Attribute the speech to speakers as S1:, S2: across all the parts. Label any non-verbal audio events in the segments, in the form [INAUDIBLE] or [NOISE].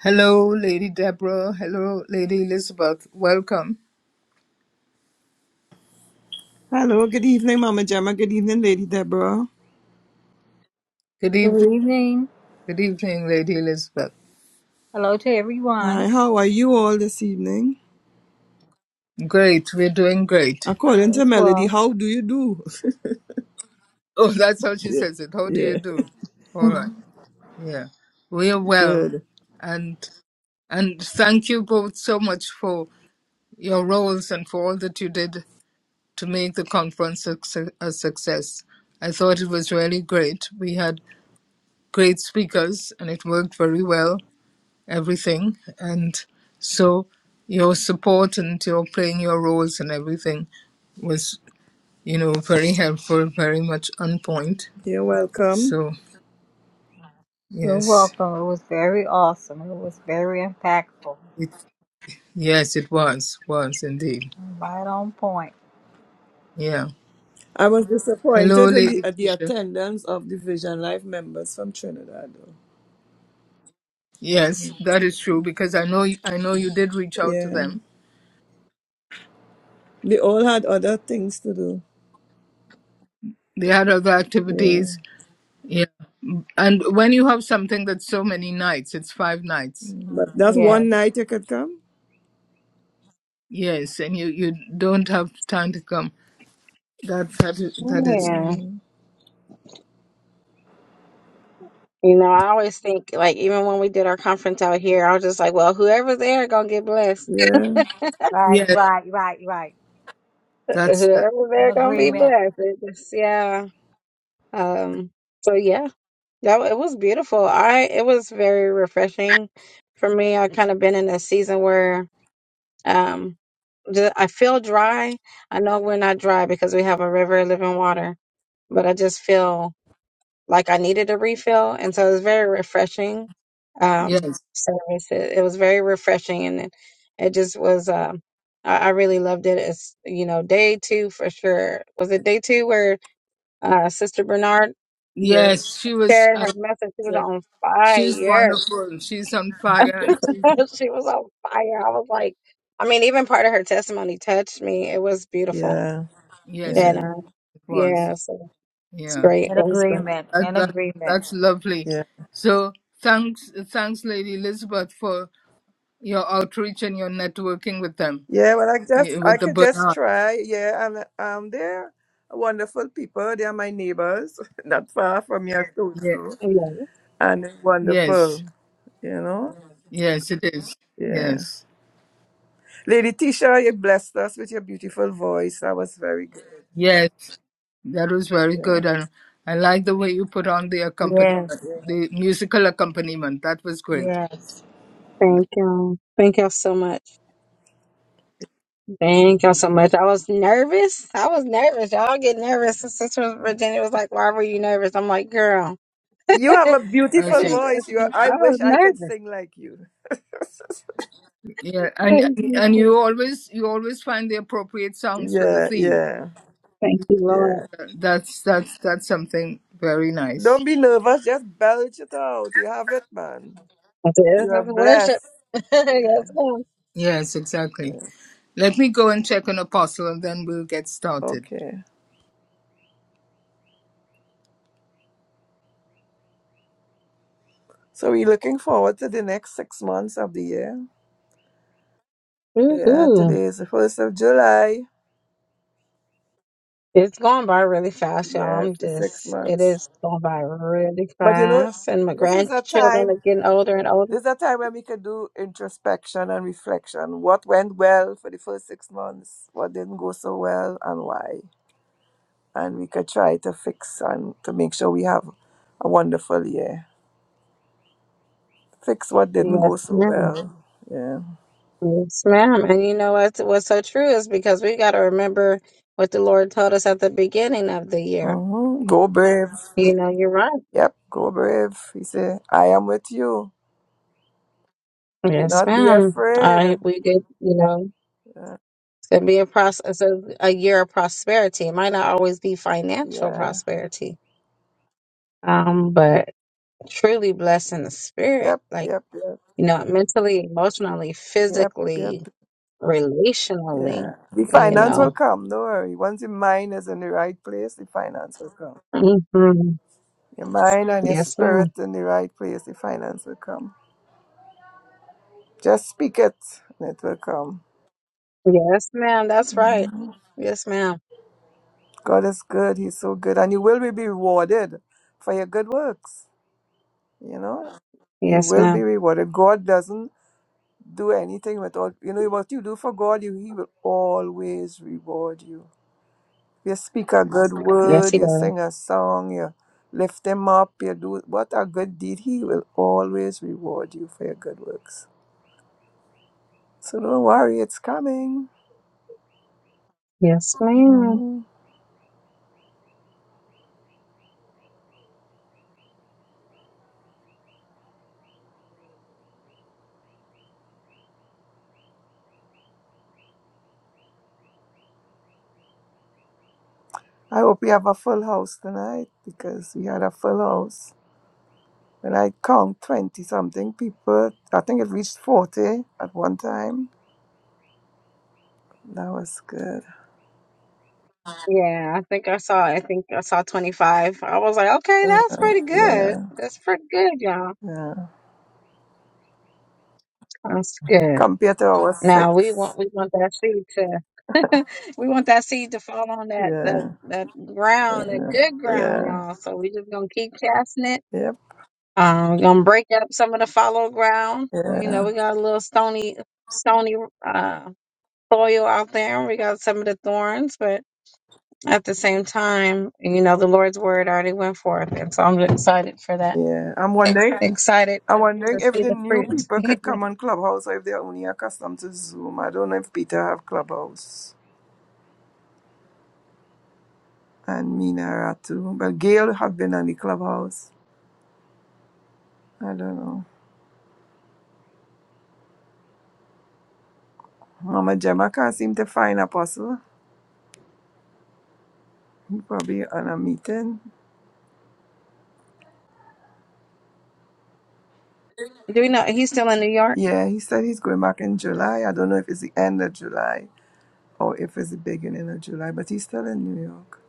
S1: Hello, Lady Deborah. Hello, Lady Elizabeth. Welcome.
S2: Hello, good evening, Mama Gemma. Good evening, Lady Deborah.
S1: Good evening.
S3: Good evening.
S1: Good evening, Lady Elizabeth.
S3: Hello to everyone.
S2: Hi, how are you all this evening?
S1: Great. We're doing great.
S3: All
S2: According to
S3: is
S2: Melody,
S3: well.
S2: how do you do? [LAUGHS]
S1: Oh, [LAUGHS] that's how she
S2: Yeah,
S1: says it. How do you
S2: yeah,
S1: do?
S3: [LAUGHS]
S1: All right.
S3: You're
S1: Yeah. We're well.
S2: good.
S1: And and thank you both so much for your roles and for all that you did to make the conference a, suc- a success. I thought it was really great. We had great speakers and it worked very well. everything. And so your support and your playing your roles and everything was, you know, very helpful, very much on point.
S2: You're welcome.
S1: So yes,
S3: welcome. It was very awesome. It was very impactful.
S1: it, yes, it was, was indeed.
S3: Right on point.
S1: Yeah.
S2: I was
S1: Hello,
S2: disappointed in the,
S1: Lady
S2: at the
S1: Tisha.
S2: attendance of the Vision Life members from Trinidad. Though.
S1: Yes, that is true because I know I know you did reach out to
S2: Yeah,
S1: them.
S2: they all had other things to do.
S1: They had other
S2: Yeah,
S1: activities. Yeah. And when you have something that's so many nights, it's five nights.
S2: but that's
S1: You know?
S2: one
S3: Yes.
S2: night you could come.
S1: Yes, and you you don't have time to come. That that is, that is
S4: Yeah.
S2: hmm
S4: You know, I always think like even when we did our conference out here, I was just like, well, whoever's there gonna get blessed.
S2: Yeah,
S3: Right,
S1: yes.
S3: right, right, right.
S1: That's the
S4: Whoever's
S3: An
S4: there gonna be
S3: agreement.
S4: blessed. It just, yeah. Um. So yeah, that wa- it was beautiful. I it was very refreshing for me. I kind of been in a season where um, ju- I feel dry. I know we're not dry because we have a river of living water, but I just feel like I needed a refill, and so it was very refreshing um,
S1: yes.
S4: service. It, it was very refreshing, and it, it just was. Um, I, I really loved it. It's you know day two for sure. Was it day two where uh, Sister Bernard
S2: yeah,
S1: Yes, she was.
S4: shared
S1: Uh,
S4: her message? She was
S1: yes,
S4: on
S1: she's
S4: fire.
S1: wonderful. She's on fire, and she
S4: [LAUGHS] she was on fire. I was like, I mean, even part of her testimony touched me. It was beautiful,
S2: yeah,
S1: yes, it
S4: and
S2: yeah,
S4: uh,
S1: was.
S4: yeah, so it's
S1: Yeah,
S4: great. It
S3: An
S4: was great.
S3: agreement.
S1: that
S3: An
S1: that
S3: agreement.
S1: that's lovely.
S2: yeah.
S1: So thanks, thanks, Lady Elizabeth, for your outreach and your networking with them,
S2: Yeah, well, I just
S1: eh,
S2: I
S1: with the
S2: could just
S1: Bernard.
S2: try. Yeah, and um, they're wonderful people. They are my neighbors, [LAUGHS] not far from your
S1: Yeah.
S2: Tojo,
S4: Yeah,
S2: and they're
S1: Yes,
S2: wonderful. You know,
S1: yes, it is.
S2: yeah.
S1: Yes.
S2: Lady Tisha, you blessed us with your beautiful voice. That was very good.
S1: Yes, that was very
S2: Yeah.
S1: good, and I like the way you put on the accompaniment,
S3: Yes.
S1: the musical accompaniment. That was great.
S3: Yes.
S4: thank y'all. Thank y'all so much. Thank y'all so much. I was nervous. I was nervous. Y'all get nervous. And Sister Virginia was like, Why were you nervous? I'm like, Girl, [LAUGHS]
S2: You
S4: it
S2: have a
S1: I
S2: beautiful
S4: is.
S1: see.
S2: voice. You, are,
S4: it's-
S2: I
S4: I was
S2: wish I could
S4: nervous.
S2: sing like you. [LAUGHS]
S1: Yeah, and and and you always you always find the appropriate songs for the
S2: yeah,
S1: theme.
S2: yeah,
S4: [LAUGHS] Thank you, Lord.
S2: yeah.
S1: That's that's that's something very
S2: Don't
S1: nice.
S2: be nervous. Just belch it out. You have it, man.
S4: I said, This
S2: You are
S4: is worship.
S2: blessed.
S4: [LAUGHS]
S2: Yeah.
S4: yes, ma'am.
S1: Yes, exactly.
S2: yeah.
S1: Let me go and check on Apostle, and then we'll get started.
S2: Okay. So we're looking forward to the next six months of the year. Yeah,
S4: Woohoo.
S2: today is the first of July.
S4: It's going by really fast, y'all.
S2: Yes,
S4: I'm
S2: the six
S4: just, it
S2: months.
S4: is going by really
S2: But you know,
S4: fast. And my
S2: this is a
S4: grandchildren
S2: time
S4: are getting older and older.
S2: this is a time when we can do introspection and reflection. What went well for the first six months, what didn't go so well and why. And we could try to fix and to make sure we have a wonderful year. Fix what didn't
S4: Yes,
S2: go so well. Yeah.
S4: Yes, ma'am. And you know what's what's so true is because we got to remember what the Lord told us at the beginning of the year.
S2: hmm Go brave.
S4: You know, you're right.
S2: Yep, go brave. He said, I am with you. Do
S4: Yes,
S2: not be
S4: ma'am.
S2: afraid.
S4: I we did. You know, it's gonna be a process, a, a year of prosperity. It might not always be financial
S2: Yeah.
S4: prosperity, um, but truly blessed in the spirit,
S2: Yep,
S4: like
S2: yep, yep.
S4: you know, mentally, emotionally,
S2: Yep, yep.
S4: physically, relationally.
S2: Yeah. The
S4: You
S2: finance will
S4: know.
S2: come. Don't worry. Once your mind is in the right place, the finance will come.
S4: hmm
S2: Your mind and your
S4: Yes,
S2: spirit
S4: ma'am.
S2: in the right place, the finance will come. Just speak it and it will come.
S4: Yes, ma'am. That's right. Yes, ma'am.
S2: God is good. He's so good. And you will be rewarded for your good works. You know, you
S4: Yes,
S2: will be
S4: ma'am.
S2: rewarded. God doesn't do anything without, you know, what you do for God, you, He will always reward you. You speak a good
S4: Yes,
S2: word,
S4: he
S2: you
S4: does.
S2: sing a song, you lift him up, you do what a good deed. He will always reward you for your good works. So don't worry, it's coming.
S4: Yes, ma'am.
S2: hmm I hope we have a full house tonight because we had a full house. When I count 20 something people, I think it reached 40 at one time. That was good.
S4: Yeah, I think I saw. I think I saw twenty five. I was like, okay, that's pretty good.
S2: Yeah.
S4: That's pretty good, y'all.
S2: Yeah.
S4: That's good.
S2: Compared to our
S4: Now we
S2: six.
S4: want we want that seed to [LAUGHS] we want that seed to fall on that that
S2: Yeah.
S4: that ground, that
S2: Yeah.
S4: good ground,
S2: Yeah.
S4: y'all. So we just gonna keep casting it.
S2: Yep.
S4: Um, we're gonna break up some of the fallow ground. You
S2: Yeah.
S4: know, we got a little stony stony uh soil out there. We got some of the thorns, but. at the same time, you know, the Lord's word already went forth. And so I'm excited for that.
S2: Yeah. I'm wondering
S4: Excited
S2: I'm wondering
S4: to
S2: if
S4: see
S2: the
S4: the
S2: new
S4: fruit. [LAUGHS]
S2: people could come
S4: Do
S2: on Clubhouse or if they're only accustomed to Zoom. I don't know if Peter have Clubhouse and Mina are too. But Gail have been on the Clubhouse. I don't know. Mama Gemma can't seem to find Apostle. He probably on a meeting.
S4: we know he's still in New York?
S2: Yeah, he said he's going back in July. I don't know if it's the end of July or if it's the beginning of July, but he's still in New York.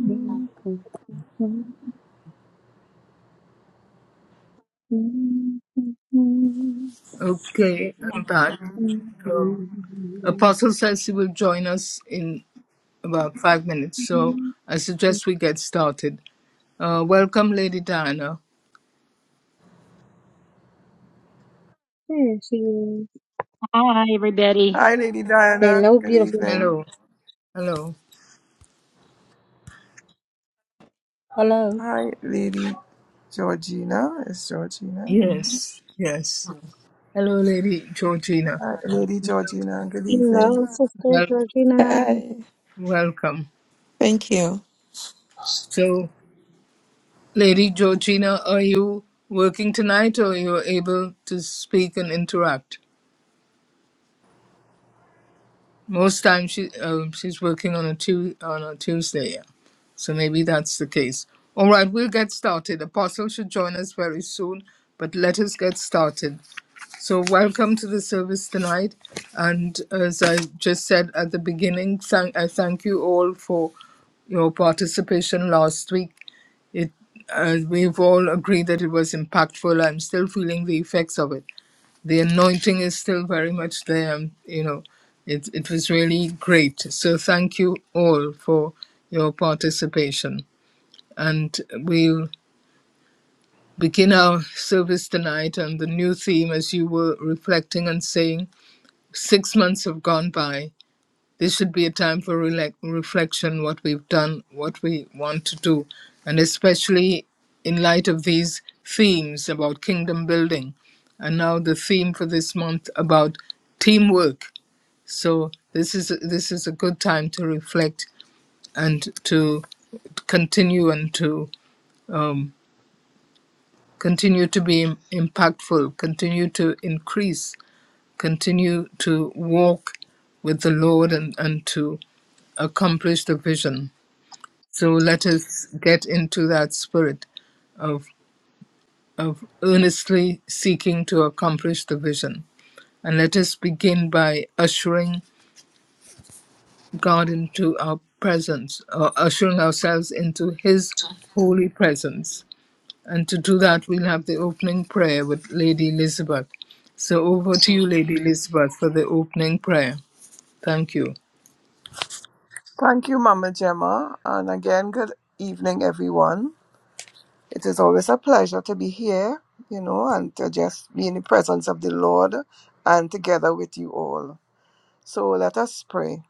S2: Hmm.
S1: Okay, I'm back. Um, Apostle says he will join us in about five minutes, so
S4: There
S1: I suggest we get started. Uh, welcome, Lady Diana.
S4: she is.
S5: Hi, everybody.
S2: Hi, Lady Diana.
S4: Hello,
S2: Good
S4: beautiful.
S2: evening.
S1: Hello. Hello.
S3: Hello.
S2: Hi, Lady Georgina. It's Georgina.
S1: Yes. Yes. Hello, Lady Georgina.
S2: Uh, Lady Georgina, good evening.
S4: Hello, Sister
S1: Well,
S4: Georgina.
S6: Hey,
S1: welcome.
S6: thank you.
S1: So, Lady Georgina, are you working tonight or you're able to speak and interact? Most times she um, she's working on a tu- on a Tuesday, yeah. So maybe that's the case. All right, we'll get started. Apostle should join us very soon, but let us get started. So welcome to the service tonight, and as I just said at the beginning, thank I thank you all for your participation last week. It uh, we've all agreed that it was impactful. I'm still feeling the effects of it the anointing is still very much there. and, You know, it, it was really great. So thank you all for your participation. And we'll begin our service tonight on the new theme as you were reflecting and saying, six months have gone by this should be a time for relax reflection, what we've done, what we want to do, and especially in light of these themes about kingdom building. And now the theme for this month about teamwork. So this is this is a good time to reflect and to continue and to um, continue to be im- impactful, continue to increase continue to walk with the Lord and, and to accomplish the vision. So let us get into that spirit of, of earnestly seeking to accomplish the vision. And let us begin by ushering God into our presence, or ushering ourselves into His holy presence. And to do that, we'll have the opening prayer with Lady Elizabeth. So over to you, Lady Elizabeth, for the opening prayer. Thank you.
S2: Thank you, Mama Gemma. And again, good evening, everyone. It is always a pleasure to be here, you know, and to just be in the presence of the Lord and together with you all. So let us pray.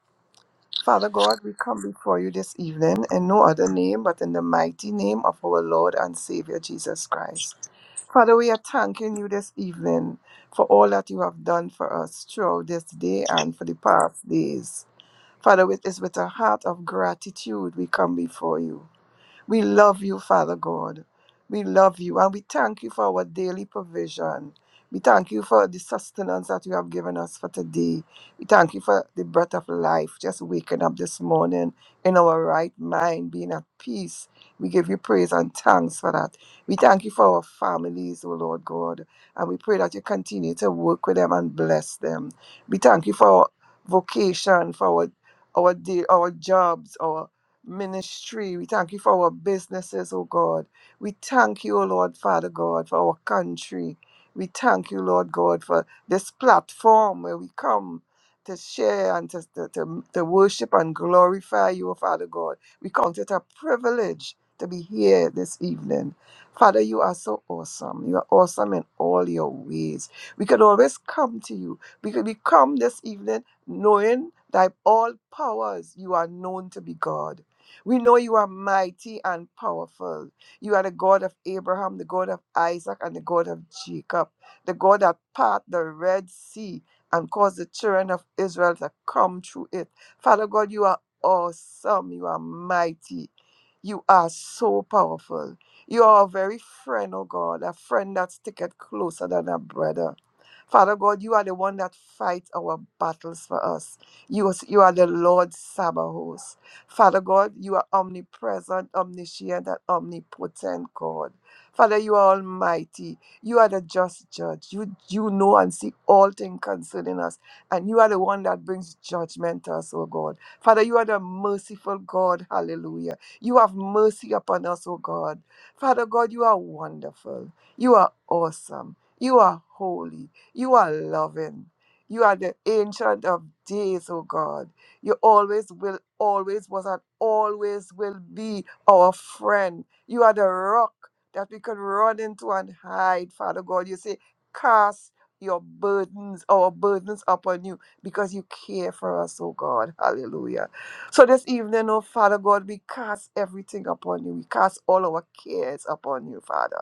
S2: Father God, we come before you this evening in no other name but in the mighty name of our Lord and Savior Jesus Christ. Father, we are thanking you this evening for all that you have done for us throughout this day and for the past days. Father, it's with a heart of gratitude we come before you. We love you, Father God. We love you and we thank you for our daily provision. We thank you for the sustenance that you have given us for today. We thank you for the breath of life, just waking up this morning in our right mind, being at peace. We give you praise and thanks for that. We thank you for our families, O Lord God, and we pray that you continue to work with them and bless them. We thank you for our vocation, for our our day, our jobs, our ministry. We thank you for our businesses, oh God. We thank you, oh Lord, Father God, for our country. We thank you, Lord God, for this platform where we come to share and to, to, to, to worship and glorify you, oh Father God. We count it a privilege to be here this evening. Father, you are so awesome. You are awesome in all your ways. We can always come to you. We could we come this evening knowing that all powers you are known to be God. We know you are mighty and powerful. You are the God of Abraham, the God of Isaac, and the God of Jacob, the God that part the Red Sea and caused the children of Israel to come through it. Father God, you are awesome. You are mighty. You are so powerful. You are a very friend, oh God, a friend that sticketh closer than a brother. Father God, you are the one that fights our battles for us. You, is- you are the Lord Sabaoth. Father God, you are omnipresent, omniscient, and omnipotent God. Father, you are almighty. You are the just judge. You, you know and see all things concerning us. And you are the one that brings judgment to us, oh God. Father, you are the merciful God. Hallelujah. You have mercy upon us, oh God. Father God, you are wonderful. You are awesome. You are holy. You are loving. You are the ancient of days, O God. You always will, always was, and always will be our friend. You are the rock that we can run into and hide, Father God. You say, cast your burdens, our burdens upon you, because you care for us, O God. Hallelujah. So this evening, oh Father God, we cast everything upon you. We cast all our cares upon you, Father.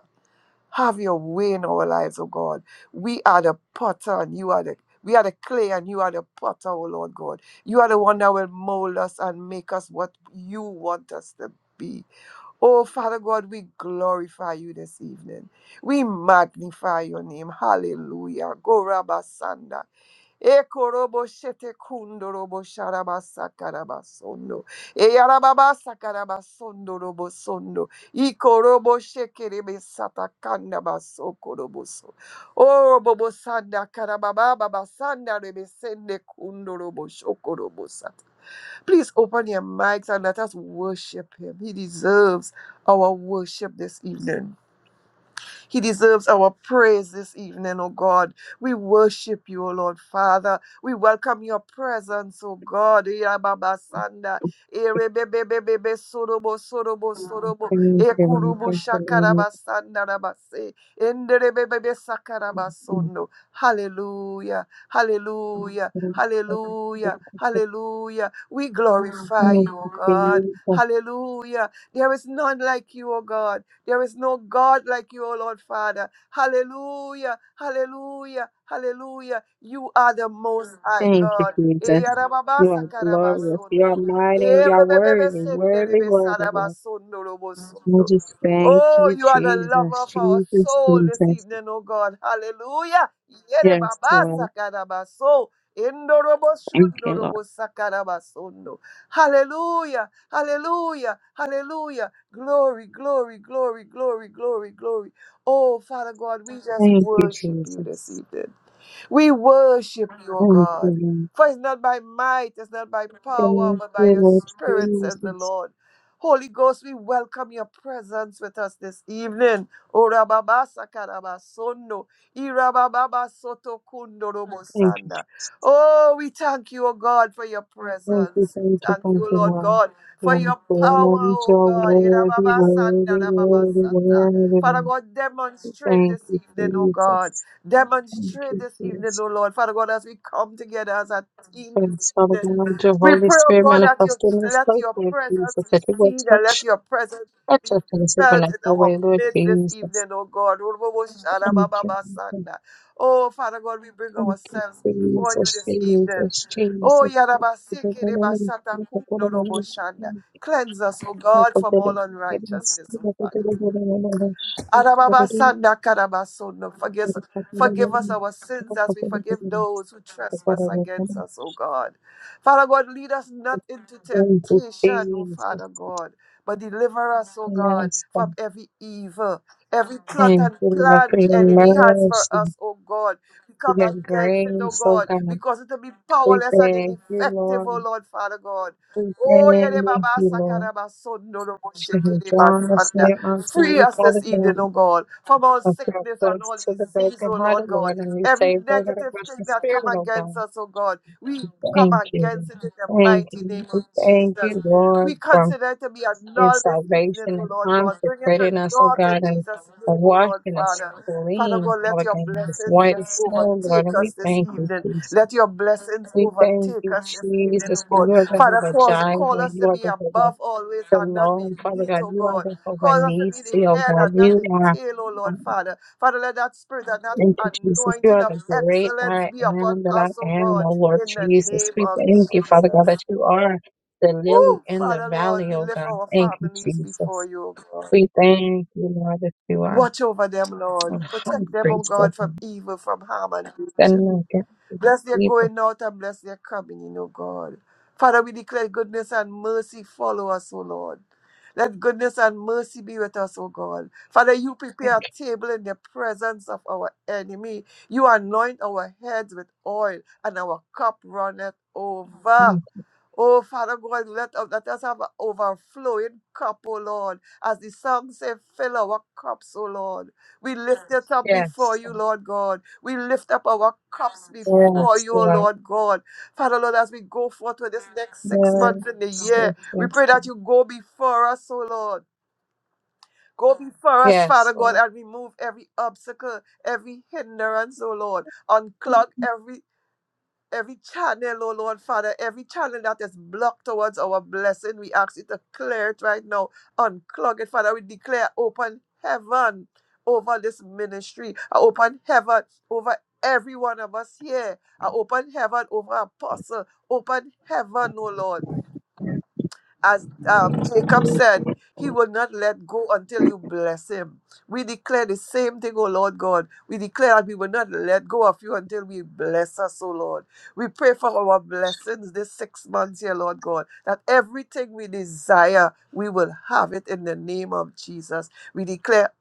S2: Have your way in our lives, oh God. We are the potter and you are the we are the clay and you are the potter, oh Lord God. You are the one that will mold us and make us what you want us to be. Oh Father God, we glorify you this evening. We magnify your name. Hallelujah. Go Rabba Ekorobo shete kundo robo sharaba sakaraba sondo. robo sondo. Ikorobo shekerebe sata kanda baso korobo so. sanda karababa baba rebe sende kundo shokorobo sata. Please open your mics and let us worship him. He deserves our worship this evening. He deserves our praise this evening, O God. We worship you, O Lord Father. We welcome your presence, O God. Irababasanda, erebebebebebe, sorobo, sorobo,
S4: Thank you, Thank you,
S2: shakarabasanda, rabase, enderebebebe, sakarabasondo. Hallelujah. Hallelujah. Hallelujah. Hallelujah. We glorify.
S4: Thank you, Jesus.
S2: Hallelujah. There is none like you, O God. There is no God like you, O Lord Father. Hallelujah. Hallelujah. Hallelujah. You are the most.
S4: Thank you, Jesus. You are glorious. You are mighty. and You are worthy, worthy, worthy, Lord. I just thank
S2: Oh,
S4: you,
S2: you are the lover
S4: Jesus,
S2: of our
S4: Jesus,
S2: soul this
S4: Jesus.
S2: evening, oh God. Hallelujah. Yere
S4: Yes,
S2: baba
S4: Lord.
S2: sakarabaso. Indorobo
S4: Thank you, Lord.
S2: shundorobo sakarabasondo. Hallelujah. Hallelujah. Hallelujah. Glory, glory, glory, glory, glory, glory. Oh, Father God, we
S4: Thank you,
S2: worship you this
S4: Jesus.
S2: evening. We worship
S4: Thank you,
S2: God.
S4: Lord.
S2: For it's not by might, it's not by
S4: Thank you,
S2: power
S4: Lord
S2: says the
S4: Jesus.
S2: Lord. Holy Ghost, we welcome your presence with us this evening. Orababasa karabasondo, irabababa soto Kundo
S4: Thank you,
S2: kundorobosanda. Oh, we thank you, O God, for your presence.
S4: thank you, thank you,
S2: And
S4: thank
S2: you,
S4: you,
S2: Lord God, for your power,
S4: worthy,
S2: O God.
S4: worthy,
S2: Irababasanda
S4: worthy, worthy,
S2: rababasata.
S4: worthy,
S2: Father God, demonstrate
S4: Thank
S2: this
S4: you,
S2: evening, O God.
S4: Jesus. Thank
S2: Demonstrate
S4: you,
S2: this evening,
S4: Jesus.
S2: O Lord. Father God, as we come together as a team this
S4: Thanks, Father
S2: evening,
S4: God, your
S2: we
S4: Holy
S2: pray, O
S4: Spirit
S2: God, that you
S4: Manifest in this
S2: let
S4: place,
S2: your
S4: Lord
S2: presence
S4: Jesus, that you
S2: be
S4: will
S2: seen and let
S4: touch,
S2: your presence
S4: touch
S2: be
S4: us in a
S2: felt in
S4: supernatural way,
S2: our
S4: Lord
S2: midst this
S4: Jesus.
S2: evening, O God.
S4: Thank you, Lord.
S2: Urubushalababasanda. Oh, Father God, we bring
S4: thank you,
S2: ourselves before you
S4: Jesus,
S2: this evening.
S4: Jesus,
S2: Oh,
S4: Jesus. Thank
S2: Yarabaseke
S4: you, Lord.
S2: Kumnoroboshanda. Cleanse us, O God, from
S4: Nakatoro,
S2: all
S4: yes,
S2: unrighteousness, O Father.
S4: Nakatoro,
S2: Arababasanda Karabasono. Forgive, forgive us our sins as we forgive those who trespass against us, O God. Father God, lead us not into
S4: Thank you,
S2: temptation, O
S4: Jesus.
S2: Father God, but deliver us, O God,
S4: Yes,
S2: from every evil, every plot
S4: thank
S2: and
S4: you, Lord,
S2: plan
S4: for
S2: the enemy has
S4: your
S2: for
S4: mercy,
S2: us, O God. We
S4: for
S2: come
S4: your
S2: against it, O
S4: grace, oh
S2: God. We
S4: God.
S2: cause it to be
S4: We
S2: powerless and
S4: thank you,
S2: effective, oh
S4: Lord.
S2: Lord, Father God.
S4: We
S2: Oh,
S4: thank
S2: yede baba
S4: you, Lord.
S2: sakaraba sondo no bo
S4: Should have
S2: shekere
S4: drawn us near unto you, Father
S2: this
S4: God.
S2: evening, oh God.
S4: I feel
S2: Forgiveness and
S4: close
S2: all
S4: to the brokenhearted, Lord, and you saved over the Christian spirit, oh God.
S2: against us, oh God. We come
S4: Thank you.
S2: against it in the
S4: Thank
S2: mighty name.
S4: you. We thank you,
S2: We
S4: Lord, for
S2: consider it to be a
S4: your
S2: null this
S4: salvation
S2: evening, oh
S4: and
S2: Lord.
S4: consecrating us, oh
S2: In
S4: God, and
S2: Jesus'
S4: for
S2: name, oh Lord,
S4: washing
S2: Father.
S4: us
S2: Father
S4: clean,
S2: God, let
S4: Father
S2: your
S4: God, as white
S2: just
S4: as snow, Lord.
S2: take
S4: And we
S2: us this
S4: thank you,
S2: evening.
S4: Jesus.
S2: Let your blessings
S4: We thank
S2: overtake
S4: you,
S2: us this evening, oh
S4: Jesus, for
S2: God.
S4: you are
S2: Father,
S4: Jehovah
S2: cause,
S4: Jireh.
S2: call us to
S4: You are
S2: be
S4: Jehovah
S2: above always and not
S4: Shalom, Father
S2: beneath,
S4: God.
S2: oh
S4: You are
S2: God.
S4: Jehovah
S2: Cause us to be the
S4: Nisi, oh
S2: head
S4: God.
S2: and not
S4: You
S2: the
S4: are.
S2: tail, O Lord
S4: um,
S2: Father. Father, let that spirit and that
S4: Thank you, Jesus. You
S2: anointing
S4: are
S2: of
S4: the great
S2: excellence
S4: I
S2: be upon
S4: am that I
S2: us, O
S4: am,
S2: God,
S4: oh Lord
S2: in the
S4: Jesus.
S2: name
S4: We
S2: of
S4: thank you, Father
S2: Jesus.
S4: God, that you are the lily
S2: Oh,
S4: in the
S2: Father Lord,
S4: valley,
S2: we
S4: oh
S2: lift
S4: God.
S2: our
S4: Thank you,
S2: families before
S4: Jesus.
S2: you, O God.
S4: We thank you, Lord, that you are
S2: Watch over them, Lord.
S4: our high
S2: Protect them, O
S4: priest,
S2: God,
S4: oh
S2: from
S4: God.
S2: evil, from harm and danger.
S4: Standing against the
S2: Bless their
S4: people.
S2: going out and bless their coming in, O God. Father, we declare goodness and mercy follow us, O Lord. Let goodness and mercy be with us, O God. Father, you prepare
S4: Thank
S2: a table in the presence of our enemy. You anoint our heads with oil, and our cup runneth
S4: you.
S2: over. Oh, Father God, let, us- let us have an overflowing cup, O Lord. As the song says, fill our cups, O Lord. We lift it up before
S4: Yes,
S2: you, Lord God. We lift up our cup
S4: Lord.
S2: for
S4: Yes,
S2: you, O
S4: Lord.
S2: Lord God. Father, Lord, as we go forth to the sixth
S4: Yes,
S2: day,
S4: yes,
S2: we
S4: yes,
S2: pray that
S4: Lord.
S2: you go before us, O Lord. Go before us,
S4: Yes,
S2: Father God,
S4: Lord.
S2: and remove every obstacle, every hindrance, O Lord. Unclog every every channel, oh Lord Father, every channel that is blocked towards our blessing, we ask you to clear it right now. Unclog it, Father. We declare open heaven over this ministry, a open heaven over every one of us here, a open heaven over Apostle, open heaven, oh Lord. As um, Jacob said, he will not let go until you bless him. We declare the same thing, O Lord God. We declare that we will not let go of you until we bless us, O Lord. We pray for our blessings this six months here, Lord God, that everything we desire, we will have it in the name of Jesus. We declare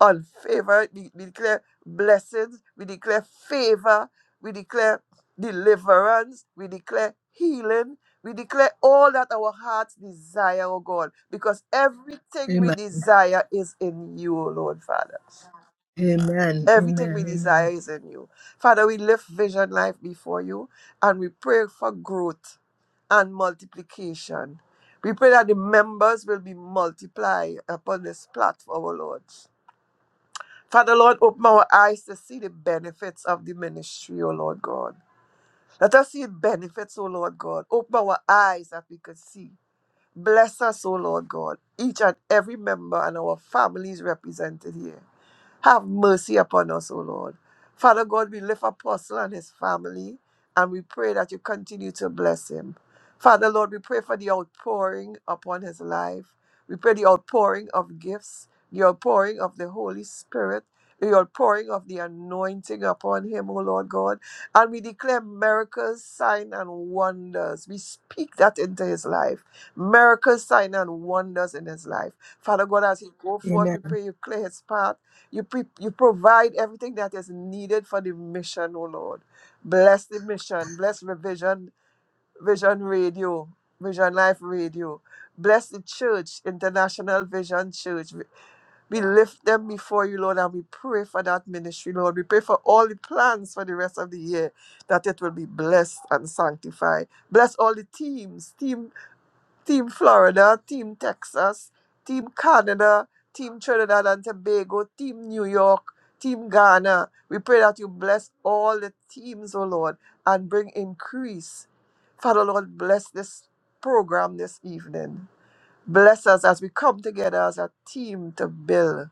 S2: on favor, we, we declare blessings, we declare favor, we declare deliverance, we declare healing, we declare all that our hearts desire, O God, because everything we
S1: Amen.
S2: desire is in you, O Lord Father.
S1: Amen.
S2: Everything we
S1: Amen.
S2: desire
S1: Amen.
S2: is in you. Father, we lift vision life before you and we pray for growth and multiplication. We pray that the members will be multiplied upon this platform, O Lord. Father, Lord, open our eyes to see the benefits of the ministry, O Lord God. Let us see the benefits, O Lord God. Open our eyes that we could see. Bless us, O Lord God, each and every member and our families represented here. Have mercy upon us, O Lord. Father God, we lift Apostle and his family, and we pray that you continue to bless him. Father Lord, we pray for the outpouring upon his life. We pray the outpouring of gifts, the outpouring of the Holy Spirit, the outpouring of the anointing upon him, O Lord God. And we declare miracles, sign, and wonders. We speak that into his life. Miracles, sign, and wonders in his life. Father God, as he go forth, we
S1: Amen.
S2: pray you clear his path. You, pre- you provide everything that is needed for the mission, oh Lord. Bless the mission. Bless Revision, Vision Radio, Vision Life Radio. Bless the church, International Vision Church. We we lift them before you, Lord, and we pray for that ministry, Lord. We pray for all the plans for the rest of the year that it will be blessed and sanctified. Bless all the teams, team. Team Florida, Team Texas, Team Canada, Team Trinidad and Tobago, Team New York, Team Ghana. We pray that you bless all the teams, O Lord, and bring increase. Father, Lord, bless this program this evening. Bless us as we come together as a team to build.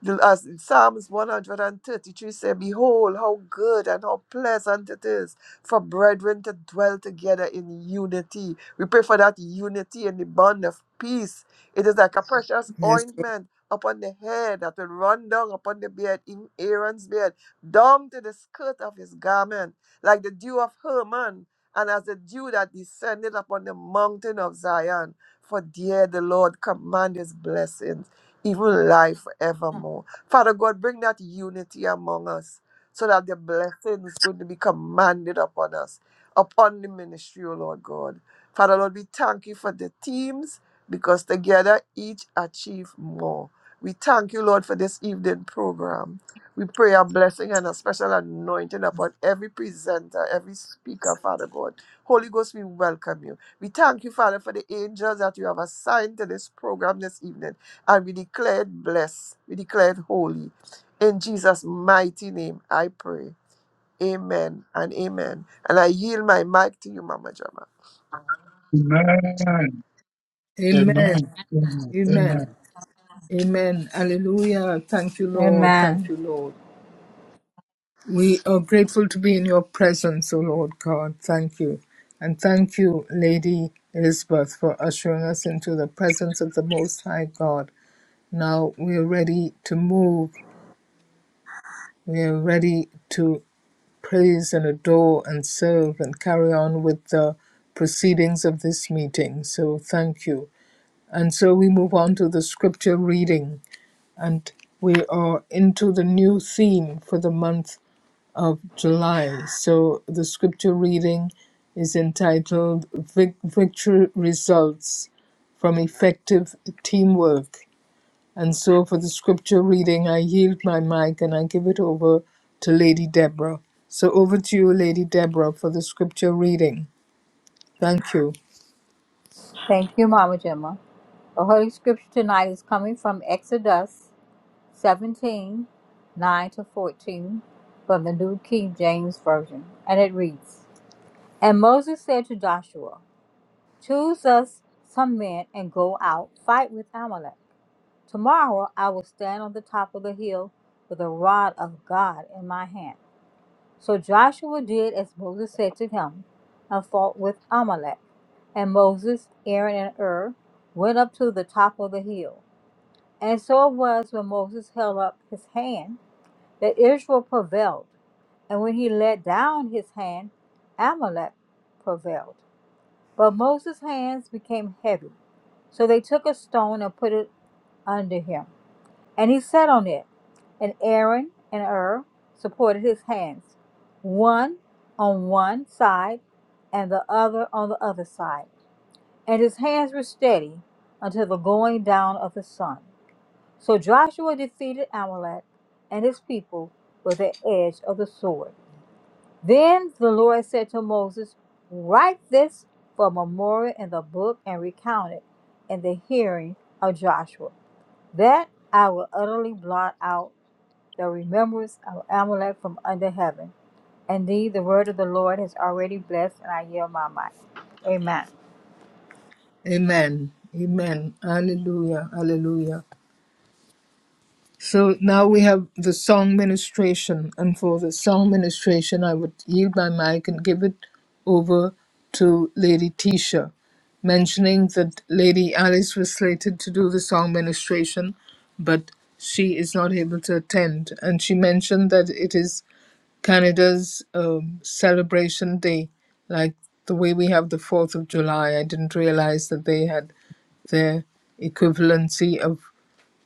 S2: The as in Psalms 133 say, Behold, how good and how pleasant it is for brethren to dwell together in unity. We pray for that unity and the bond of peace. It is like a precious
S1: Yes. Lord.
S2: ointment upon the head that will run down upon the beard, in Aaron's beard, down to the skirt of his garment, like the dew of Hermon, and as the dew that descended upon the mountain of Zion. For dear the Lord command his blessing even life forevermore. Father God, bring that unity among us so that the blessing is going to be commanded upon us, upon the ministry, O Lord God. Father Lord, we thank you for the teams because together each achieve more. We thank you, Lord, for this evening program. We pray a blessing and a special anointing upon every presenter, every speaker, Father God. Holy Ghost, we welcome you. We thank you, Father, for the angels that you have assigned to this program this evening and be declared blessed, be declared holy. In Jesus' mighty name, I pray. Amen and amen. And I yield my mic to you, Mama Jama.
S7: Amen. Amen.
S1: Amen.
S7: Amen.
S1: Amen.
S7: Amen.
S1: Amen. Hallelujah. Thank you, Lord. Thank
S3: Amen.
S1: you, Lord. We are grateful to be in your presence, O Lord God. Thank you. And thank you, Lady Elizabeth, for ushering us into the presence of the Most High God. Now we are ready to move. We are ready to praise and adore and serve and carry on with the proceedings of this meeting. So thank you. And so we move on to the scripture reading, and we are into the new theme for the month of July. So the scripture reading is entitled Vic- Victory Results from Effective Teamwork. And so for the scripture reading, I yield my mic and I give it over to Lady Deborah. So over to you, Lady Deborah, for the scripture reading. Thank you.
S3: Thank you, Mama Gemma. The Holy Scripture tonight is coming from Exodus 17 9 to 14 from the New King James Version. And it reads, And Moses said to Joshua, Choose us some men and go out, fight with Amalek. Tomorrow I will stand on the top of the hill with a rod of God in my hand. So Joshua did as Moses said to him and fought with Amalek. And Moses, Aaron, and Hur went up to the top of the hill. And so it was when Moses held up his hand that Israel prevailed. And when he let down his hand, Amalek prevailed. But Moses' hands became heavy. So they took a stone and put it under him. And he sat on it. And Aaron and Ur supported his hands, one on one side and the other on the other side. And his hands were steady until the going down of the sun. So Joshua defeated Amalek and his people with the edge of the sword. Then the Lord said to Moses, Write this for a memorial in the book and recount it in the hearing of Joshua, that I will utterly blot out the remembrance of Amalek from under heaven. Indeed, the word of the Lord has already blessed, and I yield my mic. Amen.
S1: Amen. Amen. Hallelujah. Hallelujah. So now we have the song ministration, and for the song ministration, I would yield my mic and give it over to Lady Tisha, mentioning that Lady Alice was slated to do the song ministration, but she is not able to attend. And she mentioned that it is Canada's um, celebration day, like the way we have the 4th of July. I didn't realize that they had their equivalency of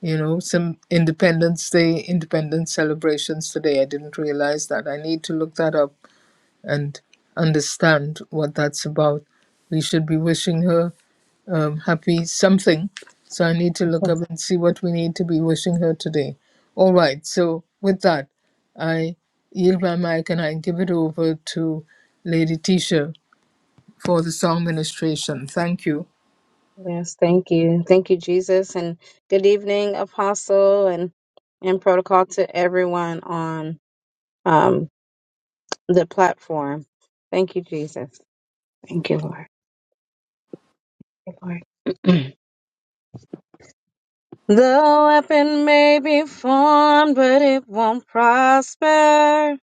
S1: you know some independence day independence celebrations today i didn't realize that i need to look that up and understand what that's about we should be wishing her um, happy something so i need to look up and see what we need to be wishing her today all right so with that i yield my mic and i give it over to lady tisha for the song ministration thank you
S4: Yes, thank you. Thank you, Jesus. And good evening, Apostle, and, and protocol to everyone on um, the platform. Thank you, Jesus. Thank you, Lord. Thank you, Lord. [CLEARS THROAT] the weapon may be formed, but it won't prosper.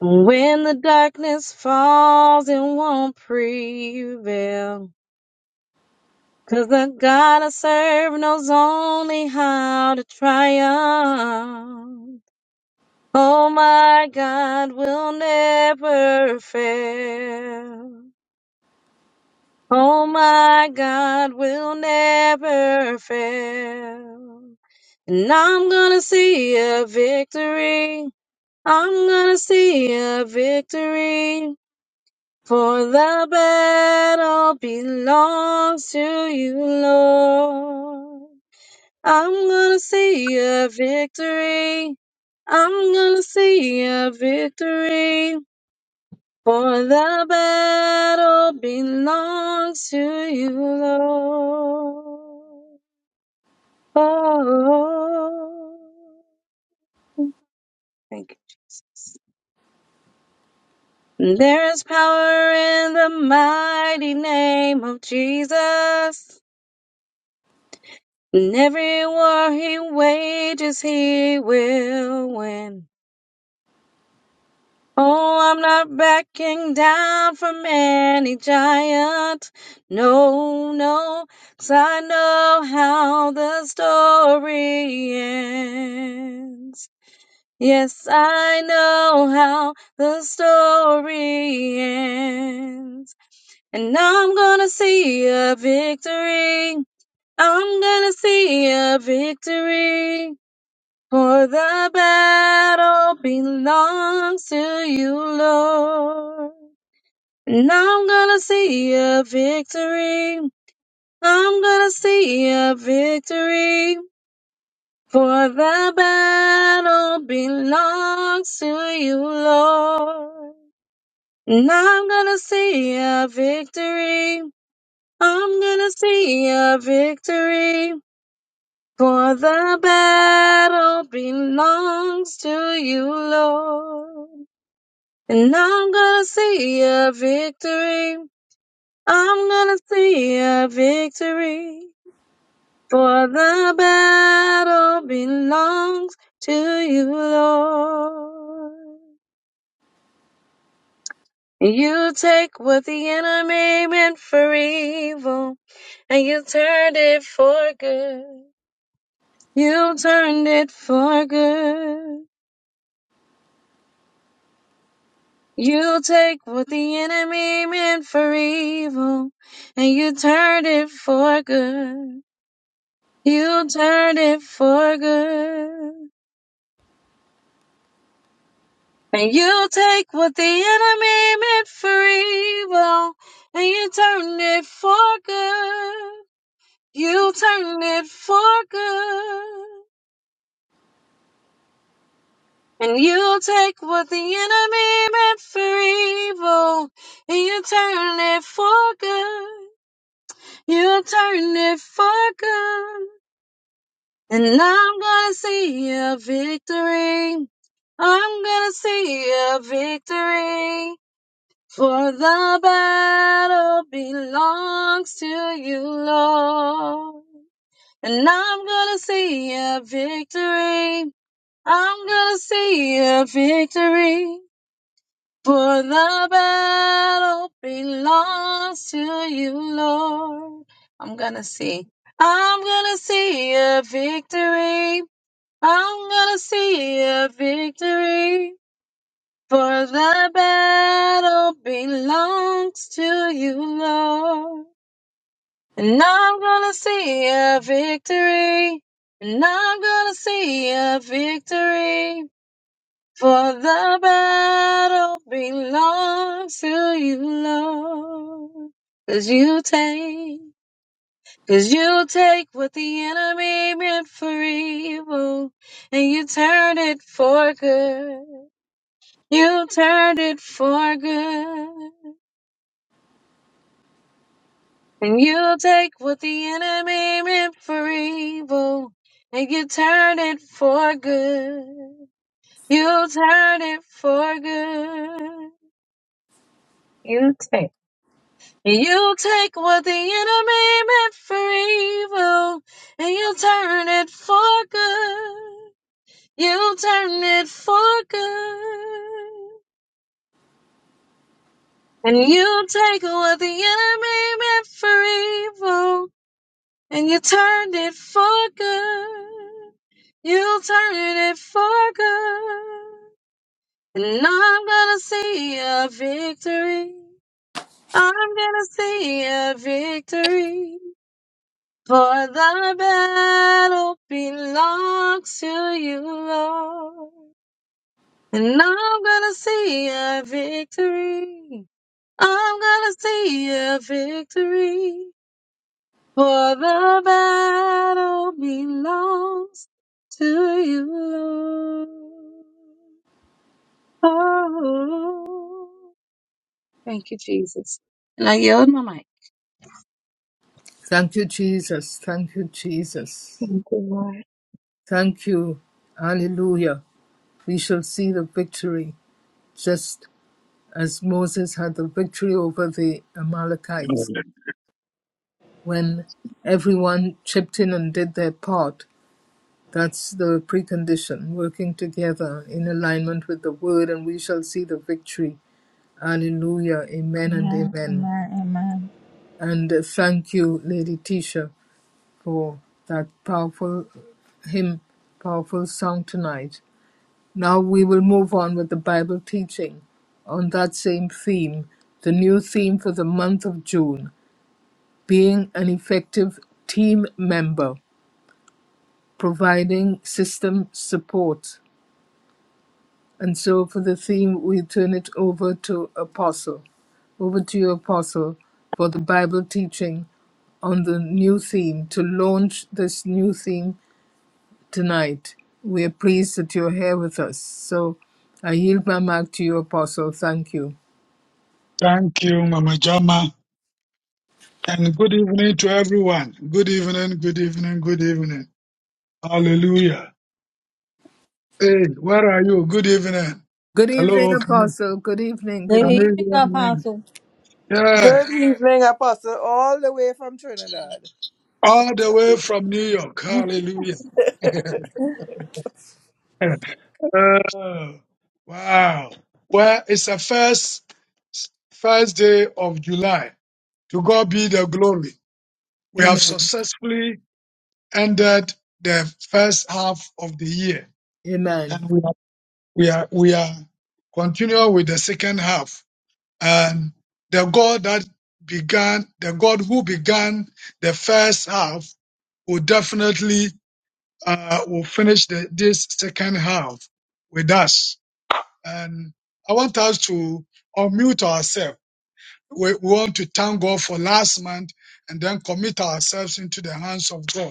S4: When the darkness falls, it won't prevail. Cause the God I serve knows only how to triumph. Oh my God will never fail. Oh my God will never fail. And I'm gonna see a victory. I'm gonna see a victory. For the battle belongs to you, Lord. I'm gonna see a victory. I'm gonna see a victory. For the battle belongs to you, Lord. Thank you, Jesus. There is power in the mighty name of Jesus. In every war he wages, he will win. Oh, I'm not backing down from any giant. No, no, 'cause I know how the story ends. Yes, I know how the story ends. And I'm gonna see a victory. I'm gonna see a victory. For the battle belongs to you, Lord. And I'm gonna see a victory. I'm gonna see a victory. For the battle belongs to you, Lord. And I'm gonna see a victory. I'm gonna see a victory. For the battle belongs to you, Lord. And I'm gonna see a victory. I'm gonna see a victory. For the battle belongs to you, Lord. You take what the enemy meant for evil, and you turned it for good. You turned it for good. You take what the enemy meant for evil, and you turned it for good. You turned it for good. And you take what the enemy meant for evil, and you turn it for good. You turn it for good. And you take what the enemy meant for evil, and you turn it for good. You turn it for good. And I'm gonna see a victory. I'm gonna see a victory. For the battle belongs to you, Lord. And I'm gonna see a victory. I'm gonna see a victory. For the battle belongs to you, Lord. I'm gonna see. I'm gonna see a victory. I'm gonna see a victory, for the battle belongs to you, Lord. And I'm gonna see a victory, and I'm gonna see a victory, for the battle belongs to you, Lord. 'Cause you take. Cause you take what the enemy meant for evil and you turned it for good. You turned it for good. And you take what the enemy meant for evil and you turned it for good. You turned it for good. You take. You take what the enemy meant for evil and you turn it for good. You turn it for good. And you take what the enemy meant for evil. And you turned it for good. You turned it for good. And I'm gonna see a victory. I'm gonna see a victory. For the battle belongs to you, Lord. And I'm gonna see a victory. I'm gonna see a victory. For the battle belongs to you, Lord. Oh, thank you, Jesus. And I yield my mic.
S1: thank you jesus thank you jesus
S4: Thank you, Lord.
S1: Thank you. Hallelujah. We shall see the victory, just as Moses had the victory over the Amalekites when everyone chipped in and did their part. That's the precondition, working together in alignment with the word, and we shall see the victory. Hallelujah. Amen and
S3: Amen.
S1: amen.
S3: Amen. Amen.
S1: And uh, thank you, Lady Tisha, for that powerful hymn, powerful song tonight. Now we will move on with the Bible teaching on that same theme, the new theme for the month of June being an effective team member, providing system support. And so for the theme, we turn it over to Apostle. Over to you, Apostle, for the Bible teaching on the new theme to launch this new theme tonight. We are pleased that you're here with us. So I yield my mic to you, Apostle. Thank you.
S7: Thank you, Mama Jama. And good evening to everyone. Good evening, good evening, good evening. Hallelujah. Hey, where are you? Good evening.
S1: Good evening,
S7: Hello, can you,
S1: Apostle. Good evening. Good
S3: Good
S7: can
S3: evening,
S7: you hear me?
S3: Apostle.
S7: Yeah,
S2: Good evening, Apostle, all the way from Trinidad.
S7: all the way from New York. Hallelujah. [LAUGHS] Oh, wow. Well, it's the first first day of July. To God be the glory. We
S1: evening.
S7: have
S1: Amen.
S7: successfully ended the first half of the year,
S1: Amen.
S7: and we are we are we are continuing with the second half. And the God that began, the God who began the first half, will definitely uh, will finish the, this second half with us. And I want us to unmute ourselves. We, we want to thank God for last month and then commit ourselves into the hands of God.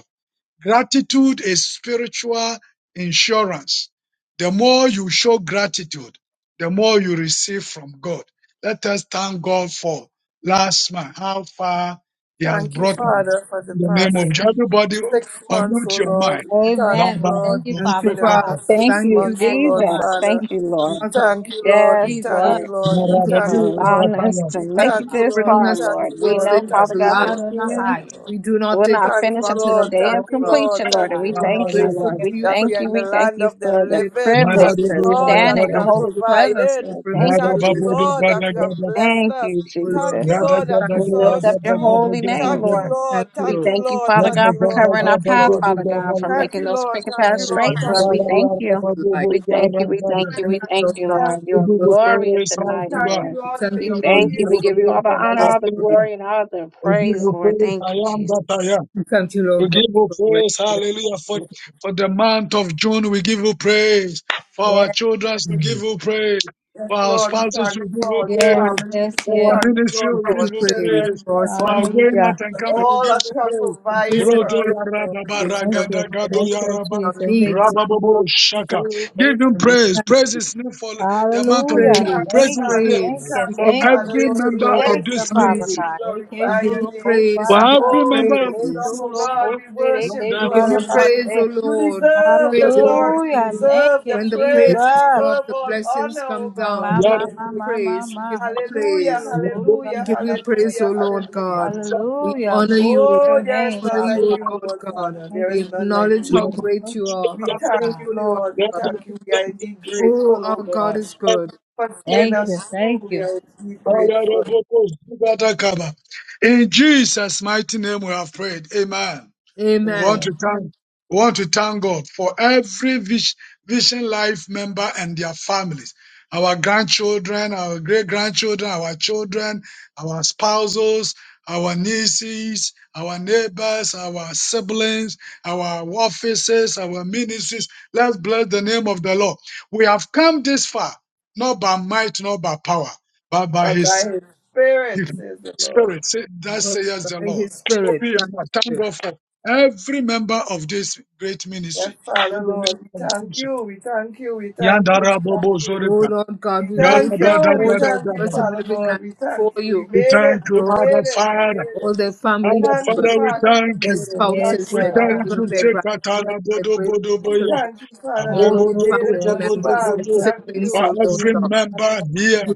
S7: Gratitude is spiritual insurance. The more you show gratitude, the more you receive from God. Let us thank God for last month, how far He has
S2: Thank you,
S7: brought us.
S2: Father, for the
S7: In the name of
S2: past
S7: Jesus, everybody,
S2: six months,
S7: unmute
S2: O
S7: your
S2: Lord.
S7: mind.
S2: We Thank
S3: Amen.
S2: you,
S3: We
S2: Lord,
S3: thank you,
S1: Thank
S3: Father
S2: for
S1: you,
S2: the
S3: God,
S1: Father.
S2: past
S4: Thank
S2: six
S1: Thank
S3: for
S4: you,
S1: you,
S2: months, O
S3: last
S2: Lord,
S1: Father.
S3: month.
S4: Jesus.
S2: Father.
S4: Thank
S1: Thank
S4: you,
S1: you,
S4: Lord.
S2: We
S1: Father,
S2: thank
S3: Thank
S2: you,
S3: you,
S2: Lord. We
S4: Yes,
S3: Jesus.
S2: thank
S1: for
S2: you,
S4: Lord,
S2: Lord.
S3: Amen.
S1: the
S2: We
S1: month of
S4: for
S2: thank you,
S1: June.
S2: Lord.
S4: allowing
S3: Thank
S4: us
S3: you,
S4: to
S2: We
S4: make
S1: Thank you
S3: Father.
S2: thank
S4: it
S2: you,
S1: for
S4: this
S2: Lord.
S1: bringing
S2: We
S4: far,
S1: us to
S2: thank
S1: the
S4: Lord.
S2: you,
S4: We
S1: first
S2: Lord.
S1: day
S2: We
S4: know,
S3: Glory
S1: of
S2: thank
S3: to
S4: Father
S2: you,
S4: God,
S1: July.
S3: God
S4: that
S2: Lord.
S3: in
S2: We
S3: the
S2: thank
S4: you.
S2: you,
S3: highest.
S2: Lord.
S1: We do not
S4: will
S1: take
S4: not
S1: it
S2: Thank
S1: for
S4: finish
S2: you,
S4: until
S1: granted,
S4: the
S2: Lord.
S4: day
S1: Lord
S4: of
S2: Thank you,
S1: God.
S3: Hallelujah.
S2: Lord.
S4: completion, Lord.
S2: Thank
S4: And we
S2: you,
S3: God,
S1: We
S3: you
S1: are
S3: are
S4: thank
S2: Lord.
S3: not
S4: you,
S1: grateful
S4: Lord. We
S1: to
S3: careful,
S1: you
S2: That
S1: for
S3: but
S2: we
S4: thank
S2: are
S4: you.
S2: in
S1: life.
S2: the
S4: We thank
S2: land
S4: you
S2: of the
S3: love
S4: for the
S1: We are
S2: living.
S4: privilege
S2: Thank
S1: grateful
S2: you,
S1: to
S4: to
S1: you
S2: Lord,
S1: for
S4: stand
S2: that
S4: in
S3: God.
S2: you
S1: all
S4: your
S2: have
S1: that
S4: holy
S1: you have done
S4: presence,
S2: provided.
S1: to
S4: Lord.
S1: bring
S4: Thank
S1: us
S4: you,
S1: to
S2: Thank you,
S1: this
S4: Jesus.
S1: point,
S2: Lord,
S1: O
S2: that you
S1: Lord.
S2: have blessed
S4: Thank
S2: us.
S4: you,
S1: Oh, Lord
S2: Thank you,
S4: Jesus.
S1: God.
S2: Lord, that you
S4: We
S1: Thank you,
S2: saw
S1: Lord.
S4: lift
S2: us
S4: up your
S3: You
S2: through.
S3: are
S4: holy name,
S2: Thank you,
S4: Lord.
S1: Thank
S2: Lord.
S1: you,
S4: We
S2: Thank
S1: Lord.
S2: you,
S4: thank you,
S2: Lord.
S7: We
S4: Father
S7: give
S2: Thank
S4: God,
S7: you
S2: you,
S4: for
S2: Lord.
S4: covering our
S2: Thank you,
S4: path,
S2: Lord.
S7: praise,
S4: Father God, for
S2: Thank
S4: making
S2: you,
S4: those
S2: Lord.
S4: crooked
S2: Thank
S4: paths
S2: you,
S3: good.
S1: Thank
S2: Lord.
S4: straight,
S1: you
S2: Thank
S4: Lord.
S2: you,
S4: We
S2: Lord.
S4: thank you.
S1: for life.
S4: We thank you. We
S1: We
S4: thank you. We
S1: thank you,
S4: thank
S1: Lord
S4: you,
S1: God.
S2: Thank,
S4: Lord. You are
S1: for health.
S4: glorious and
S7: mighty
S4: mighty,
S2: thank
S7: God.
S4: Lord.
S2: you,
S1: We
S2: Lord, for
S1: thank
S4: We
S1: you,
S2: your
S7: We
S1: Lord
S7: give
S4: thank you.
S1: God,
S2: peace.
S4: We
S7: you
S1: for
S4: give you all
S7: praise
S4: the honor, all the
S7: everlasting.
S1: restoration.
S7: King.
S4: glory, and all the
S7: We give
S4: praise,
S7: you
S4: Lord.
S7: praise, I
S4: Thank you,
S7: am that I
S4: Jesus.
S7: am.
S1: We thank you,
S7: We
S1: Lord God,
S7: give you
S1: for
S7: praise, hallelujah, for,
S1: restoration.
S7: for the month of June. We give you praise. For our
S3: Yes,
S7: children, we give you praise.
S2: Yes,
S7: For our
S2: Lord, we
S7: spouses,
S2: thank
S7: we
S2: you
S7: give you
S2: for
S3: yes,
S2: our
S7: praise.
S2: families.
S3: yes,
S2: We
S7: For our
S3: yes.
S2: thank you,
S7: ministry,
S2: Lord,
S1: We
S7: we
S2: for
S1: give you
S7: give
S2: our
S7: you
S1: praise
S7: praise.
S2: children. We
S1: for
S2: thank
S7: For
S2: you,
S7: our
S2: Lord,
S7: going
S1: sponsorship.
S7: out
S3: Hallelujah.
S1: We
S7: and
S1: give you
S7: coming,
S1: praise
S7: we
S2: All
S7: give
S2: that
S7: you
S2: you have
S1: for
S7: praise.
S2: provided
S1: provision.
S2: for
S7: Brodo
S1: We give
S2: us,
S1: you
S2: Lord.
S7: yarababa
S2: Thank you,
S1: praise. You
S3: Thank
S1: have
S7: ragada
S3: you.
S7: gado
S1: provided
S3: Thank
S1: for
S7: ya
S1: all
S3: you,
S7: raba
S1: our
S3: Jesus. Thank
S1: needs.
S3: you.
S7: rababobo
S1: Son,
S7: shaka. Give
S3: Lord.
S7: him
S1: And we
S7: praise.
S1: thank
S7: Praise
S1: you.
S7: his name for the month of
S3: Hallelujah.
S7: June.
S1: Praise,
S7: Praise
S3: Thank
S7: his
S3: you.
S2: Father.
S7: name
S2: We
S3: Thank
S1: praise.
S3: you.
S1: We
S2: thank
S7: for
S2: you,
S1: give you
S3: Thank you.
S2: Father,
S7: every
S2: Lord.
S1: praise, O
S2: We
S7: member
S1: Lord, and
S7: of
S2: praise
S3: Thank you,
S7: this
S1: we
S2: your
S1: honor
S2: name.
S3: Father
S1: you.
S7: ministry.
S2: We
S3: God.
S1: We
S2: glorify
S1: give
S2: your
S1: you
S3: Ekeshulo
S2: name.
S7: For
S1: praise. We give
S3: kosharaka
S1: you
S7: every
S2: Oh,
S3: se,
S2: we
S7: member of
S2: lift
S7: this
S2: you up,
S1: praise.
S2: oh
S3: ekeshulo
S7: ministry,
S2: God. We
S3: kosere
S2: worship
S7: Lord,
S2: you,
S7: I
S1: We
S2: oh
S1: give you
S2: Lord,
S3: kesharaka
S2: Father.
S1: praise, O
S3: se.
S2: You
S1: Lord. We
S2: deserve the
S1: praise
S2: glory. You
S3: Hallelujah. Thank
S2: deserve
S3: you,
S2: the
S1: When the
S2: praise.
S1: praises
S2: You
S1: go
S3: Jesus.
S1: up,
S2: deserve
S1: the
S2: all
S1: blessings
S2: honor, oh
S1: come
S3: Ma,
S1: down.
S2: God.
S3: ma,
S1: We
S3: ma,
S1: give
S3: ma,
S1: you
S2: Hallelujah.
S3: ma, ma,
S1: praise. We
S3: ma.
S1: give you
S2: Hallelujah,
S1: praise. We
S2: hallelujah,
S1: give you praise, O
S2: hallelujah,
S1: Lord
S2: hallelujah.
S1: God. We
S3: Hallelujah. We
S1: honor
S3: lift
S1: you.
S2: Oh,
S3: your
S2: there
S1: We
S2: is
S3: name,
S2: none
S1: honor you,
S3: Father
S2: like
S1: O
S3: God.
S2: you,
S1: Lord
S2: Lord
S1: God.
S2: Father.
S3: Thank
S2: There is
S1: We
S3: you.
S2: none
S3: Jesus.
S2: like
S1: acknowledge
S2: you.
S1: how
S3: Thank
S1: great you are,
S3: you,
S2: We
S3: Lord
S1: how
S2: thank
S3: God.
S2: you,
S1: faithful you are.
S2: Lord. We
S1: to us.
S2: thank you. We are indeed
S1: Oh,
S2: grateful,
S1: our
S2: oh
S1: God
S2: God,
S1: is good.
S2: for seeing
S3: Thank
S2: us
S3: you.
S2: through.
S3: Thank
S2: We
S3: you.
S2: are indeed grateful.
S7: In Jesus' mighty name we have prayed. Amen. We want
S2: Amen.
S7: to
S1: Amen.
S7: thank, we want to thank God for every Vis- Vision Life member and their families, our grandchildren, our great grandchildren, our children, our spouses, our nieces, our neighbors, our siblings, our offices, our ministries. Let's bless the name of the Lord. We have come this far, not by might, not by power, but by
S2: But
S7: His
S2: by His Spirit, says the Lord.
S7: Spirit, say, that
S1: But
S7: says the
S1: by
S7: Lord.
S1: His Spirit,
S7: Open your
S1: by
S7: mouth.
S1: His
S7: Thank
S1: Spirit.
S7: God for every member of this great
S2: Yes,
S7: ministry.
S2: Father,
S7: In the
S2: Lord,
S7: name
S2: we
S7: of
S2: thank
S7: Jesus.
S2: you. We thank you. We thank you. We
S7: Yandara
S2: thank
S7: Bobo
S2: you.
S1: Oh,
S7: Zorika.
S1: Lord
S2: We
S1: God, we
S2: thank
S1: raise
S7: Yandaba
S1: up
S7: da
S2: you. We
S1: all
S7: da
S1: the
S7: da da
S2: thank you,
S7: da.
S1: members of
S2: Father
S1: Living
S2: God.
S1: Land
S2: We
S1: before
S2: thank you. We
S1: you,
S7: We
S2: made
S1: O
S7: thank
S2: it. We
S7: you,
S1: Lord God,
S7: Abba
S2: made it. We
S7: Father.
S2: made
S1: all
S2: it.
S1: their family
S7: Abba
S2: Thank you,
S1: members.
S7: Father, we
S2: Father. We
S7: thank
S1: their
S7: you.
S2: made it. Thank
S3: Yes,
S2: you,
S1: spouses,
S7: We
S1: their
S3: Lord
S2: Father.
S7: thank
S3: God.
S1: children,
S3: We
S7: you.
S2: We
S1: their
S2: made
S3: thank
S2: it.
S3: you. We bless
S1: grandchildren,
S7: Tekatara
S1: their
S7: Bodo
S3: your
S1: great
S3: name,
S7: Bodo
S2: We
S3: Jesus.
S7: Boya.
S1: grandchildren,
S2: thank you, Father, that
S1: all
S2: we
S7: Abobo
S1: their
S7: Bodo
S2: made it
S1: family
S7: Bodo
S3: Hallelujah.
S2: thus
S7: Bodo
S1: members,
S2: far. We
S1: their
S3: thank
S7: Bodo.
S3: you.
S2: thank you.
S1: siblings,
S7: For
S1: O Lord
S7: every
S1: God.
S7: member
S3: Hallelujah.
S7: here.
S1: We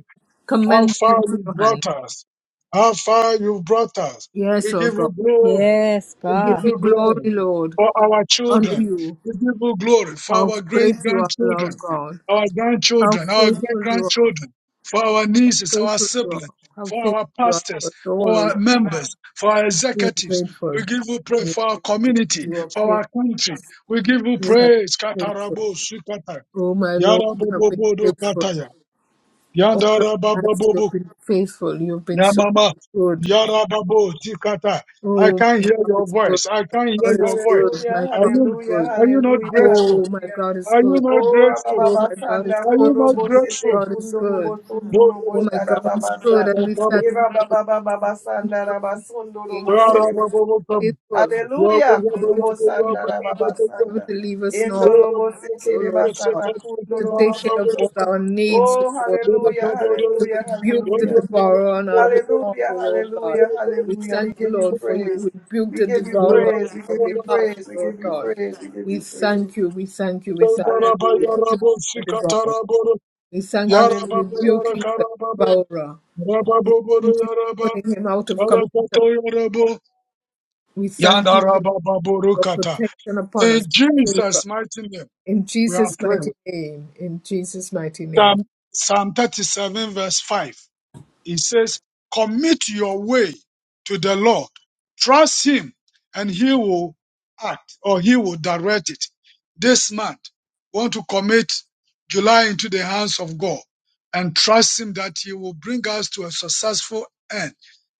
S7: How
S1: commend them
S7: far
S1: into
S7: you
S1: your hands.
S7: brought us. How far you brought us.
S1: Yes,
S7: We
S1: O
S7: give
S1: God.
S7: you glory.
S3: Yes,
S7: We
S1: We
S7: give
S1: give
S3: God.
S1: you
S7: you glory
S1: glory, Lord.
S7: for our
S1: Honor
S7: children.
S1: you.
S7: We give you glory for
S1: How
S7: our great
S1: great you are, Lord
S7: grandchildren,
S1: God.
S7: our
S1: How
S7: grandchildren, our great
S1: faithful you are.
S7: grandchildren, for our
S1: How
S7: nieces, our
S1: faithful you are.
S7: siblings,
S1: How
S7: for
S1: faithful
S7: our
S1: you are for
S7: pastors,
S1: us all, O
S7: for our
S1: Lord God.
S7: members, for our
S1: We are
S7: executives. We
S1: grateful.
S7: give you
S1: We
S7: praise
S1: are
S7: for our
S1: grateful.
S7: community,
S1: You are
S7: for our country.
S1: faithful.
S7: We give you
S1: You are
S7: praise.
S1: faithful.
S7: Katarabo, Sukata,
S1: Oh, my Lord, you have been
S7: Yarabobodo,
S1: faithful.
S7: Kataya.
S1: All our lives, you have been faithful. You have been so
S7: Yamama,
S1: good.
S7: Yarababo, Tikata. I
S1: Oh,
S7: can't
S1: my
S7: hear
S1: God
S7: your
S1: is good.
S7: voice. I
S1: My
S7: can't hear
S1: God
S7: your
S1: is
S7: voice.
S1: good.
S2: Hallelujah,
S1: My
S7: Are
S1: God
S7: you
S1: is
S2: hallelujah,
S1: good.
S7: are you not
S2: hallelujah,
S7: grateful?
S1: Oh, my
S2: hallelujah.
S1: God is
S7: Are you
S1: good.
S7: not
S2: Oh,
S7: grateful?
S1: Oh,
S2: Rababa
S1: my God is
S2: Sanda,
S7: Are
S1: good.
S7: you not
S2: Korobo
S1: Oh, my
S2: Sete
S7: grateful?
S1: God is good.
S2: Kundurubo
S7: No, no,
S2: Sundurubo
S1: Oh, my
S2: Shara
S1: God is
S7: no.
S1: good.
S2: Babasa.
S1: And we
S7: Tikataba,
S1: thank
S2: Eva
S1: you, Lord
S2: Baba Baba
S1: God,
S2: Sanda,
S1: for
S2: Rabasundorobo
S1: being good,
S2: Serebo.
S7: Yarababo, Yarababo,
S1: faithful.
S7: Yarababo,
S2: Hallelujah, Korobo Sanda,
S7: Yarababo,
S2: Rababa
S1: never
S2: Sanda.
S1: to leave us nor abandon
S7: Yarababo,
S2: Endorobo
S1: us, O
S2: Sekireba
S1: Lord God,
S2: Sata
S1: to
S7: Yarababo,
S2: Kundurubo
S1: take care of
S2: Soto.
S1: all our needs, O
S2: Oh,
S1: Lord
S2: hallelujah,
S1: God, to
S2: hallelujah,
S1: rebuke the
S2: hallelujah.
S1: devourer on our behalf, O
S2: Hallelujah,
S1: Lord God.
S2: hallelujah,
S1: We
S2: hallelujah. We
S1: thank you,
S2: give you
S1: Lord, for you
S2: praise.
S1: rebuke
S2: We
S1: the
S2: give you
S1: devourer on
S2: praise. We
S1: our
S2: give
S1: behalf,
S2: you
S1: O
S2: praise. We give
S1: Lord
S2: you
S1: God.
S2: praise. We give
S1: We
S2: you praise.
S1: thank you, we thank you, we thank you for
S2: Hallelujah.
S7: Yarababo,
S1: rebuking the
S7: Yarababo,
S1: devourer.
S7: Yarababo,
S1: We thank you for
S7: Yarababo,
S2: Hallelujah.
S1: rebuking the
S7: Yarakarababo,
S1: devourer.
S7: Rababoboro,
S1: Thank you
S7: Yaraba,
S1: for putting him out of commission.
S7: Yarakata, Yarabo,
S1: We thank you for your
S7: Yandarabababorokata.
S1: protection upon
S7: In
S1: us,
S7: Jesus'
S1: favor.
S7: mighty name,
S1: In
S7: we are
S1: Jesus'
S7: praying.
S1: mighty name, in Jesus' mighty name.
S7: Psalm, Psalm 37, verse 5. He says, Commit your way to the Lord. Trust Him, and He will act or He will direct it. This month, want to commit July into the hands of God and trust Him that He will bring us to a successful end,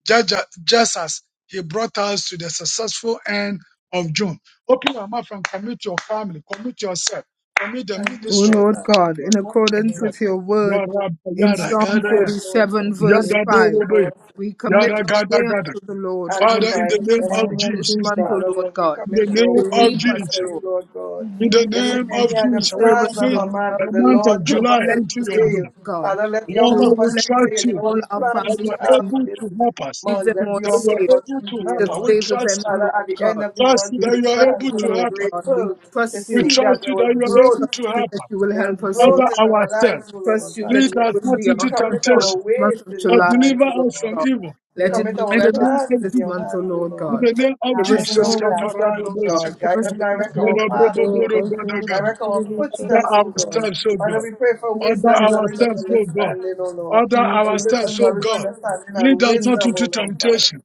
S7: just, just as He brought us to the successful end of June. Open your mouth and commit your family, commit yourself, commit the
S2: Thank
S1: O
S2: you,
S7: ministry.
S2: Lord.
S1: Lord
S2: Thank
S1: God, in
S2: you,
S1: accordance
S2: Lord.
S1: with your word
S7: Yada,
S1: in
S7: yada, yada,
S2: Thank you,
S1: Psalm
S2: Father,
S7: yada.
S2: Lord,
S1: 37,
S2: for
S1: verse
S2: doing
S1: 5,
S7: yada,
S2: for us. in
S1: we
S2: the month
S1: commit
S7: Yada
S2: of
S1: our
S7: gada
S1: way
S7: gada.
S1: unto the Lord
S2: and
S7: Father,
S1: and we
S7: in the
S2: providing
S7: name
S1: trust
S3: In the
S7: of
S2: everything
S1: you
S3: name
S2: we
S3: of
S1: this
S7: Jesus,
S2: need,
S1: month,
S3: Jesus.
S1: O
S2: Father
S1: Lord
S2: Lord. We
S1: God,
S7: in the
S2: commit our
S7: name
S1: to
S3: In
S2: ways
S7: of
S1: keep us,
S3: the
S7: Jesus,
S2: before you,
S1: Lord,
S2: Lord God.
S7: in the
S3: name of
S2: You
S1: to
S2: said
S7: name
S3: Jesus.
S7: of
S2: many are the
S7: Jesus, we
S1: preserve
S2: plans
S1: us,
S3: In
S2: of
S3: the
S7: commit
S1: Lord,
S2: a
S3: name
S2: man,
S3: of
S7: the
S2: but the
S3: Jesus.
S7: month of
S2: Lord
S1: to
S7: July
S2: purpose will
S1: bless
S7: into
S1: us,
S7: your
S1: O Lord
S7: hand.
S2: prevail.
S1: God,
S2: Father, let your
S1: to
S7: Lord, we
S2: purpose
S1: bless
S7: trust
S2: prevail in
S7: you
S2: all
S1: all
S2: the
S1: our
S3: Hallelujah.
S7: that
S2: plans
S1: family
S7: you
S2: we
S7: are
S2: have
S1: members,
S2: for
S7: able
S2: this
S7: to help us,
S1: Keep
S2: month.
S1: them
S2: Let
S1: all
S7: that
S2: your
S7: you
S1: safe.
S7: are
S2: purpose
S7: able to help
S2: prevail,
S1: Just
S7: us. We
S2: Lord.
S1: favor
S7: trust
S1: them, O
S7: you.
S2: Father, at
S1: Lord
S2: the end
S1: God.
S2: of the
S7: Trust
S2: month,
S7: you
S2: we will
S1: We
S7: that you
S2: be
S1: trust
S7: are able
S2: thankful
S1: you,
S7: to
S2: and
S1: Lord
S7: help us.
S1: God. We
S2: grateful to
S1: trust
S7: We
S1: you.
S2: see
S7: trust
S2: that there
S7: you
S2: was
S7: that you
S1: We
S7: are able
S1: trust
S2: growth.
S7: to
S1: you
S7: help
S1: that
S7: us.
S1: you will
S2: There was
S1: help us, O Lord.
S7: Over
S2: growth in our
S7: ourselves.
S2: lives, O Lord.
S1: Trust you
S2: Father,
S1: that
S7: Lead us
S1: you
S2: yes.
S1: will
S7: not
S1: be
S2: we
S7: into
S1: our help
S2: commit
S1: for
S2: our
S1: this
S7: temptation,
S2: ways
S1: month of
S2: in
S7: but
S2: your
S1: July,
S7: deliver
S2: hands,
S1: O Lord
S2: O
S7: us
S2: Lord
S7: from
S1: God.
S7: evil.
S1: Let
S3: Yes.
S1: it
S2: commit
S1: be
S7: In
S2: our
S1: well
S7: the
S1: with us
S7: name
S2: plans
S7: of
S2: in
S1: this
S2: your
S7: Jesus.
S1: month, O
S2: hands, O
S1: Lord
S7: In
S2: Lord.
S1: God.
S7: the name of
S1: Give
S2: That
S1: us good
S2: your will be
S3: Hallelujah.
S1: health,
S2: done, O
S1: O Lord
S7: Jesus.
S1: God.
S2: God.
S1: Give
S2: Guide
S1: us
S3: Yes,
S2: and
S1: good
S3: we
S1: health.
S2: direct
S3: shall
S2: our
S3: go,
S2: path,
S3: shall
S2: O Lord.
S3: go, shall go,
S7: That
S2: Direct
S3: shall
S2: our
S3: go, shall go, shall
S2: footsteps,
S7: I
S2: O
S3: go,
S2: God.
S7: understand, so God.
S2: Father, we pray for
S7: Order
S2: wisdom,
S3: shall go,
S7: our
S2: knowledge, and
S7: steps, O God.
S2: understanding, O Lord.
S7: Order
S3: shall
S7: our
S2: We pray
S3: go,
S2: for
S7: steps, O
S2: knowledge,
S7: God.
S2: understanding,
S7: Lead
S2: and
S7: us
S3: shall
S7: not
S2: wisdom,
S7: into
S2: O Lord, Father.
S7: temptation.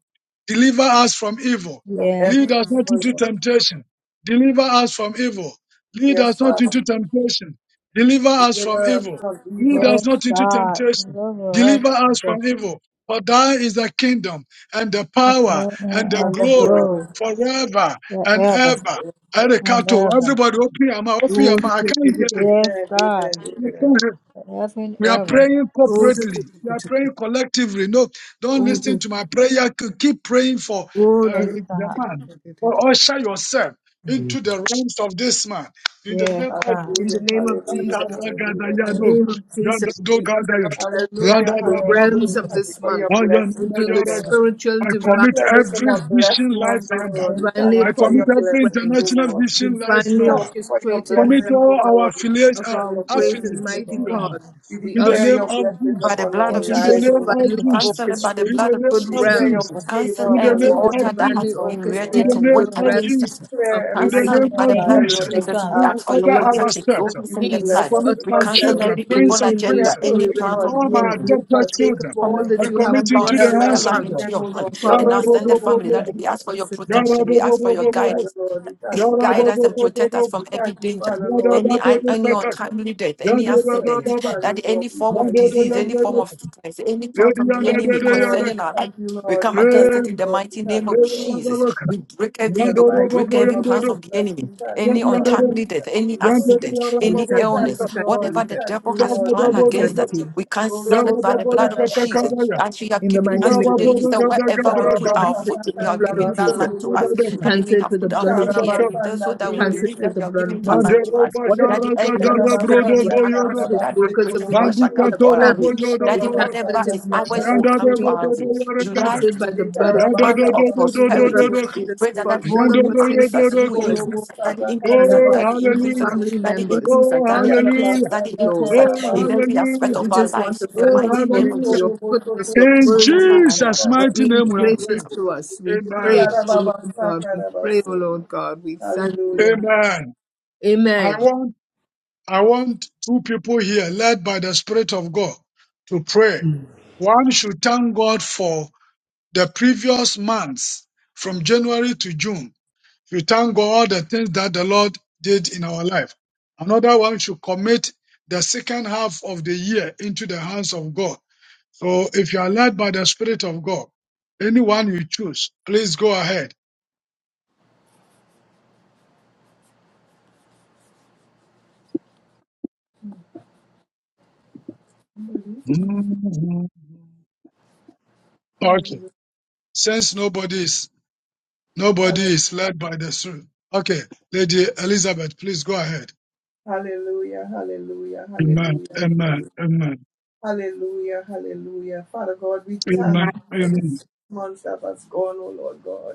S7: Deliver us from evil.
S2: From
S3: Yes,
S2: every
S7: Lead us not
S2: evil,
S7: into
S2: Lord.
S7: temptation. Deliver us from evil. Lead
S2: Yes,
S7: us not
S2: Father.
S7: into temptation. Deliver us from
S2: Deliver us
S7: evil.
S2: from
S7: Lead
S2: evil.
S3: yes,
S7: us not into
S3: God,
S7: temptation.
S3: deliver us,
S7: Deliver us from
S3: Jesus,
S7: evil. For thine is the kingdom and the
S3: the
S2: Yes.
S7: power
S3: power and
S7: and the
S3: and
S2: And
S3: the
S2: the
S7: glory
S3: glory
S2: blood.
S7: forever and
S3: forever
S7: ever.
S2: Yes, Lord.
S3: and
S7: Erekato,
S3: ever.
S7: everybody open your mouth, open your
S1: Oh,
S7: mouth.
S1: do-
S7: I
S1: do- do-
S7: can't
S1: do- do-
S7: hear
S3: Yes,
S2: Amen,
S3: God,
S2: amen,
S1: do- do-
S2: amen.
S1: do.
S7: it.
S3: forever and
S7: We are
S3: ever.
S7: praying
S1: Oh, do- do-
S7: corporately.
S1: do-
S7: We
S1: do- do-
S7: are
S1: do.
S7: praying collectively. No, don't
S1: Oh,
S7: listen
S1: do-
S7: to my prayer. K- Keep praying for
S1: oh, do-
S7: uh,
S3: Yes,
S1: do-
S7: the
S3: God,
S1: do-
S7: man.
S1: do- do- do.
S7: Or usher yourself into the realms of this man. In the
S3: yes,
S7: name of
S3: God,
S1: In the
S2: Hallelujah,
S7: Jesus.
S1: name of
S2: hallelujah,
S1: Jesus.
S2: hallelujah,
S1: In the
S2: hallelujah.
S7: Tataragadayago.
S1: name of Jesus, we usher
S7: Yandadogadayo.
S1: ourselves
S2: Hallelujah,
S1: into the
S3: yes,
S2: hallelujah.
S1: realms of
S3: Jesus,
S2: Thank
S7: Yandadabraboduto.
S2: you
S1: this
S2: for your
S1: month,
S2: blessings,
S1: into
S2: oh
S1: the
S2: God.
S7: Oyanayaraga.
S1: spiritual,
S7: I
S2: We
S1: divine,
S7: commit
S2: declare this as
S7: every
S2: a
S7: vision
S2: blessed
S7: life
S2: month, O
S7: member.
S2: Lord.
S3: yes,
S2: We
S1: divinely
S2: thank
S7: I
S2: you
S3: God,
S2: for
S7: commit
S2: your
S1: appointed
S7: every
S2: blessings, O
S1: realms,
S7: international
S2: Lord.
S7: vision life
S2: We
S1: divinely
S2: thank
S7: member.
S2: you for your
S1: orchestrated
S7: Commit
S2: blessings, O
S1: realms
S7: all our
S2: Lord. We
S7: affiliates
S2: thank
S1: of
S2: you
S7: and
S2: for
S1: our
S2: your
S1: great
S2: blessings,
S1: and
S7: affiliates
S2: O
S7: into
S1: mighty
S2: Lord.
S7: your hand.
S1: God.
S2: We
S1: We
S7: In the
S1: usher
S2: declare
S7: name
S2: your
S7: of
S2: blessings
S6: By
S7: Jesus.
S6: the
S2: upon
S6: blood
S2: our
S6: of
S7: In
S1: into the
S7: the
S6: Jesus,
S2: lives, O
S7: name
S2: Lord.
S7: of
S1: divinely
S6: we
S2: Father,
S7: Jesus.
S6: cancel it
S2: Lord.
S6: by the
S7: In
S1: orchestrated
S7: the
S6: blood of
S7: name
S1: good
S2: We
S7: of
S6: Jesus.
S2: declare
S1: realm
S2: your
S6: We
S7: Jesus.
S6: cancel
S7: In
S2: favor
S7: the
S2: upon
S6: every
S1: into
S7: name
S2: our
S1: the
S7: of
S6: altar
S2: lives
S6: that
S2: this
S1: divinely
S6: has
S7: Jesus.
S2: month,
S6: been
S2: O Lord.
S7: In
S6: erected
S7: the
S6: to
S1: orchestrated
S7: name
S6: work
S1: good
S3: hallelujah.
S7: of
S6: against
S2: We
S7: Jesus.
S6: us.
S1: realms of
S2: declare
S7: In the
S2: everything
S1: light,
S6: Cancel
S2: we
S7: name
S6: it
S3: In the
S6: by the
S7: of
S3: name
S6: blood
S2: desire,
S6: of
S3: of
S2: Lord,
S7: Jesus.
S2: that we
S1: life,
S6: Jesus.
S3: Jesus,
S6: We
S7: We
S2: ask
S7: will
S6: ask for
S2: and
S6: your
S2: we
S7: order
S1: love,
S2: pray
S7: our
S6: protection. So
S7: steps
S1: and
S6: we
S2: you
S6: send
S2: will
S6: the
S1: peace.
S7: I
S1: We
S2: bless
S6: blood.
S2: us
S7: commit
S1: utter
S2: with
S6: We
S2: it,
S7: my
S2: O
S6: cancel
S1: ourselves
S2: Lord.
S1: in,
S7: children,
S6: every
S1: we're
S7: prince
S6: evil
S2: We
S7: and
S1: in, we're
S2: declare a
S6: agenda,
S1: in,
S7: princess,
S6: any
S1: we
S2: perfect
S7: and
S1: win.
S6: plans of
S2: body,
S7: all
S6: the
S7: my
S2: Lord,
S1: And
S6: enemy.
S1: we
S7: adopted
S2: that
S1: partake of
S2: perfect
S7: children.
S1: all
S6: Commit
S2: mind.
S1: that
S7: We
S1: you
S6: every
S1: have
S7: commit
S6: member
S1: for
S6: on
S7: into
S1: us
S7: the
S6: this
S2: Health
S1: this
S6: prayer
S7: hands
S2: and
S7: of
S6: line
S1: month.
S7: God.
S6: into
S2: healing, O
S6: your
S2: Lord
S6: hand
S1: We
S6: and our
S2: God. We
S1: partake of
S6: extended
S2: thank
S1: all
S2: you,
S6: family.
S1: that
S7: Yarabobobobobo,
S6: That
S2: Father,
S6: we
S2: Lord.
S1: you
S6: ask
S1: have for
S6: for your
S1: us this month.
S6: protection. We ask for
S2: Thank
S6: your
S2: you,
S7: yarabobobobobo,
S6: guidance.
S2: Father, Lord. We thank you,
S6: guide
S2: Father,
S6: us and
S2: Lord.
S6: protect us from
S2: We
S7: yarabobobobobo,
S6: every
S2: thank you,
S6: danger,
S2: Father, Lord. We
S6: any
S2: thank you,
S6: any
S2: Father, Lord.
S6: untimely death,
S7: Bandita
S6: any
S2: We thank
S6: accident,
S2: you, Father,
S6: that
S2: Lord.
S6: any
S2: We
S6: form of
S2: thank you,
S6: disease,
S2: Father,
S6: any form
S2: Lord.
S6: of sickness, any plan of
S2: We
S6: the
S2: thank
S6: enemy
S2: you, Lord.
S6: concerning
S2: We
S6: our life.
S2: thank you,
S6: We
S2: Lord.
S6: come
S2: We thank you,
S6: against it in the
S2: Lord. We
S6: mighty name
S2: thank
S6: of
S2: you, Lord.
S6: Jesus. We break
S2: In
S6: every
S2: the
S6: yoke, we
S2: mighty
S6: break
S2: name
S6: every
S2: of
S6: plans of the
S2: Jesus, we
S6: enemy,
S2: thank you,
S6: any
S2: Father. We
S6: untimely death,
S2: thank
S6: any
S2: you, Lord.
S6: accident,
S1: We
S6: any
S2: We
S1: thank you,
S2: thank
S6: illness,
S1: we
S2: you,
S1: thank you,
S2: Lord.
S1: we
S6: whatever
S2: We
S6: the
S1: thank you.
S2: thank
S6: devil
S2: you,
S6: has
S2: Lord. We
S6: planned
S1: We
S2: thank you,
S6: against
S1: thank
S6: us,
S2: Lord.
S1: you.
S6: we cancel
S2: Orobo
S6: it by the blood of
S2: sandana
S6: Jesus.
S2: baba
S6: As you
S2: sandana
S6: have
S1: In the
S6: given
S2: orobo
S1: mighty
S6: us
S1: name
S6: today,
S1: of
S2: sete.
S6: you said,
S1: Jesus.
S6: wherever we
S1: We
S6: put
S2: Ikaraba
S6: our
S1: cancel it
S6: foot,
S1: with
S6: you
S1: the
S6: are
S2: sakatanda
S1: blood
S6: giving
S1: of
S6: that
S1: Jesus.
S6: land
S2: basolo
S6: to us.
S2: boro
S1: We
S6: Daddy,
S2: soto.
S6: we
S1: cancel it
S6: have
S1: with the
S6: put our
S1: blood
S6: foot
S1: of Jesus.
S6: here
S2: Ikaraba
S6: in there so
S2: sanda
S1: We
S6: that we
S1: cancel
S2: kerebe
S6: believe
S1: it
S2: sete
S1: with
S6: that
S1: the
S6: you are
S1: blood
S6: giving
S1: of Jesus.
S6: talent to
S2: kundorobo.
S6: us.
S1: Whatever
S6: Daddy,
S1: the
S6: every
S1: enemy has
S2: Ikaraba
S1: planned,
S6: prosperity
S1: whatever
S2: sanda
S6: that comes
S2: kanda
S6: from
S1: his
S6: that we
S2: basse
S1: workers of
S6: greatest
S2: korobo
S6: for shall
S2: soto.
S1: iniquity
S6: come
S1: have
S6: to
S7: Toro
S6: our
S1: planned,
S7: Boyo
S6: way.
S1: we
S6: Daddy,
S2: Ikaraba
S7: Doro,
S1: cancel
S6: whatever
S1: it
S2: sanda
S1: in
S6: is
S1: the
S2: kanda
S1: mighty
S6: ours
S1: name
S6: will
S1: of
S7: Yanda
S6: come to
S2: basoto.
S7: Bebo
S6: our
S1: Jesus.
S6: way.
S7: Boyo
S1: We
S6: July
S7: Regada,
S1: cancel
S6: is
S1: it by
S6: the
S1: the blood of
S6: the
S7: Oh,
S2: Ikaraba
S1: Jesus.
S6: month of
S1: We
S2: sanda
S1: speak the blood
S6: prosperity.
S2: kundorobo
S1: of
S6: We
S1: Jesus
S6: pray that,
S1: upon
S6: that you
S1: all of
S6: will
S2: soto.
S1: us here
S6: increase us,
S1: tonight,
S6: you will
S1: present
S2: Orobo,
S6: increase us,
S1: tonight
S6: Daddy,
S2: Saba
S6: increase
S1: and the
S6: us,
S1: burden
S6: Daddy,
S1: of
S6: increase us,
S7: hallelujah.
S1: family
S6: Daddy,
S2: Kandabasu,
S1: members.
S6: increase us,
S7: Oh,
S6: Daddy,
S1: And we say,
S6: increase
S1: Thank
S7: hallelujah.
S6: us, Daddy,
S1: you,
S2: Yarabasada
S6: increase
S1: Lord.
S7: Oh,
S6: us
S1: Thank you,
S6: in every
S1: Lord.
S2: Kandabasu,
S6: aspect
S7: hallelujah.
S6: of
S1: We
S6: our
S1: just
S2: Orobo,
S1: want
S6: lives.
S1: to
S6: In the
S1: thank
S7: Oh,
S1: you,
S6: mighty
S1: Lord,
S6: name of
S1: for
S7: hallelujah.
S1: your
S6: Jesus.
S1: goodness,
S2: Soto,
S1: your
S7: In
S1: mercy,
S2: Orobo
S7: Jesus'
S1: for
S7: mighty
S1: being
S7: name we
S2: Shatarabasu,
S7: have
S1: gracious
S7: prayed.
S1: to us. We pray,
S7: Amen.
S1: O Lord
S2: Yarababasa
S1: God. We pray, O
S2: Karabasu.
S1: Lord God. We thank you.
S2: Hallelujah.
S7: Amen.
S1: Amen.
S7: I want, I want two people here led by the Spirit of God to pray. One should thank God for the previous months from January to June We thank God the things that the Lord did in our life. Another one should commit the second half of the year into the hands of God. So if you are led by the Spirit of God, anyone you choose, please go ahead. Mhm. Okay.
S2: Hallelujah.
S7: Since nobody is nobody is led by the Spirit. Okay, Lady Elizabeth, please go ahead.
S2: Hallelujah. Hallelujah.
S7: Amen.
S2: Hallelujah.
S7: Amen.
S2: Hallelujah.
S7: Amen.
S2: Hallelujah, hallelujah. Father God, we
S7: Amen.
S2: thank you for
S7: Amen.
S2: this month that has gone, oh Lord God.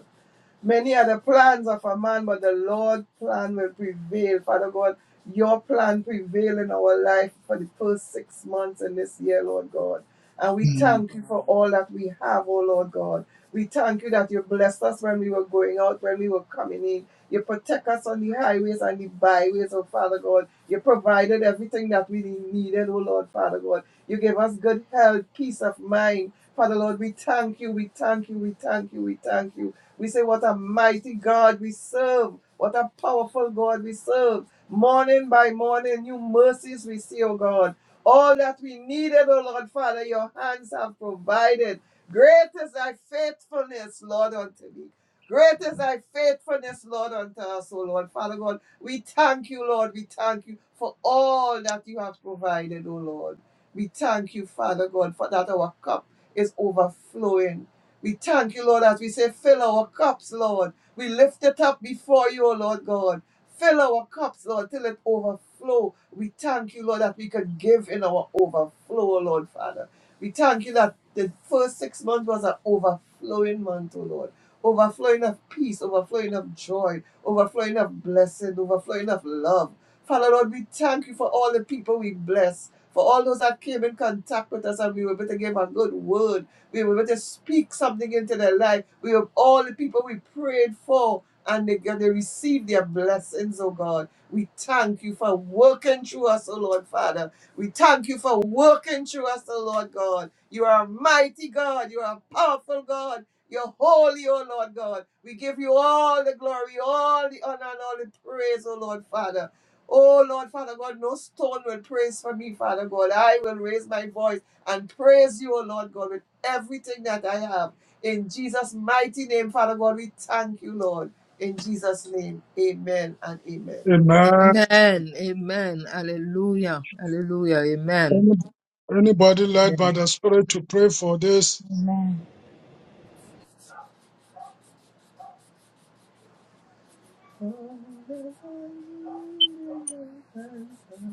S2: Many are the plans of a man, but the Lord's plan will prevail. Father God, your plan prevail in our life for the first six months in this year, Lord God. And we
S7: Mhm.
S2: thank you for all that we have, oh Lord God. We thank you that you blessed us when we were going out, when we were coming in. You protect us on the highways and the byways, oh Father God. You provided everything that we needed, oh Lord, Father God. You gave us good health, peace of mind. Father Lord, we thank you, we thank you, we thank you, we thank you. We say, What a mighty God we serve. What a powerful God we serve. Morning by morning, new mercies we see, O God. All that we needed, O Lord Father, your hands have provided. Great is thy faithfulness, Lord, unto me. Great is thy faithfulness, Lord, unto us, O Lord Father God. We thank you, Lord. We thank you for all that you have provided, O Lord. We thank you, Father God, for that our cup is overflowing. We thank you, Lord, as we say, fill our cups, Lord. We lift it up before you, O Lord God. Fill our cups, Lord, till it overflow. We thank you, Lord, that we can give in our overflow, O Lord Father. We thank you that the first six months was an overflowing month, O Lord. Overflowing of peace, overflowing of joy, overflowing of blessing, overflowing of love. Father, Lord, we thank you for all the people we bless, for all those that came in contact with us and we were able to give a good word we were able to speak something into their life. We have all the people we prayed for and they, and they received their blessings, oh God. We thank you for working through us, oh Lord Father. We thank you for working through us, oh Lord God. You are a mighty God. You are a powerful God. You're holy, oh Lord God. We give you all the glory, all the honor, and all the praise, oh Lord Father. Oh Lord Father God, no stone will praise for me, Father God. I will raise my voice and praise you, O Lord God, with everything that I have. In Jesus' mighty name, Father God, we thank you, Lord. In Jesus' name, amen and amen.
S7: Amen.
S1: Amen. Amen. Hallelujah. Hallelujah. Amen.
S7: Any- Anybody led by
S1: Amen.
S7: the Spirit to pray for this
S3: Amen.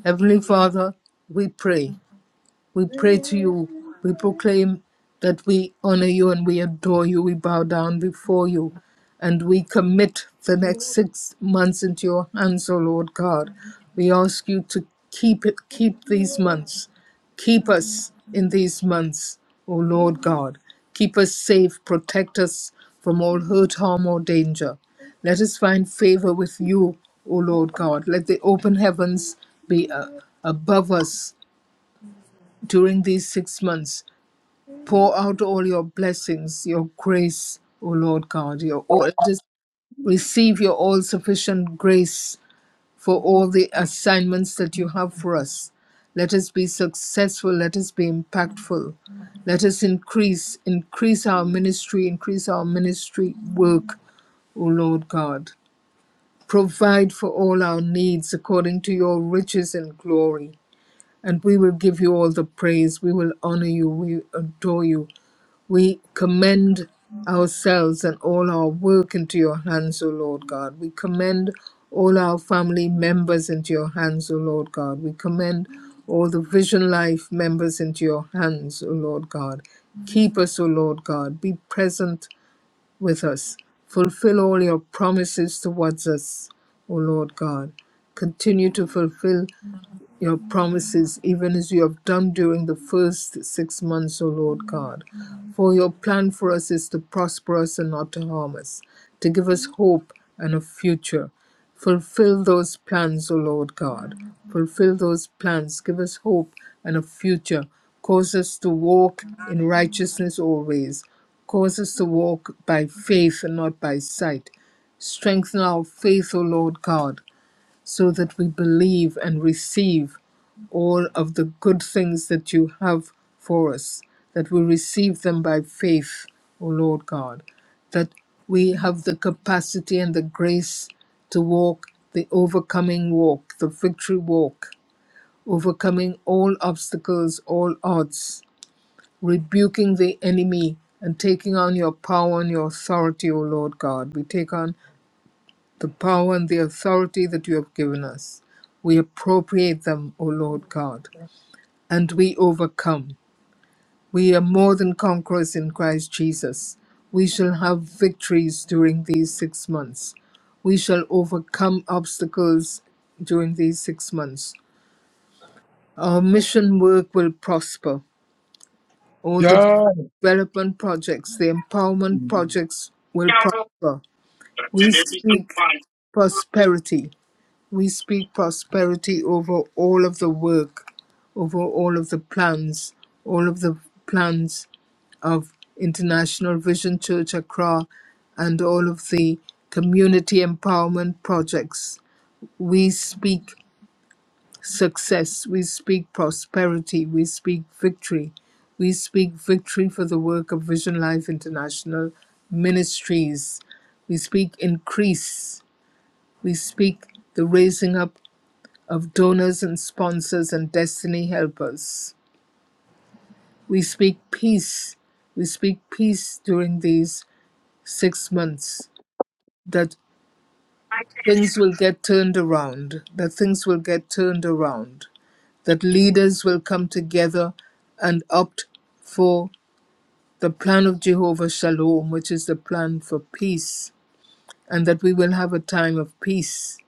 S1: Heavenly Father, we pray. We pray to you. We proclaim that we honor you and we adore you. We bow down before you. And we commit the next six months into your hands, O Lord God. We ask you to keep it, keep these months. Keep us in these months, O Lord God. Keep us safe. Protect us from all hurt, harm, or danger. Let us find favor with you, O Lord God. Let the open heavens be uh, above us during these six months. Pour out all your blessings, your grace, O Lord God. Your all, just receive your all sufficient grace for all the assignments that you have for us. Let us be successful. Let us be impactful. Let us increase, increase our ministry, increase our ministry work, O Lord God. Provide for all our needs according to your riches and glory and we will give you all the praise. We will honor you. We adore you. We commend ourselves and all our work into your hands, O Lord God. We commend all our family members into your hands, O Lord God. We commend all the Vision Life members into your hands, O Lord God. Keep us, O Lord God. Be present with us. Fulfill all your promises towards us, O Lord God. Continue to fulfill your promises, even as you have done during the first six months, O Lord God. For your plan for us is to prosper us and not to harm us, to give us hope and a future. Fulfill those plans, O Lord God. Fulfill those plans. Give us hope and a future. Cause us to walk in righteousness always. Cause us to walk by faith and not by sight. Strengthen our faith, O Lord God so that we believe and receive all of the good things that you have for us, that we receive them by faith, O Lord God, that we have the capacity and the grace to walk the overcoming walk, the victory walk, overcoming all obstacles, all odds, rebuking the enemy and taking on your power and your authority, O Lord God. We take on the power and the authority that you have given us. We appropriate them, O Lord God, and we overcome. We are more than conquerors in Christ Jesus. We shall have victories during these six months. We shall overcome obstacles during these six months. Our mission work will prosper. All the
S7: Yeah.
S1: development projects, the empowerment projects will prosper. We speak prosperity We speak prosperity over all of the work, over all of the plans, all of the plans of International Vision Church Accra and all of the community empowerment projects. We speak success, we speak prosperity, we speak victory. We speak victory for the work of Vision Life International Ministries. We speak increase. We speak the raising up of donors and sponsors and destiny helpers. We speak peace. We speak peace during these six months that things will get turned around, that things will get turned around, that leaders will come together and opt for the plan of Jehovah Shalom, which is the plan for peace, and that we will have a time of peace,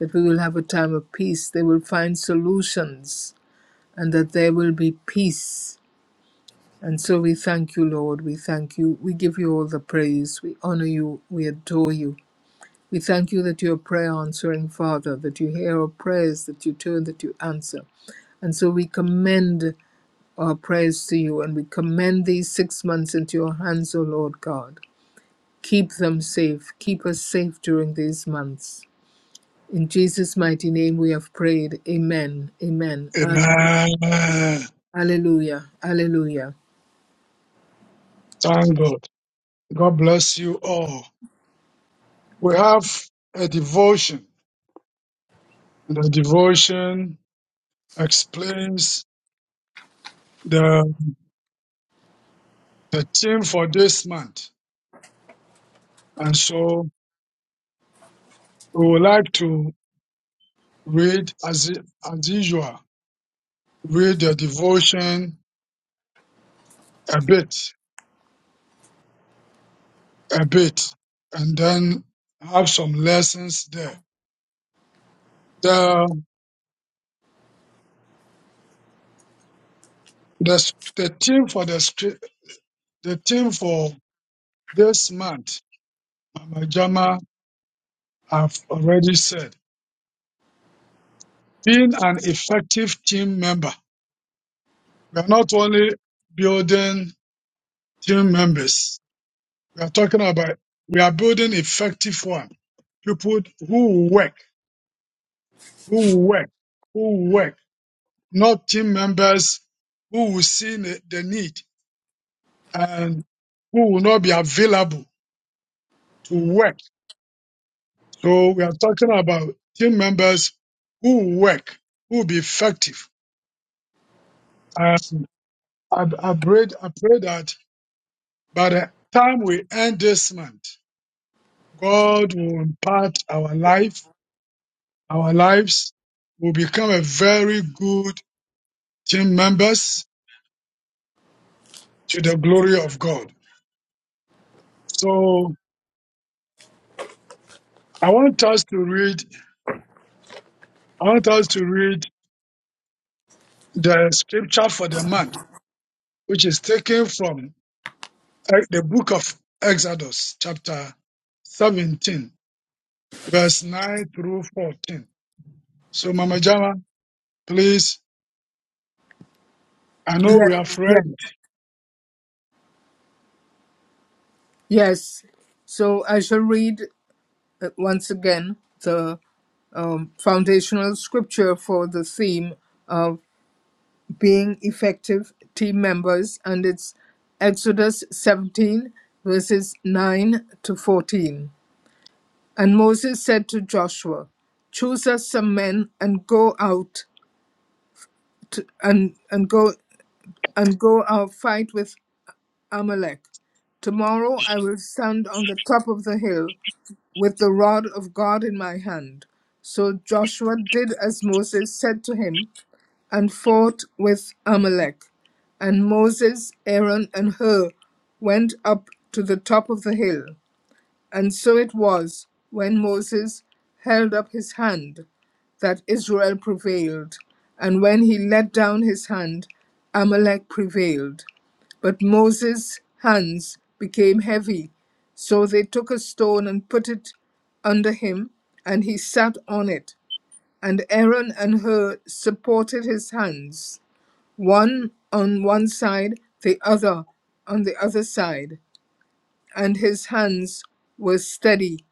S1: that we will have a time of peace. They will find solutions, and that there will be peace And so we thank you, Lord. We thank you. We give you all the praise. We honor you. We adore you. We thank you that you're a prayer answering Father, that you hear our prayers, that you turn, that you answer. And so we commend our prayers to you and we commend these six months into your hands, O Lord God. Keep them safe. Keep us safe during these months. In Jesus' mighty name we have prayed. Amen. Amen.
S7: Amen.
S1: Alleluia. Alleluia.
S7: Thank God. God bless you all. We have a devotion, and the devotion explains the, the theme for this month. And so we would like to read, as, as usual, read the devotion a bit, a bit, and then have some lessons there. The, the, the theme for the, scrip- the theme for this month Mama Jama have already said, being an effective team member, we are not only building team members, we are talking about we are building effective one. People who work, who work, who work, not team members who will see the the need and who will not be available to work. So we are talking about team members who work, who will be effective. I, I pray, I pray that by the time we end this month, God will impart our life, our lives will become a very good team members to the glory of God. So I want us to read, I want us to read the scripture for the month, which is taken from eh, the book of Exodus, chapter 17, verse 9 through 14. So Mama Jama, please, I know we have
S1: Yes, yes.
S7: read.
S1: Yes. So I shall read uh, once again the um, foundational scripture for the theme of being effective team members, and it's Exodus 17, verses 9 to 14. And Moses said to Joshua, Choose us some men and go out to, and, and go and go out fight with Amalek. Tomorrow I will stand on the top of the hill with the rod of God in my hand. So Joshua did as Moses said to him and fought with Amalek. And Moses, Aaron, and Hur went up to the top of the hill. And so it was when Moses held up his hand that Israel prevailed, and when he let down his hand, Amalek prevailed. But Moses' hands became heavy, so they took a stone and put it under him, and he sat on it. And Aaron and Hur supported his hands, one on one side, the other on the other side, and his hands were steady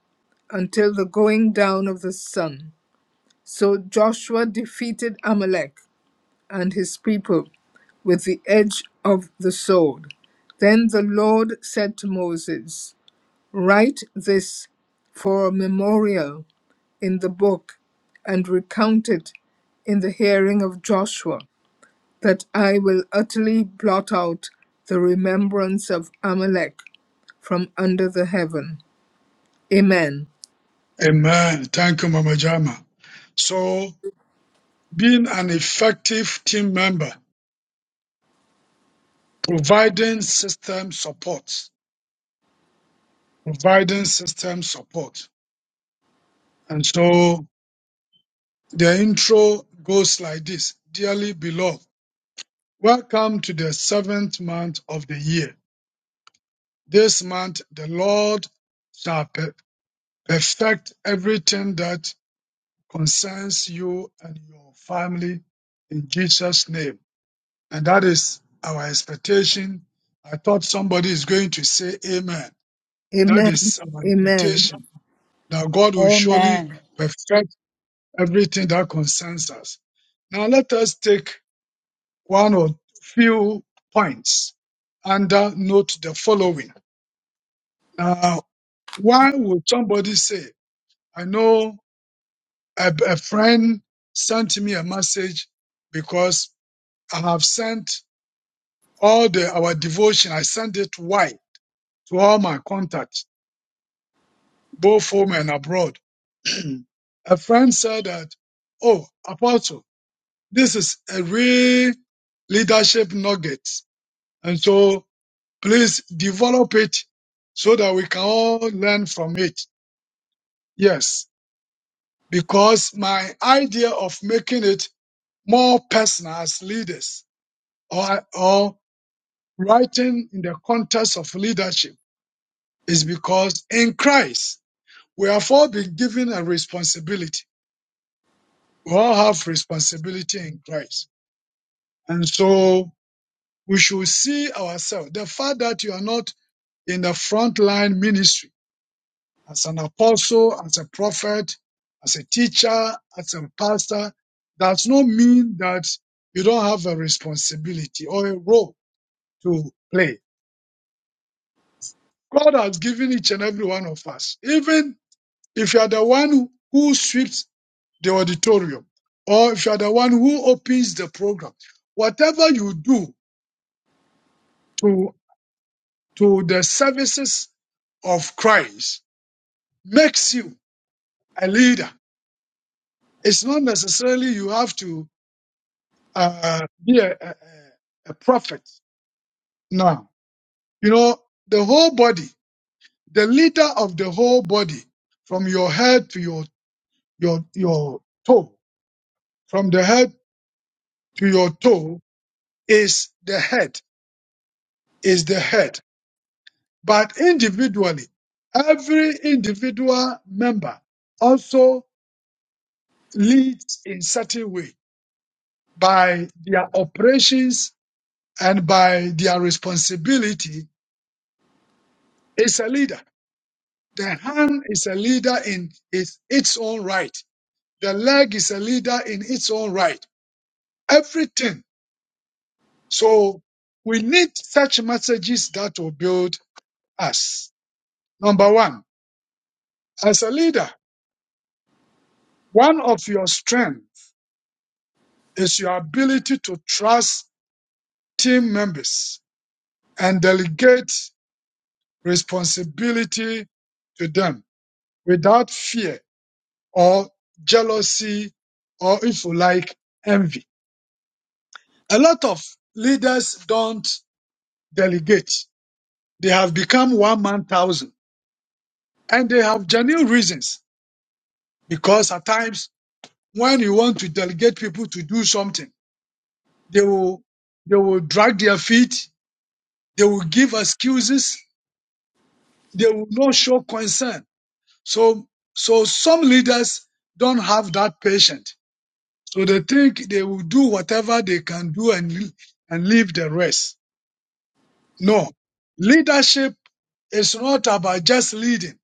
S1: until the going down of the sun. So Joshua defeated Amalek and his people with the edge of the sword. Then the Lord said to Moses, Write this for a memorial in the book and recount it in the hearing of Joshua, that I will utterly blot out the remembrance of Amalek from under the heaven. Amen.
S7: Amen. Thank you, Mama Jama. So, being an effective team member, providing system support, providing system support. And so, the intro goes like this Dearly beloved, welcome to the seventh month of the year. This month, the Lord shall per- perfect everything that concerns you and your family in Jesus' name. And that is our expectation. I thought somebody is going to say amen. That
S1: Amen.
S7: is our
S1: Amen.
S7: expectation that God will surely
S3: Amen.
S7: perfect everything that concerns us. Now let us take one or few points under note the following. Now, why would somebody say, I know a, a friend sent me a message because I have sent all the, our devotion. I sent it. Why? to all my contacts, both home and abroad. [CLEARS THROAT] a friend said that, oh, Apostle, this is a real leadership nugget. And so please develop it so that we can all learn from it. Yes, because my idea of making it more personal as leaders or, or writing in the context of leadership is because in Christ, we have all been given a responsibility We all have responsibility in Christ. And so we should see ourselves. The fact that you are not in the frontline ministry as an apostle, as a prophet, as a teacher, as a pastor, does not mean that you don't have a responsibility or a role to play. God has given each and every one of us. Even if you are the one who who sweeps the auditorium or if you are the one who opens the program, whatever you do, to, to the services of Christ makes you a leader. It's not necessarily you have to uh, be a, a, a prophet. Now, you know, the whole body, the leader of the whole body, from your head to your, your, your toe, from the head to your toe is the head, is the head. But individually, every individual member also leads in certain way by their operations and by their responsibility is a leader. The hand is a leader in its, its own right. The leg is a leader in its own right. Everything. So we need such messages that will build us. Number one, as a leader, one of your strengths is your ability to trust team members and delegate responsibility to them without fear or jealousy or if you like envy. A lot of leaders don't delegate. They have become one man thousand and they have genuine reasons because at times when you want to delegate people to do something, they will, they will drag their feet. They will give excuses. They will not show concern. So, so some leaders don't have that patience. So they think they will do whatever they can do and, and leave the rest. No, leadership is not about just leading.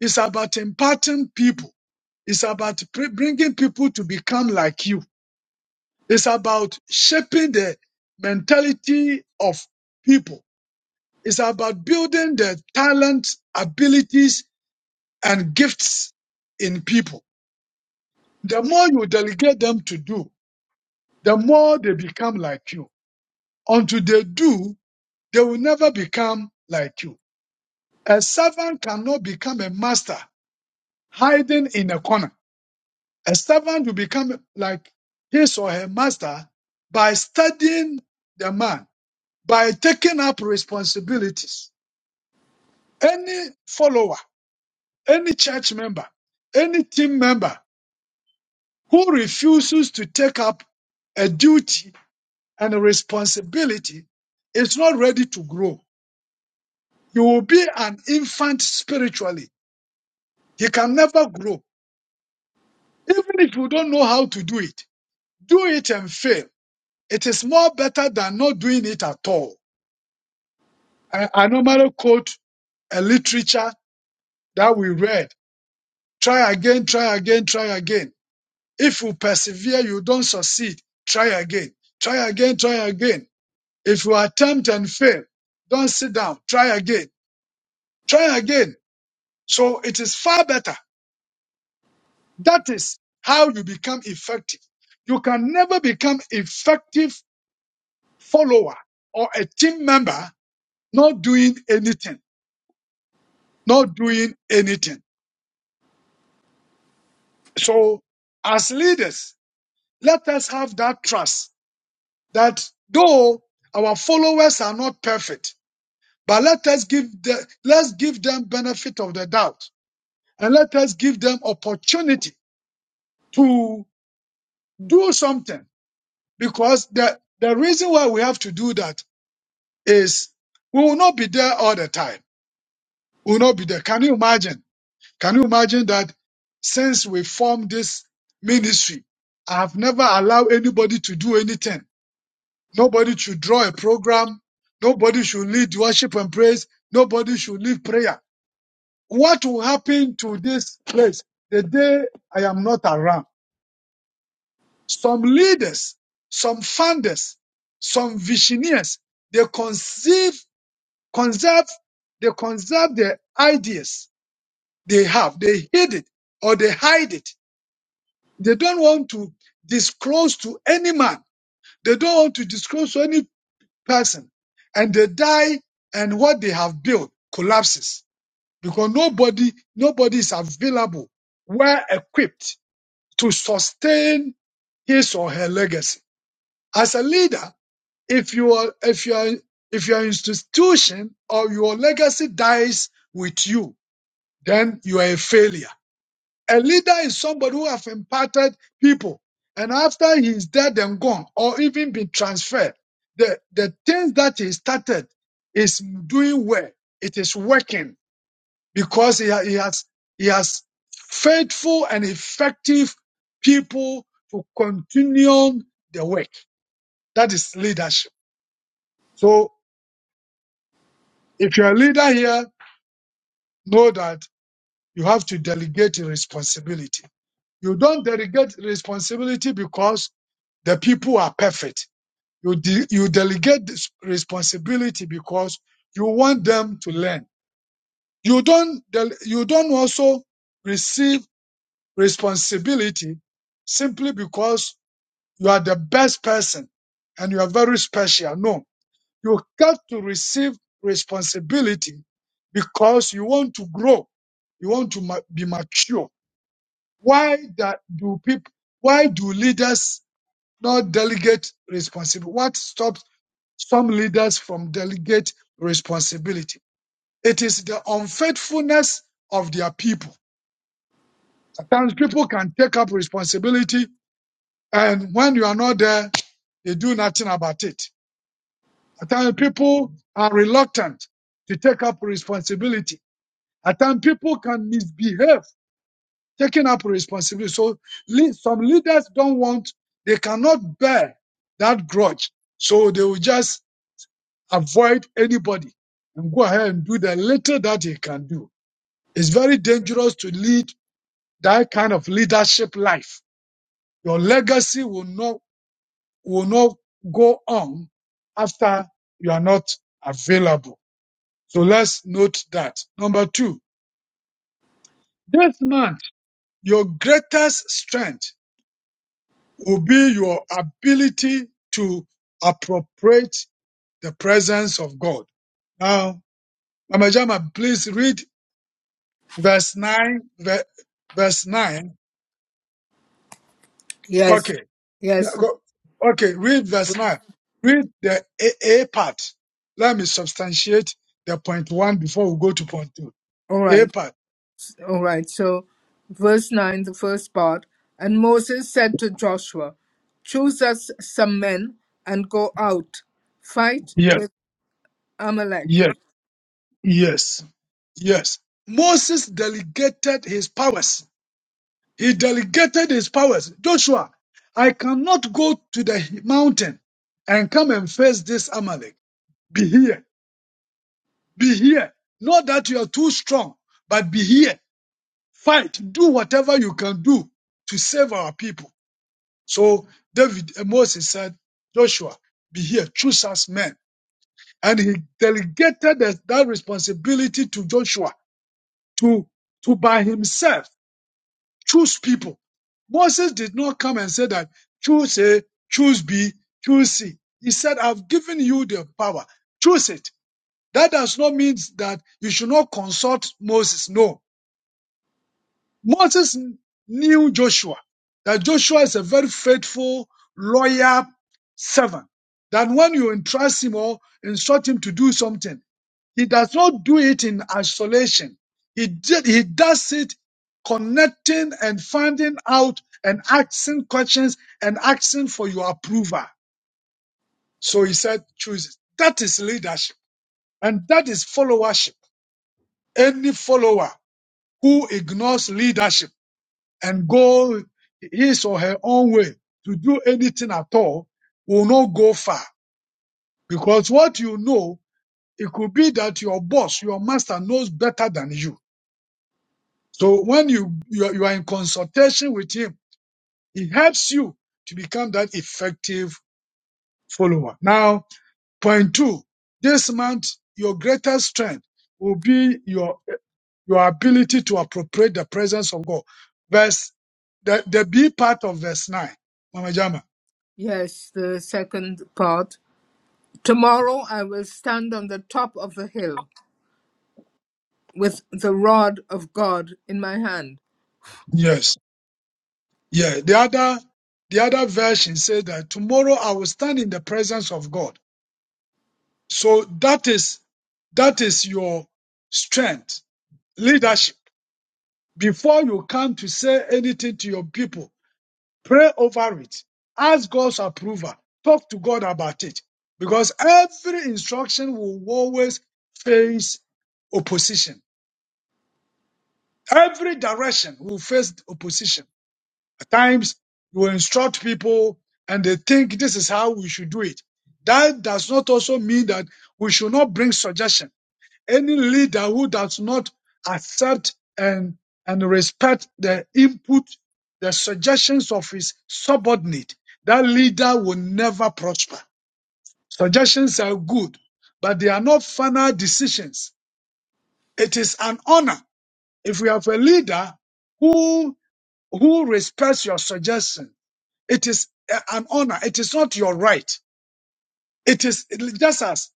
S7: It's about imparting people. It's about pre- bringing people to become like you. It's about shaping the mentality of people. It's about building the talents, abilities, and gifts in people. The more you delegate them to do, the more they become like you. Until they do, they will never become like you. A servant cannot become a master hiding in a corner. A servant will become like his or her master by studying the man, by taking up responsibilities. Any follower, any church member, any team member who refuses to take up a duty and a responsibility is not ready to grow. You will be an infant spiritually. You can never grow. Even if you don't know how to do it, do it and fail It is more better than not doing it at all. I, I normally quote a literature that we read. Try again, try again, try again. If you persevere, you don't succeed. Try again, try again, try again. If you attempt and fail, don't sit down. Try again, try again. So it is far better. That is how you become effective. You can never become effective follower or a team member not doing anything. not doing anything. So as leaders, let us have that trust that though our followers are not perfect, but let us give the, let's give them benefit of the doubt and let us give them opportunity to do something because the, the reason why we have to do that is we will not be there all the time. We will not be there. Can you imagine? Can you imagine that since we formed this ministry, I have never allowed anybody to do anything. Nobody should draw a program. Nobody should lead worship and praise. Nobody should lead prayer. What will happen to this place the day I am not around? Some leaders, some founders, some visionaries, they conceive, conserve, they conserve their ideas they have. They hid it or they hide it They don't want to disclose to any man. They don't want to disclose to any person. And they die and what they have built collapses because nobody, nobody is available, well equipped to sustain his or her legacy. As a leader, if you are, if you are, if your institution or your legacy dies with you, then you are a failure. A leader is somebody who have imparted people, and after he is dead and gone, or even been transferred, the, the things that he started is doing well. It is working because he, ha- he has he has faithful and effective people to continue the work. That is leadership. So if you're a leader here, know that you have to delegate your responsibility You don't delegate responsibility because the people are perfect. You, de- you delegate this responsibility because you want them to learn. You don't, del- you don't also receive responsibility simply because you are the best person and you are very special. No, you got to receive responsibility because you want to grow. You want to ma- be mature. Why that do people, why do leaders not delegate responsibility. What stops some leaders from delegate responsibility? It is the unfaithfulness of their people. Sometimes people can take up responsibility, and when you are not there, they do nothing about it. At times people are reluctant to take up responsibility. At times people can misbehave taking up responsibility. So le- some leaders don't want, they cannot bear that grudge. So they will just avoid anybody and go ahead and do the little that you can do. It's very dangerous to lead that kind of leadership life. Your legacy will not, will not go on after you are not available. So let's note that. Number two, this month, your greatest strength will be your ability to appropriate the presence of God. Now, Mama Jama, please read Verse 9, ver- verse 9.
S1: Yes,
S7: Okay. Now
S1: yes.
S7: go- Okay, read verse 9. Read the A, A part. Let me substantiate the point one before we go to point two.
S1: All
S7: A
S1: right,
S7: part.
S1: all right. So, verse 9, the first part. And Moses said to Joshua, Choose us some men and go out, fight
S7: Yes,
S1: with Amalek.
S7: yes, yes, yes. Moses delegated his powers. He delegated his powers. Joshua, I cannot go to the mountain and come and face this Amalek. Be here, be here. Not that you are too strong, but be here. Fight. Do whatever you can do to save our people. So David uh, Moses said, Joshua, be here, choose us men. And he delegated that, that responsibility to Joshua to, to by himself choose people. Moses did not come and say that choose A, choose B, choose C. He said, I've given you the power. Choose it. That does not mean that you should not consult Moses. No Moses knew Joshua, that Joshua is a very faithful, loyal servant. That when you entrust him or instruct him to do something, he does not do it in isolation. He did, he does it connecting and finding out and asking questions and asking for your approval. So he said, choose it. That is leadership and that is followership. Any follower who ignores leadership and go his or her own way to do anything at all will not go far. Because what you know, it could be that your boss, your master knows better than you. So when you, you, are- you are in consultation with him, he helps you to become that effective follower. Now, point two, this month, your greatest strength will be your, your ability to appropriate the presence of God. Verse, the, the B part of verse nine, Mama Jama.
S1: Yes, the second part. Tomorrow I will stand on the top of the hill with the rod of God in my hand.
S7: Yes. Yeah. The other the other version says that tomorrow I will stand in the presence of God. So that is that is your strength, leadership. Before you come to say anything to your people, pray over it. Ask God's approval. Talk to God about it. Because every instruction will always face opposition. Every direction will face opposition. times you will instruct people and they think this is how we should do it. That does not also mean that we should not bring suggestion. Any leader who does not accept and, and respect the input, the suggestions of his subordinate, that leader will never prosper. Suggestions are good, but they are not final decisions. It is an honor if you have a leader who, who respects your suggestion it is a- an honor. It is not your right. It is just as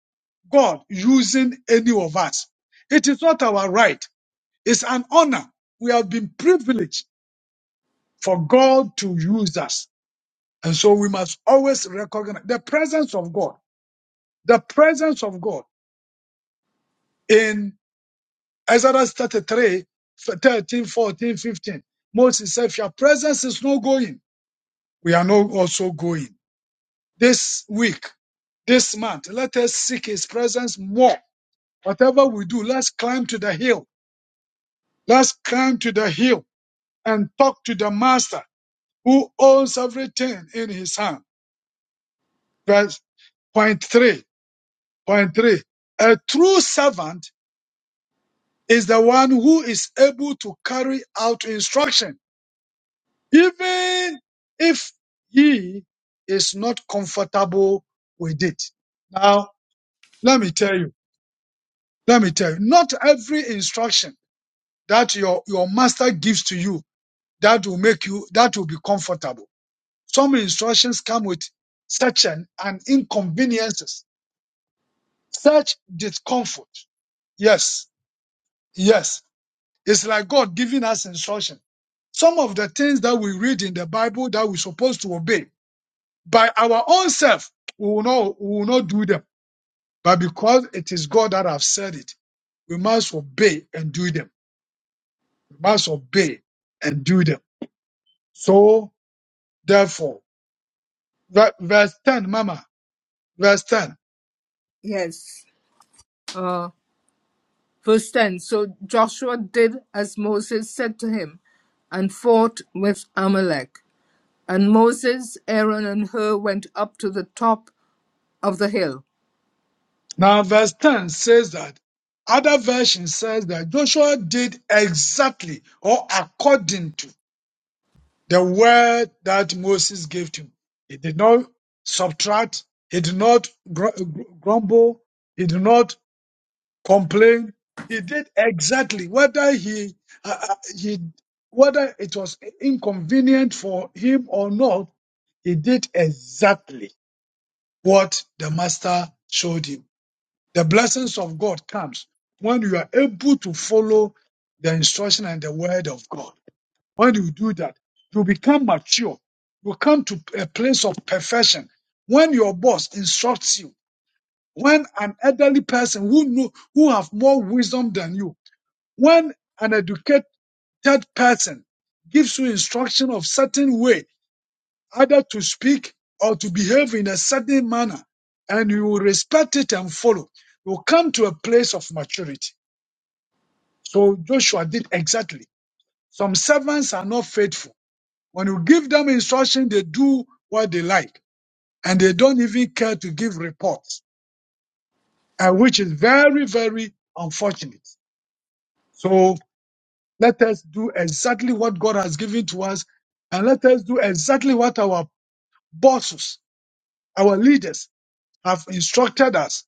S7: God using any of us. It is not our right. It's an honor. We have been privileged for God to use us. And so we must always recognize the presence of God, the presence of God in Isaiah 33, 13, 14, 15. Moses said, if your presence is not going, we are not also going. This week, this month, let us seek his presence more Whatever we do, let's climb to the hill. Let's climb to the hill and talk to the master who owns everything in his hand. Verse point three. Point three. A true servant is the one who is able to carry out instruction, even if he is not comfortable with it. Now, let me tell you, let me tell you, not every instruction that your, your master gives to you that will make you that will be comfortable. Some instructions come with such an, an inconveniences, such discomfort. Yes, yes. It's like God giving us instruction. Some of the things that we read in the Bible that we're supposed to obey by our own self, we will not we will not do them. But because it is God that have said it, we must obey and do them. We must obey and do them. So therefore, ver- verse 10, Mama, verse 10.
S1: Yes. Uh, verse 10. So Joshua did as Moses said to him and fought with Amalek. And Moses, Aaron, and Hur went up to the top of the hill.
S7: Now, verse 10 says that other version says that Joshua did exactly or according to the word that Moses gave to him. He did not subtract, he did not gr- gr- grumble, he did not complain. He did exactly whether he, uh, uh, he whether it was inconvenient for him or not, he did exactly what the master showed him. The blessings of God comes when you are able to follow the instruction and the word of God. When you do that, you become mature. You come to a place of perfection. When your boss instructs you, when an elderly person who know, who have more wisdom than you, when an educated person gives you instruction of certain way, either to speak or to behave in a certain manner, and you will respect it and follow. You will come to a place of maturity. So Joshua did exactly. Some servants are not faithful. When you give them instruction, they do what they like, and they don't even care to give reports, and which is very, very unfortunate. So let us do exactly what God has given to us, and let us do exactly what our bosses, our leaders have instructed us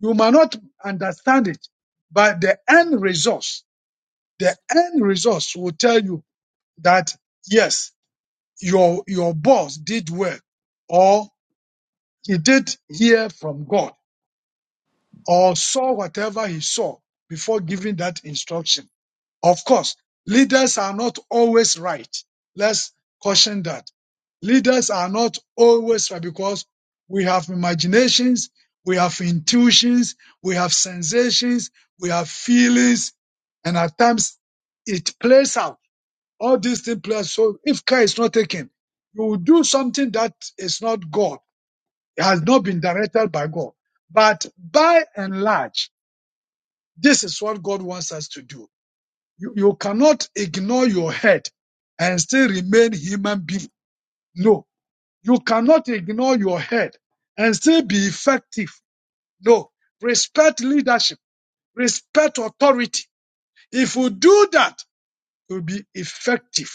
S7: You might not understand it, but the end resource, the end resource will tell you that yes, your, your boss did well or he did hear from God or saw whatever he saw before giving that instruction. Of course, leaders are not always right. Let's caution that. Leaders are not always right because we have imaginations, we have intuitions, we have sensations, we have feelings, and at times it plays out. All these things play out. So if care is not taken, you will do something that is not God. It has not been directed by God. But by and large, this is what God wants us to do. You, you cannot ignore your head and still remain human being. No. You cannot ignore your head and still be effective. No. Respect leadership. Respect authority. If you do that, you'll be effective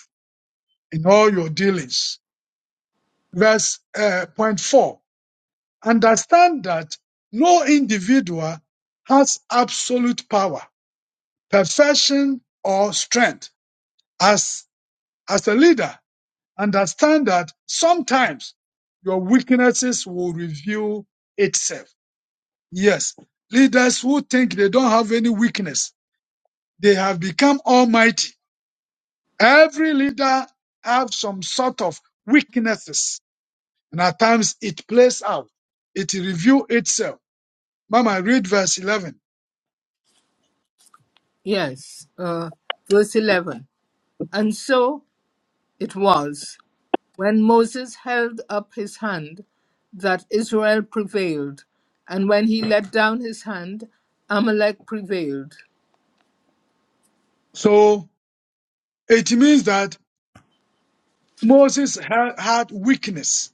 S7: in all your dealings. Verse uh, point four. Understand that no individual has absolute power, perfection, or strength. As, as a leader, understand that sometimes your weaknesses will reveal itself. Yes, leaders who think they don't have any weakness, they have become almighty. Every leader have some sort of weaknesses, and at times it plays out. It reveals itself. Mama, read verse 11.
S1: Yes, uh, verse 11. And so it was, when Moses held up his hand, that Israel prevailed. And when he let down his hand, Amalek prevailed.
S7: So it means that Moses ha- had weakness.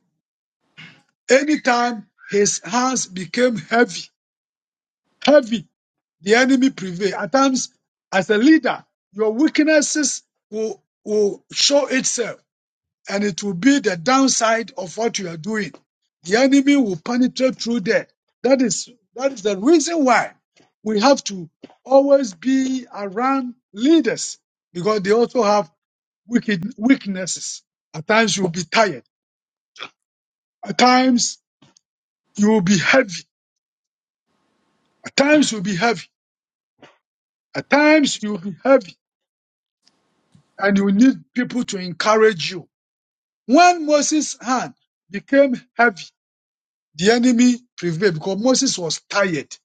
S7: Anytime his hands became heavy, heavy the enemy prevail. At times, as a leader, your weaknesses will, will show itself and it will be the downside of what you are doing. The enemy will penetrate through there. That is, that is the reason why we have to always be around leaders because they also have wicked weaknesses. At times you'll be tired. At times you will be heavy. At times you'll be heavy. At times you'll be heavy and you need people to encourage you When Moses' hand became heavy, the enemy prevailed because Moses was tired.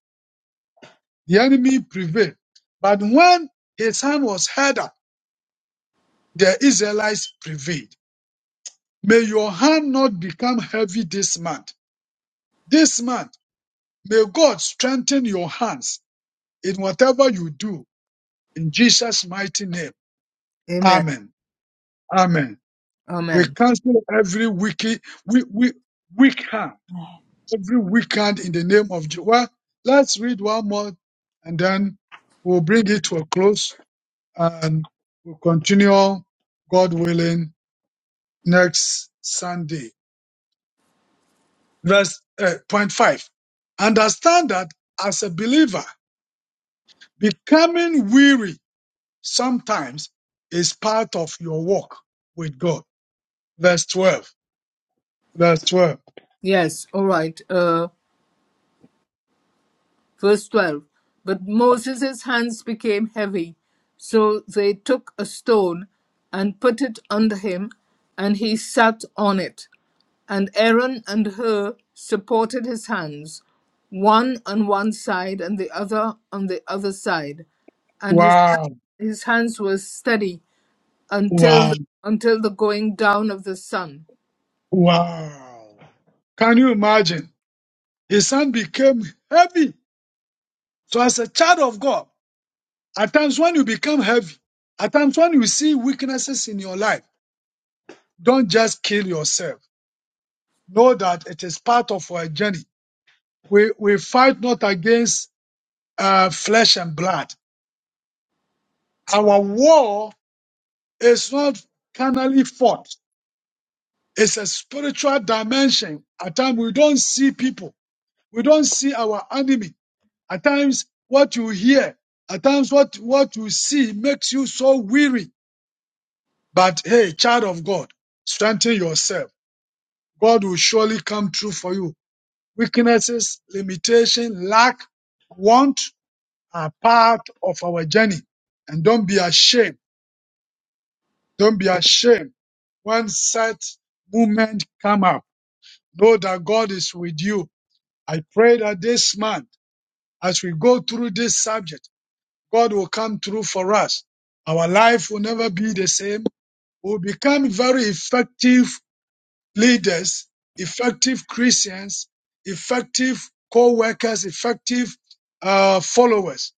S7: The enemy prevailed. But when his hand was harder, the Israelites prevailed. May your hand not become heavy this month. This month, may God strengthen your hands in whatever you do. In Jesus' mighty name.
S1: Amen.
S7: Amen. Amen. We
S1: Amen.
S7: cancel every wicked, we, we, weak hand every weekend in the name of Jesus. Well, let's read one more and then we'll bring it to a close and we'll continue, God willing, next Sunday. Verse uh, point five. Understand that as a believer, becoming weary sometimes is part of your walk with God. Verse 12. Verse 12.
S1: Yes, all right. Uh, Verse 12 But Moses' hands became heavy, so they took a stone and put it under him, and he sat on it. And Aaron and Hur supported his hands, one on one side and the other on the other side, and his,
S7: Wow.
S1: his hands were steady until
S7: Wow.
S1: the, until the going down of the sun.
S7: Wow. Can you imagine? His hand became heavy So as a child of God, at times when you become heavy, at times when you see weaknesses in your life, don't just kill yourself. Know that it is part of our journey. We, we fight not against uh, flesh and blood. Our war is not carnally fought. It's a spiritual dimension. At times we don't see people. We don't see our enemy. At times what you hear, at times what, what you see makes you so weary But hey, child of God, strengthen yourself. God will surely come true for you. Weaknesses, limitation, lack, want are part of our journey. And don't be ashamed. Don't be ashamed. When such movement come up, know that God is with you. I pray that this month, as we go through this subject, God will come through for us. Our life will never be the same. We'll become very effective leaders, effective Christians, effective co-workers, effective uh, followers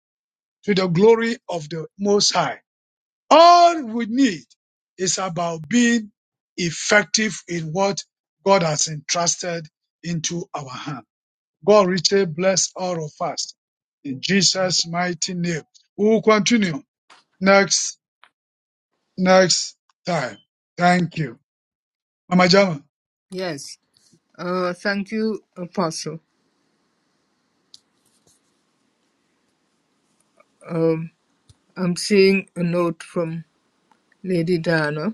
S7: to the glory of the Most High. All we need is about being effective in what God has entrusted into our hand. God richly bless all of us in Jesus' mighty name. We will continue next next time. Thank you. Mama Jama.
S1: Yes. Uh, thank you, Apostle. Um, I'm seeing a note from Lady Diana.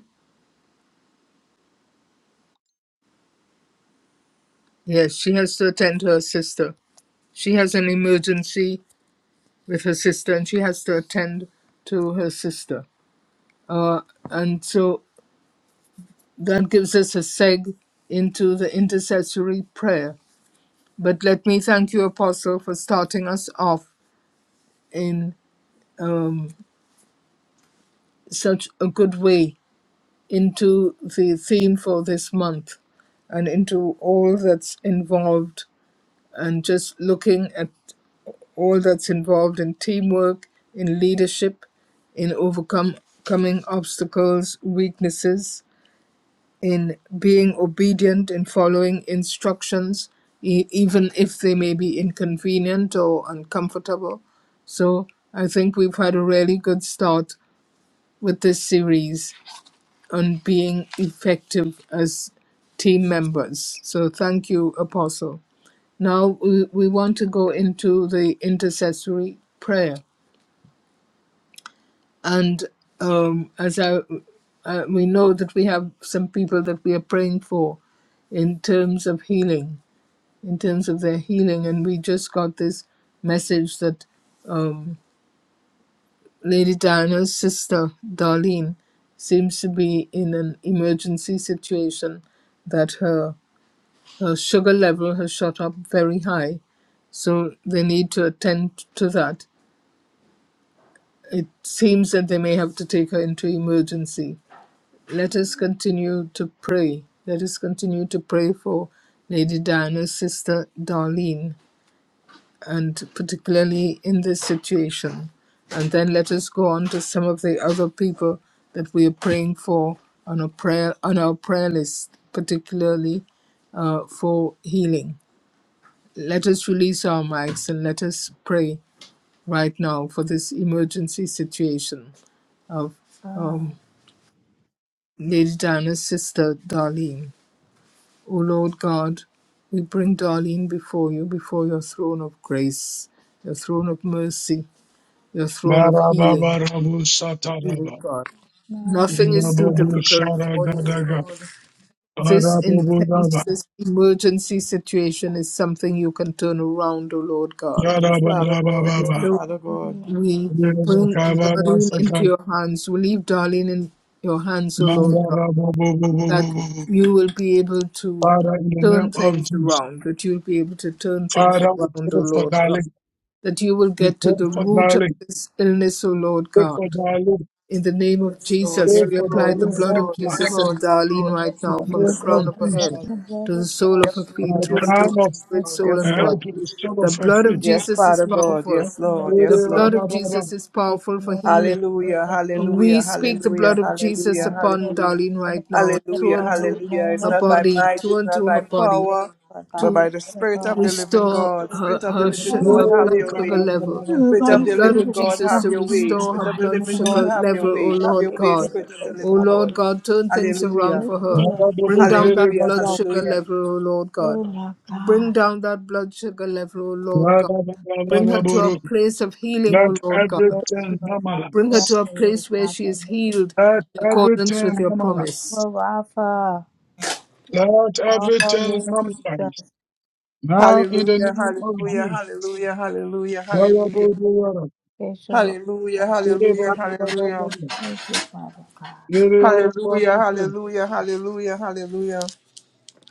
S1: Yes, she has to attend to her sister. She has an emergency with her sister and she has to attend to her sister. Uh, and so that gives us a seg into the intercessory prayer. But let me thank you, Apostle, for starting us off in um, such a good way into the theme for this month and into all that's involved and just looking at all that's involved in teamwork, in leadership, in overcome- overcoming obstacles, weaknesses, in being obedient, in following instructions, e- even if they may be inconvenient or uncomfortable. So I think we've had a really good start with this series on being effective as team members. So thank you, Apostle. Now we, we want to go into the intercessory prayer. and um, as I, uh, we know that we have some people that we are praying for in terms of healing, in terms of their healing, and we just got this message that um, Lady Diana's sister Darlene seems to be in an emergency situation that her her sugar level has shot up very high so they need to attend to that. It seems that they may have to take her into emergency Let us continue to pray. Let us continue to pray for Lady Diana's sister Darlene, and particularly in this situation. And then let us go on to some of the other people that we are praying for on a prayer on our prayer list, particularly uh, for healing. Let us release our mics and let us pray right now for this emergency situation of um,
S3: God,
S1: Lady Diana's sister Darlene. O Lord God, we bring Darlene before you, before your throne of grace, your throne of mercy, your throne of healing,
S7: Barababarabushataraba.
S1: Lord God.
S3: my
S1: Nothing is too
S7: Rababu
S1: difficult
S7: Shara
S1: for you.
S7: Gadaga,
S1: This
S7: Barabu Raba,
S1: intense, this emergency situation is something you can turn around, O Lord God.
S7: Yara
S2: Father
S7: Baba
S2: God,
S1: And
S2: yes,
S7: Baba,
S1: so
S2: Father God.
S3: Hallelujah.
S1: we bring
S7: Kabara
S1: Darlene
S7: Saka,
S1: into your hands. We leave Darlene in your hands, O
S7: Manda
S1: Lord God.
S7: Rabu Bubu Bubu
S1: that
S7: Bubu.
S1: you will be able to
S7: Father, in the name
S1: turn
S7: of
S1: things
S7: Jesus,
S1: around, that you'll be able to turn things
S7: Father, we
S1: around, O
S7: pray for
S1: Lord God,
S7: darling,
S1: that you will
S7: we
S1: get to
S7: pray
S1: the
S7: for
S1: root of
S7: darling,
S1: this illness, O Lord
S7: pray for
S1: God.
S7: darling,
S1: In the name of
S2: Yes, Lord,
S1: Jesus,
S7: pray
S2: yes,
S1: we
S7: for
S1: apply
S2: Lord,
S1: the
S7: darling
S2: yes,
S1: blood
S7: right
S1: of
S2: Lord, yes,
S7: now,
S3: Yes,
S1: Jesus
S2: Lord,
S3: Lord,
S1: and
S2: yes,
S1: Darlene
S2: Lord,
S3: Lord,
S1: right
S2: yes,
S7: in
S3: my
S1: now
S2: Lord,
S3: Lord,
S7: the
S1: from the
S7: name
S2: yes,
S7: of
S2: Lord,
S1: crown of her
S2: yes,
S3: Let
S1: head
S7: Jesus,
S2: Lord,
S3: the blood
S1: to the
S3: of
S1: sole
S3: God
S1: of her
S2: yes,
S7: and
S1: feet,
S2: Lord,
S7: the
S1: through and
S2: yes,
S1: through
S7: crown
S2: Lord,
S1: her
S7: of
S2: yes,
S3: has
S1: spirit,
S2: Lord,
S1: soul,
S3: covered
S7: her
S2: yes,
S1: and
S2: Lord.
S1: body.
S3: us.
S7: head to the sole of
S1: The
S7: her
S1: blood of
S7: feet.
S2: Yes,
S1: Jesus is
S2: Father
S3: We just
S2: God,
S1: powerful.
S3: thank
S2: yes,
S3: the Lord.
S2: Lord,
S1: The
S2: yes,
S7: Yere
S2: Lord,
S1: blood
S7: Baba
S1: of
S7: Baba,
S1: Jesus is
S3: Thank
S1: powerful
S3: the
S1: for
S3: Lord.
S1: healing.
S2: Hallelujah,
S3: Yes, Lord.
S1: We
S2: hallelujah,
S1: speak the
S2: hallelujah,
S1: blood of Jesus
S2: hallelujah,
S1: upon
S3: Hallelujah.
S2: hallelujah,
S1: Darlene right now,
S3: Hallelujah.
S1: through
S2: hallelujah,
S1: and
S3: Upon in
S1: through
S3: the
S2: hallelujah.
S3: name
S2: It's
S1: her
S3: of
S2: not by
S3: Jesus.
S1: body,
S2: might,
S3: God,
S1: through
S2: it's
S1: and
S2: not
S1: through her
S2: by
S1: body,
S3: Thank
S2: power,
S3: you for
S2: but
S3: God.
S2: by
S3: Thank
S1: to
S2: the
S3: you for the
S2: Spirit
S3: God.
S2: of the living
S1: restore
S2: God.
S3: Hallelujah.
S1: her
S2: Spirit
S3: Jesus, we
S2: of the
S1: her,
S2: living
S1: su-
S2: God,
S3: thank
S1: her
S3: you.
S2: have
S1: blood
S7: Yere
S2: your
S1: sugar
S2: way.
S7: Kabara
S1: level.
S7: Baba,
S3: Oh,
S2: Spirit
S1: The
S2: of
S3: my
S2: the
S1: blood
S3: spirit
S1: of
S2: living
S3: is
S2: God,
S1: Jesus
S2: have
S1: to
S3: strong
S2: your
S3: to
S2: way.
S3: my
S1: restore her
S2: Spirit of
S3: body
S2: the
S3: in
S1: blood
S2: living
S3: the name
S2: God,
S1: sugar
S3: of
S2: have your
S1: level, O
S3: Jesus.
S2: way.
S3: we
S2: Have your
S1: Lord
S3: Thank you
S2: way,
S1: God.
S2: Spirit of the
S1: O
S2: living
S1: Lord
S2: God.
S1: God, turn things around
S2: Hallelujah,
S1: for
S3: for the
S1: her.
S3: Lord. Thank
S1: Bring down that
S3: you,
S2: hallelujah,
S7: Manda
S1: blood
S3: Lord.
S1: sugar
S2: hallelujah.
S1: level, O Lord
S3: Oh
S1: God.
S3: my God.
S1: Bring down that blood sugar level, O Lord
S7: Let
S1: God.
S7: everything
S1: Bring her to a
S7: normalize.
S1: place of healing,
S7: Let
S1: O Lord God.
S3: Yes, Lord God.
S1: Bring her
S3: Yes,
S1: to a
S3: Lord
S1: place where
S3: God.
S1: she
S3: The
S1: is
S3: name of
S1: healed
S3: Jesus,
S1: in
S3: God.
S1: accordance
S7: everything
S1: with your
S7: normalize.
S1: promise.
S3: Oh, Rafa.
S7: Let
S3: Oh,
S7: everything
S3: Lord
S7: normalize.
S3: Jesus.
S7: Now, in the
S2: Hallelujah,
S7: name of
S3: Yes,
S2: hallelujah,
S7: Jesus.
S2: hallelujah, hallelujah, hallelujah,
S3: yes, Lord
S2: hallelujah,
S3: God.
S2: hallelujah, hallelujah.
S3: Thank you, Father God. Thank
S2: Hallelujah, hallelujah,
S3: you,
S2: hallelujah, hallelujah.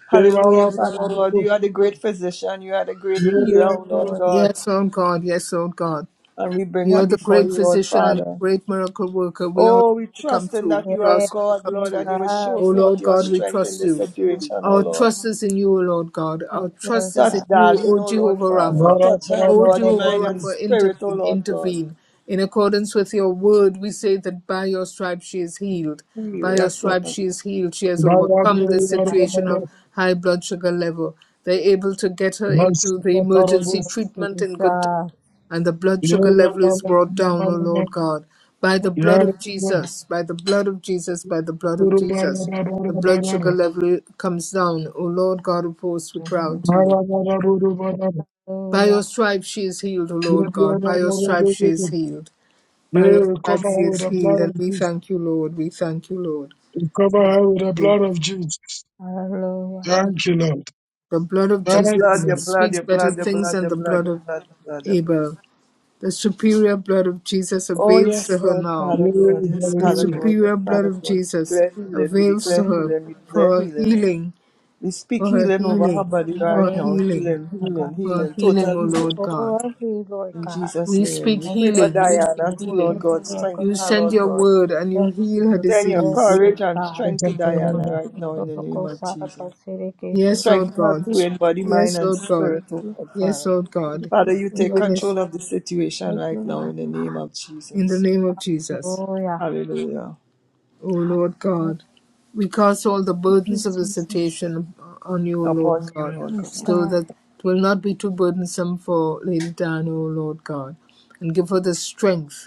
S2: Hallelujah, Father
S3: God.
S2: God. You are the great physician. You are the great
S3: Yes,
S2: healer, O Lord
S3: Lord.
S2: God.
S1: Yes, Lord God. Yes, Lord God.
S2: And we bring
S1: You
S2: him
S1: are the
S2: before
S1: great
S2: you, Lord
S1: physician and the
S2: Father.
S1: great miracle worker. We ask
S2: Oh, we
S1: you to come
S2: trust in
S1: through.
S2: that you
S1: We
S2: are
S3: Yes,
S1: ask you to
S2: God,
S1: come
S2: Lord, and
S1: through.
S2: you will
S3: Jesus.
S2: show
S1: O
S2: forth
S1: Lord
S2: your
S1: God, we
S2: strength in
S1: trust
S2: this
S1: you.
S2: situation, O
S1: Our
S2: Lord.
S1: trust is in you, O Lord God.
S3: Yes,
S1: Our
S3: Lord
S1: trust is
S2: Touch
S1: in
S3: God.
S1: you,
S2: Darlene,
S1: O
S2: O Lord
S1: Jehovah
S2: Father.
S1: Rapha.
S2: Touch her in
S1: O
S2: body, mind,
S1: Jehovah
S7: Yere
S2: and
S1: Rapha,
S2: spirit, O
S1: intervene,
S2: Lord God.
S1: intervene. In accordance with your word, we say that by your stripes she is healed.
S2: Heal,
S1: By your
S2: yes,
S1: stripes
S2: Lord.
S1: she is healed. She has
S3: Yes,
S1: overcome the
S3: Lord God.
S1: situation of high blood sugar level. They're able to get her into the emergency
S3: Yes,
S1: treatment in good time
S3: Jesus.
S1: and the blood sugar level is brought down, O Lord God, by the blood of
S3: Yes,
S1: Jesus, by the blood of Jesus, by the blood of Jesus. The blood sugar level comes down, O Lord God of hosts, we cry
S2: Mhm.
S1: out to
S7: Yeah,
S1: you.
S7: we cover her
S1: By
S3: Hallelujah.
S1: your stripes she is healed, O Lord God, by your stripes she is healed. By your stripes she
S7: with
S1: is
S7: the
S1: healed,
S7: blood of
S1: and we
S7: Jesus.
S1: thank you, Lord, we thank you, Lord.
S7: We cover her with the
S1: You.
S7: blood of Jesus.
S3: Hallelujah.
S7: Thank you, Lord.
S1: The blood of
S2: Your
S7: Thank you,
S2: blood,
S1: Jesus
S2: your
S7: Lord.
S2: blood,
S1: speaks
S2: your
S1: better
S2: blood, your
S1: things
S2: blood,
S1: than
S2: your
S1: the
S2: blood,
S1: blood
S2: your
S1: of
S2: blood, your blood, your blood.
S1: Abel. The superior blood of Jesus
S2: Oh,
S1: avails
S2: yes,
S1: to her
S2: Lord,
S1: now.
S2: Father, Lord,
S7: Yeah,
S2: yes,
S1: The
S2: Father,
S7: hallelujah.
S2: God, yes,
S1: superior blood
S2: Father,
S1: of
S2: God. We
S1: Jesus
S2: declare healing, we
S1: avails
S2: declare
S1: to her
S2: healing, we
S1: for
S2: declare
S1: her
S2: healing.
S1: healing,
S2: We speak
S1: for her
S2: healing over her
S1: healing,
S2: body
S1: for
S2: right
S1: her
S3: Hallelujah,
S2: now.
S1: healing,
S2: Healing, healing,
S3: God.
S1: for her
S3: Thank
S2: healing,
S3: you, Lord.
S1: healing,
S2: total
S1: O Lord
S2: healing.
S1: God.
S3: Oh, I see, Lord
S2: In
S3: God.
S2: Jesus'
S1: We
S2: name.
S1: speak
S2: We
S3: Every
S2: pray for
S1: healing, we speak
S2: Diana,
S3: season
S2: too,
S3: he
S2: Lord
S1: healing.
S3: gets
S2: God.
S3: local
S2: Strengthen
S1: You
S2: her,
S1: send
S2: Lord
S1: your
S2: God.
S1: word and you
S3: there's a
S1: heal her
S3: voice of
S2: Send your
S3: roles
S1: disease.
S3: with
S2: courage and
S3: God.
S2: strength to Diana
S7: Yeah.
S2: right now in the name
S3: Historical
S2: of
S3: Saraka
S2: Jesus.
S3: Sirikishu.
S1: Yes,
S2: Strengthen
S1: Lord
S2: her
S1: God.
S2: too in body, mind,
S1: Yes,
S2: and
S1: Lord God.
S2: spirit, oh God,
S1: Yes,
S2: Father.
S1: Lord God.
S3: Sirikishu,
S2: Father, you take
S1: Even as
S2: control of the situation
S3: thank you,
S2: right now
S3: Lord.
S2: in the name of
S1: in the
S2: Jesus.
S1: name of Jesus.
S3: Hallelujah.
S2: Hallelujah
S1: O Lord
S3: Hallelujah.
S1: God. We cast all the
S3: Thank you,
S1: burdens of
S3: Jesus.
S1: visitation on you, O Lord
S2: upon you,
S1: God,
S2: Lord God.
S3: Yes,
S1: so
S3: God.
S1: that it will not be too burdensome for Lady Diana, O Lord God. And give her the strength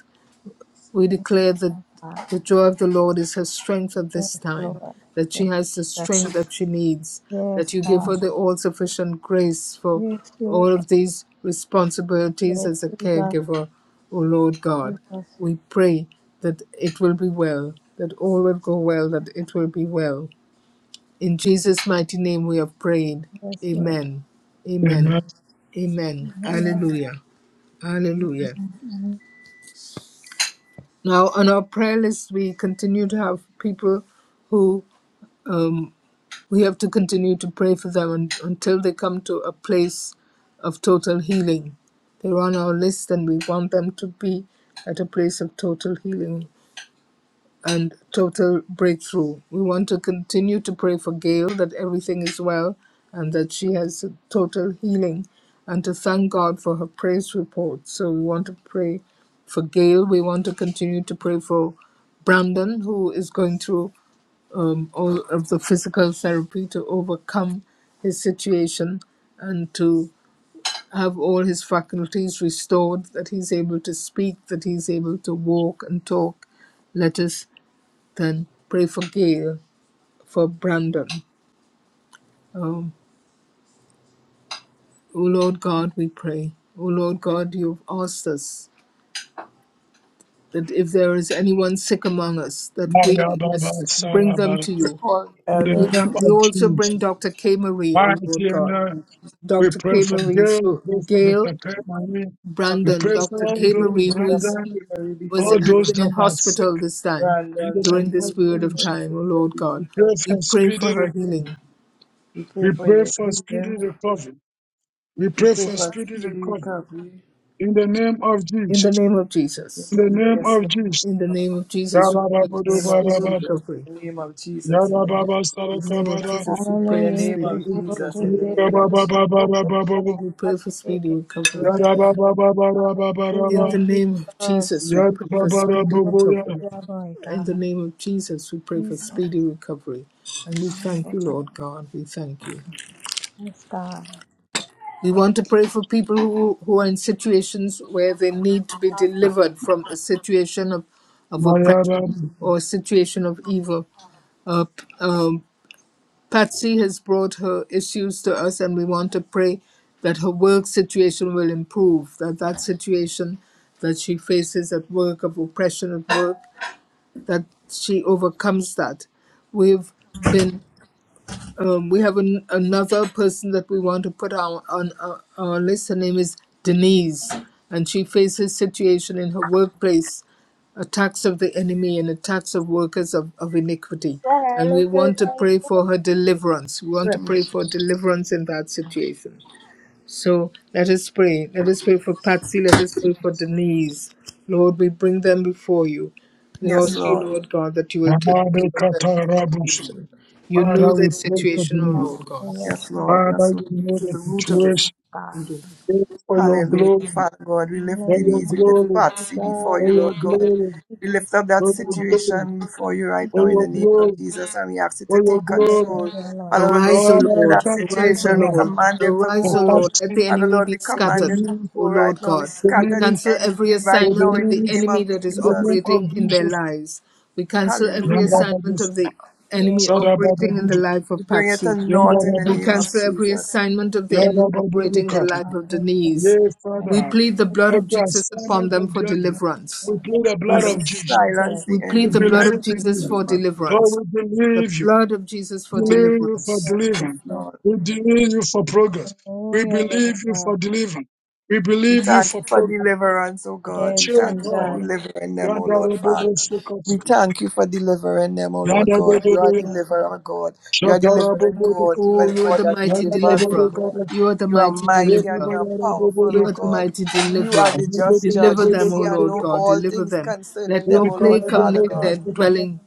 S1: we
S3: Yes,
S1: declare that
S3: God.
S1: the joy of the Lord is her strength at this
S3: Yes,
S1: time,
S3: Lord.
S1: that she
S3: Yes,
S1: has the
S3: God.
S1: strength that she needs, that
S3: Yes,
S1: you give
S3: God.
S1: her the all sufficient grace for
S3: Yes,
S1: all
S3: Lord.
S1: of these responsibilities
S3: Yes,
S1: as a
S3: Jesus.
S1: caregiver, O Lord God.
S3: Jesus.
S1: We pray that it will be well, that all will go well, that it will be well. In Jesus' mighty name we have prayed.
S3: Yes, Lord.
S1: Amen. Amen.
S7: Amen.
S1: Amen.
S3: Amen.
S1: Hallelujah. Hallelujah. Now, on our prayer list, we continue to have people who um, we have to continue to pray for them un- until they come to a place of total healing. They're on our list, and we want them to be at a place of total healing and total breakthrough. We want to continue to pray for Gail that everything is well and that she has total healing and to thank God for her praise report. So we want to pray for Gail. We want to continue to pray for Brandon, who is going through um, all of the physical therapy to overcome his situation and to have all his faculties restored, that he's able to speak, that he's able to walk and talk. Let us then pray for Gail, for Brandon. Um, O Lord God, we pray. O Lord God, you've asked us that if there is anyone sick among us, that we must bring them to you.
S2: Recall
S7: In the
S1: We,
S2: elders
S7: name
S1: we
S7: of
S1: also
S7: Jesus,
S1: bring Dr. K. Marie, O
S7: mighty
S1: Lord God.
S7: name, we
S1: Dr.
S7: pray
S2: quickly.
S1: K.
S7: for
S1: Marie.
S7: Gail, we
S1: So
S7: pray for the
S1: Gail,
S7: Takai we
S2: Dr.
S1: Brandon,
S7: pray for
S1: Dr.
S7: all
S2: Kimberly,
S1: K.
S2: we
S7: those
S1: Marie,
S2: put
S1: who
S2: Dr.
S1: is
S7: brethren,
S2: Kimberly
S1: was
S7: all
S2: before
S1: has
S2: you, Lord.
S7: those
S1: been in
S7: that are sick
S1: hospital this time
S7: in the
S2: Brandon
S1: during
S7: name
S2: and Gino,
S1: this
S7: of
S1: period of
S7: Jesus.
S2: Lord.
S1: time, O Lord God.
S7: We pray
S1: We
S7: for
S1: pray
S7: speedy
S1: for her
S7: recovery.
S1: healing
S2: We pray
S7: We
S2: for
S7: pray
S2: their
S7: for speedy
S2: healing.
S7: recovery. We
S2: We
S7: pray
S2: pray
S7: for
S2: for a
S7: speedy
S2: speedy
S7: recovery.
S2: recovery.
S7: In the name of
S1: in
S7: Jesus.
S1: the name of Jesus.
S7: In
S2: Yes,
S7: the
S2: we-
S7: name
S2: yes,
S7: of
S2: Lord.
S7: Jesus.
S1: In the
S2: In
S1: name of Jesus, we pray for
S2: the name of
S1: speedy
S2: Jesus.
S7: Yarabababababa.
S1: recovery.
S2: In the name of Jesus. In the name of
S1: In the
S2: Jesus.
S1: name of
S7: Yarababasarabababa.
S1: Jesus, we
S2: In
S1: pray
S2: the
S1: for
S3: Hallelujah!
S2: name
S3: To the
S2: of
S1: speedy
S3: glory of
S2: Jesus.
S3: God.
S2: In
S1: recovery.
S2: the name of Jesus.
S7: Yarabababababa.
S1: We pray for speedy
S3: Hallelujah!
S1: recovery.
S3: To
S1: In the
S7: Yarabababababa.
S1: name of Jesus, we pray for
S3: the
S1: speedy
S7: Yarababarababoya.
S1: recovery.
S3: glory of
S1: In the
S3: God.
S1: name of Jesus, we pray for
S3: Jesus.
S1: speedy recovery. And we
S3: Hallelujah! To
S1: thank you, Lord God. We thank you.
S3: the glory of God.
S1: We want to pray for people who, who are in situations where they need to be delivered from a situation of, of oppression
S7: Mayarabu.
S1: or a situation of evil. Uh, p- um, Patsy has brought her issues to us, and we want to pray that her work situation will improve, that that situation that she faces at work, of oppression at work, that she overcomes that. We've been um, we have an, another person that we want to put on, on uh, our list. Her name is Denise, and she faces situation in her workplace, attacks of the enemy and attacks of workers of, of iniquity. And we want to pray for her deliverance. We want to
S2: Pray-
S1: pray for deliverance in that situation. So let us pray. Let us pray for Patsy. Let us pray for Denise. Lord, we bring them before you. We
S2: Yes,
S1: ask you,
S2: Lord.
S1: Lord God, that you will take care of their
S7: Yarabekatarabusu.
S1: situation. You know
S7: Father, we
S1: their
S7: pray for the
S1: situation, O
S7: need.
S1: Lord God,
S3: Hallelujah! To
S2: Yes,
S3: the
S2: Lord.
S7: Father,
S2: Yes,
S7: you
S2: Lord.
S7: know
S1: to
S7: the
S1: the
S3: glory
S1: root
S3: of
S1: of it.
S7: situation.
S3: God.
S7: Pray for your
S2: Hallelujah.
S7: glory.
S2: Father God, we lift
S7: for your
S3: Hallelujah!
S2: Denise, we lift
S7: glory,
S3: To the glory of God. Hallelujah! To the glory of God. Hallelujah! To the glory of God. Hallelujah! To the
S2: Patsy
S3: glory of God. Hallelujah! To the glory of God. Hallelujah!
S2: before
S7: for
S2: you,
S3: To
S7: your
S2: Lord God.
S7: glory,
S2: We
S3: the
S2: lift up
S7: for
S2: that
S7: your glory,
S2: situation right
S7: for
S2: now,
S7: your glory,
S2: Jesus, and we ask you to
S7: for your
S2: take control
S7: glory.
S2: Allow
S1: Arise, O
S7: Oh,
S1: Lord.
S7: thank you
S1: Arise, O
S7: for that.
S1: Lord.
S7: For
S1: Arise, O Lord. Let the
S7: passion,
S2: Father,
S1: enemy be
S7: for the
S1: scattered,
S2: the
S7: news,
S1: O
S2: go right
S1: Lord
S2: now. We
S1: God.
S7: the
S1: We
S2: scatter the
S7: news,
S1: cancel every
S2: enemy right
S7: for the
S1: assignment
S2: now
S1: of
S2: in the
S1: the
S2: name
S7: news,
S2: of
S1: enemy that is
S7: in the
S2: Jesus.
S7: name of
S1: operating in their
S7: Jesus.
S1: lives. We cancel every
S7: Yanda
S2: Hallelujah.
S7: babu,
S1: assignment of the enemy
S7: sada babu,
S1: operating in the life
S2: We
S1: of
S2: bring it to
S1: Patsy.
S7: yanda
S2: naught in the
S1: We
S7: babu,
S2: name of
S1: cancel every
S2: Jesus.
S1: assignment of the enemy
S7: yanda babu,
S1: operating the
S7: kata.
S1: life of Denise.
S7: Yes,
S1: We
S7: Father,
S1: plead the blood of
S7: every
S1: Jesus upon
S7: assignment
S1: them
S7: of
S1: for
S7: the enemy,
S1: deliverance.
S7: we plead the
S1: We
S7: blood
S2: Father, we
S7: of Jesus.
S3: glory of
S2: silence
S3: God. Hallelujah!
S2: the
S1: we
S7: We
S1: plead the
S2: enemy
S1: blood
S2: right
S1: of
S7: believe in
S2: now in
S1: Jesus
S2: the
S7: you.
S1: for
S2: name of
S1: deliverance.
S7: Lord, we
S1: The
S7: believe you.
S1: blood of Jesus
S7: We
S1: for
S7: believe you for
S1: deliverance.
S3: Hallelujah,
S2: Jesus,
S7: deliverance.
S3: Jesus.
S2: Lord.
S7: We believe you for progress. We
S3: Hallelujah,
S7: believe
S3: Lord
S7: you
S3: God.
S7: for deliverance. We
S2: We
S7: believe you
S2: thank
S7: for
S2: you for
S7: progress.
S2: deliverance, oh God.
S3: Yes,
S2: We
S7: Change,
S2: thank you for
S3: Jesus.
S7: Lord.
S2: delivering them, oh
S7: Yanda
S2: Lord, Father.
S7: robobo
S2: We
S7: sukapaka.
S2: thank you for delivering them, O Lord
S7: Yanda
S2: God. You
S3: Yes,
S2: are
S7: dododo.
S3: Lord God.
S2: deliverer, God. You are
S7: Shakara
S2: delivering
S3: Thank
S7: bobodo.
S3: you,
S2: God. You are
S1: Oh,
S2: the
S1: you are
S3: Jesus.
S2: God
S1: the
S2: that
S1: mighty
S7: Yanda
S2: delivers,
S7: dododo
S2: O
S1: deliverer.
S2: Lord.
S7: gada.
S1: You are the
S2: You are
S1: mighty
S2: mighty
S7: Yanda
S2: and you
S1: deliverer.
S2: are
S7: bayara bobodo.
S2: powerful,
S1: You
S2: O
S1: are the
S2: God.
S1: mighty
S3: Yes,
S2: You are
S1: deliverer.
S2: the
S7: Yanda
S2: just
S7: dododo
S2: judge.
S1: Deliver
S2: You
S7: godo
S1: them, O
S2: see and
S1: Lord
S7: godo.
S2: know
S1: God.
S2: all
S1: Deliver
S2: things
S1: them.
S2: concerning
S1: Let no
S2: them,
S7: Yanda
S2: O
S7: kara
S2: Lord,
S1: plague come
S2: Father
S3: Thank
S7: bobo
S1: near
S3: you,
S2: God.
S1: their
S7: zukapa.
S3: Jesus.
S1: dwelling.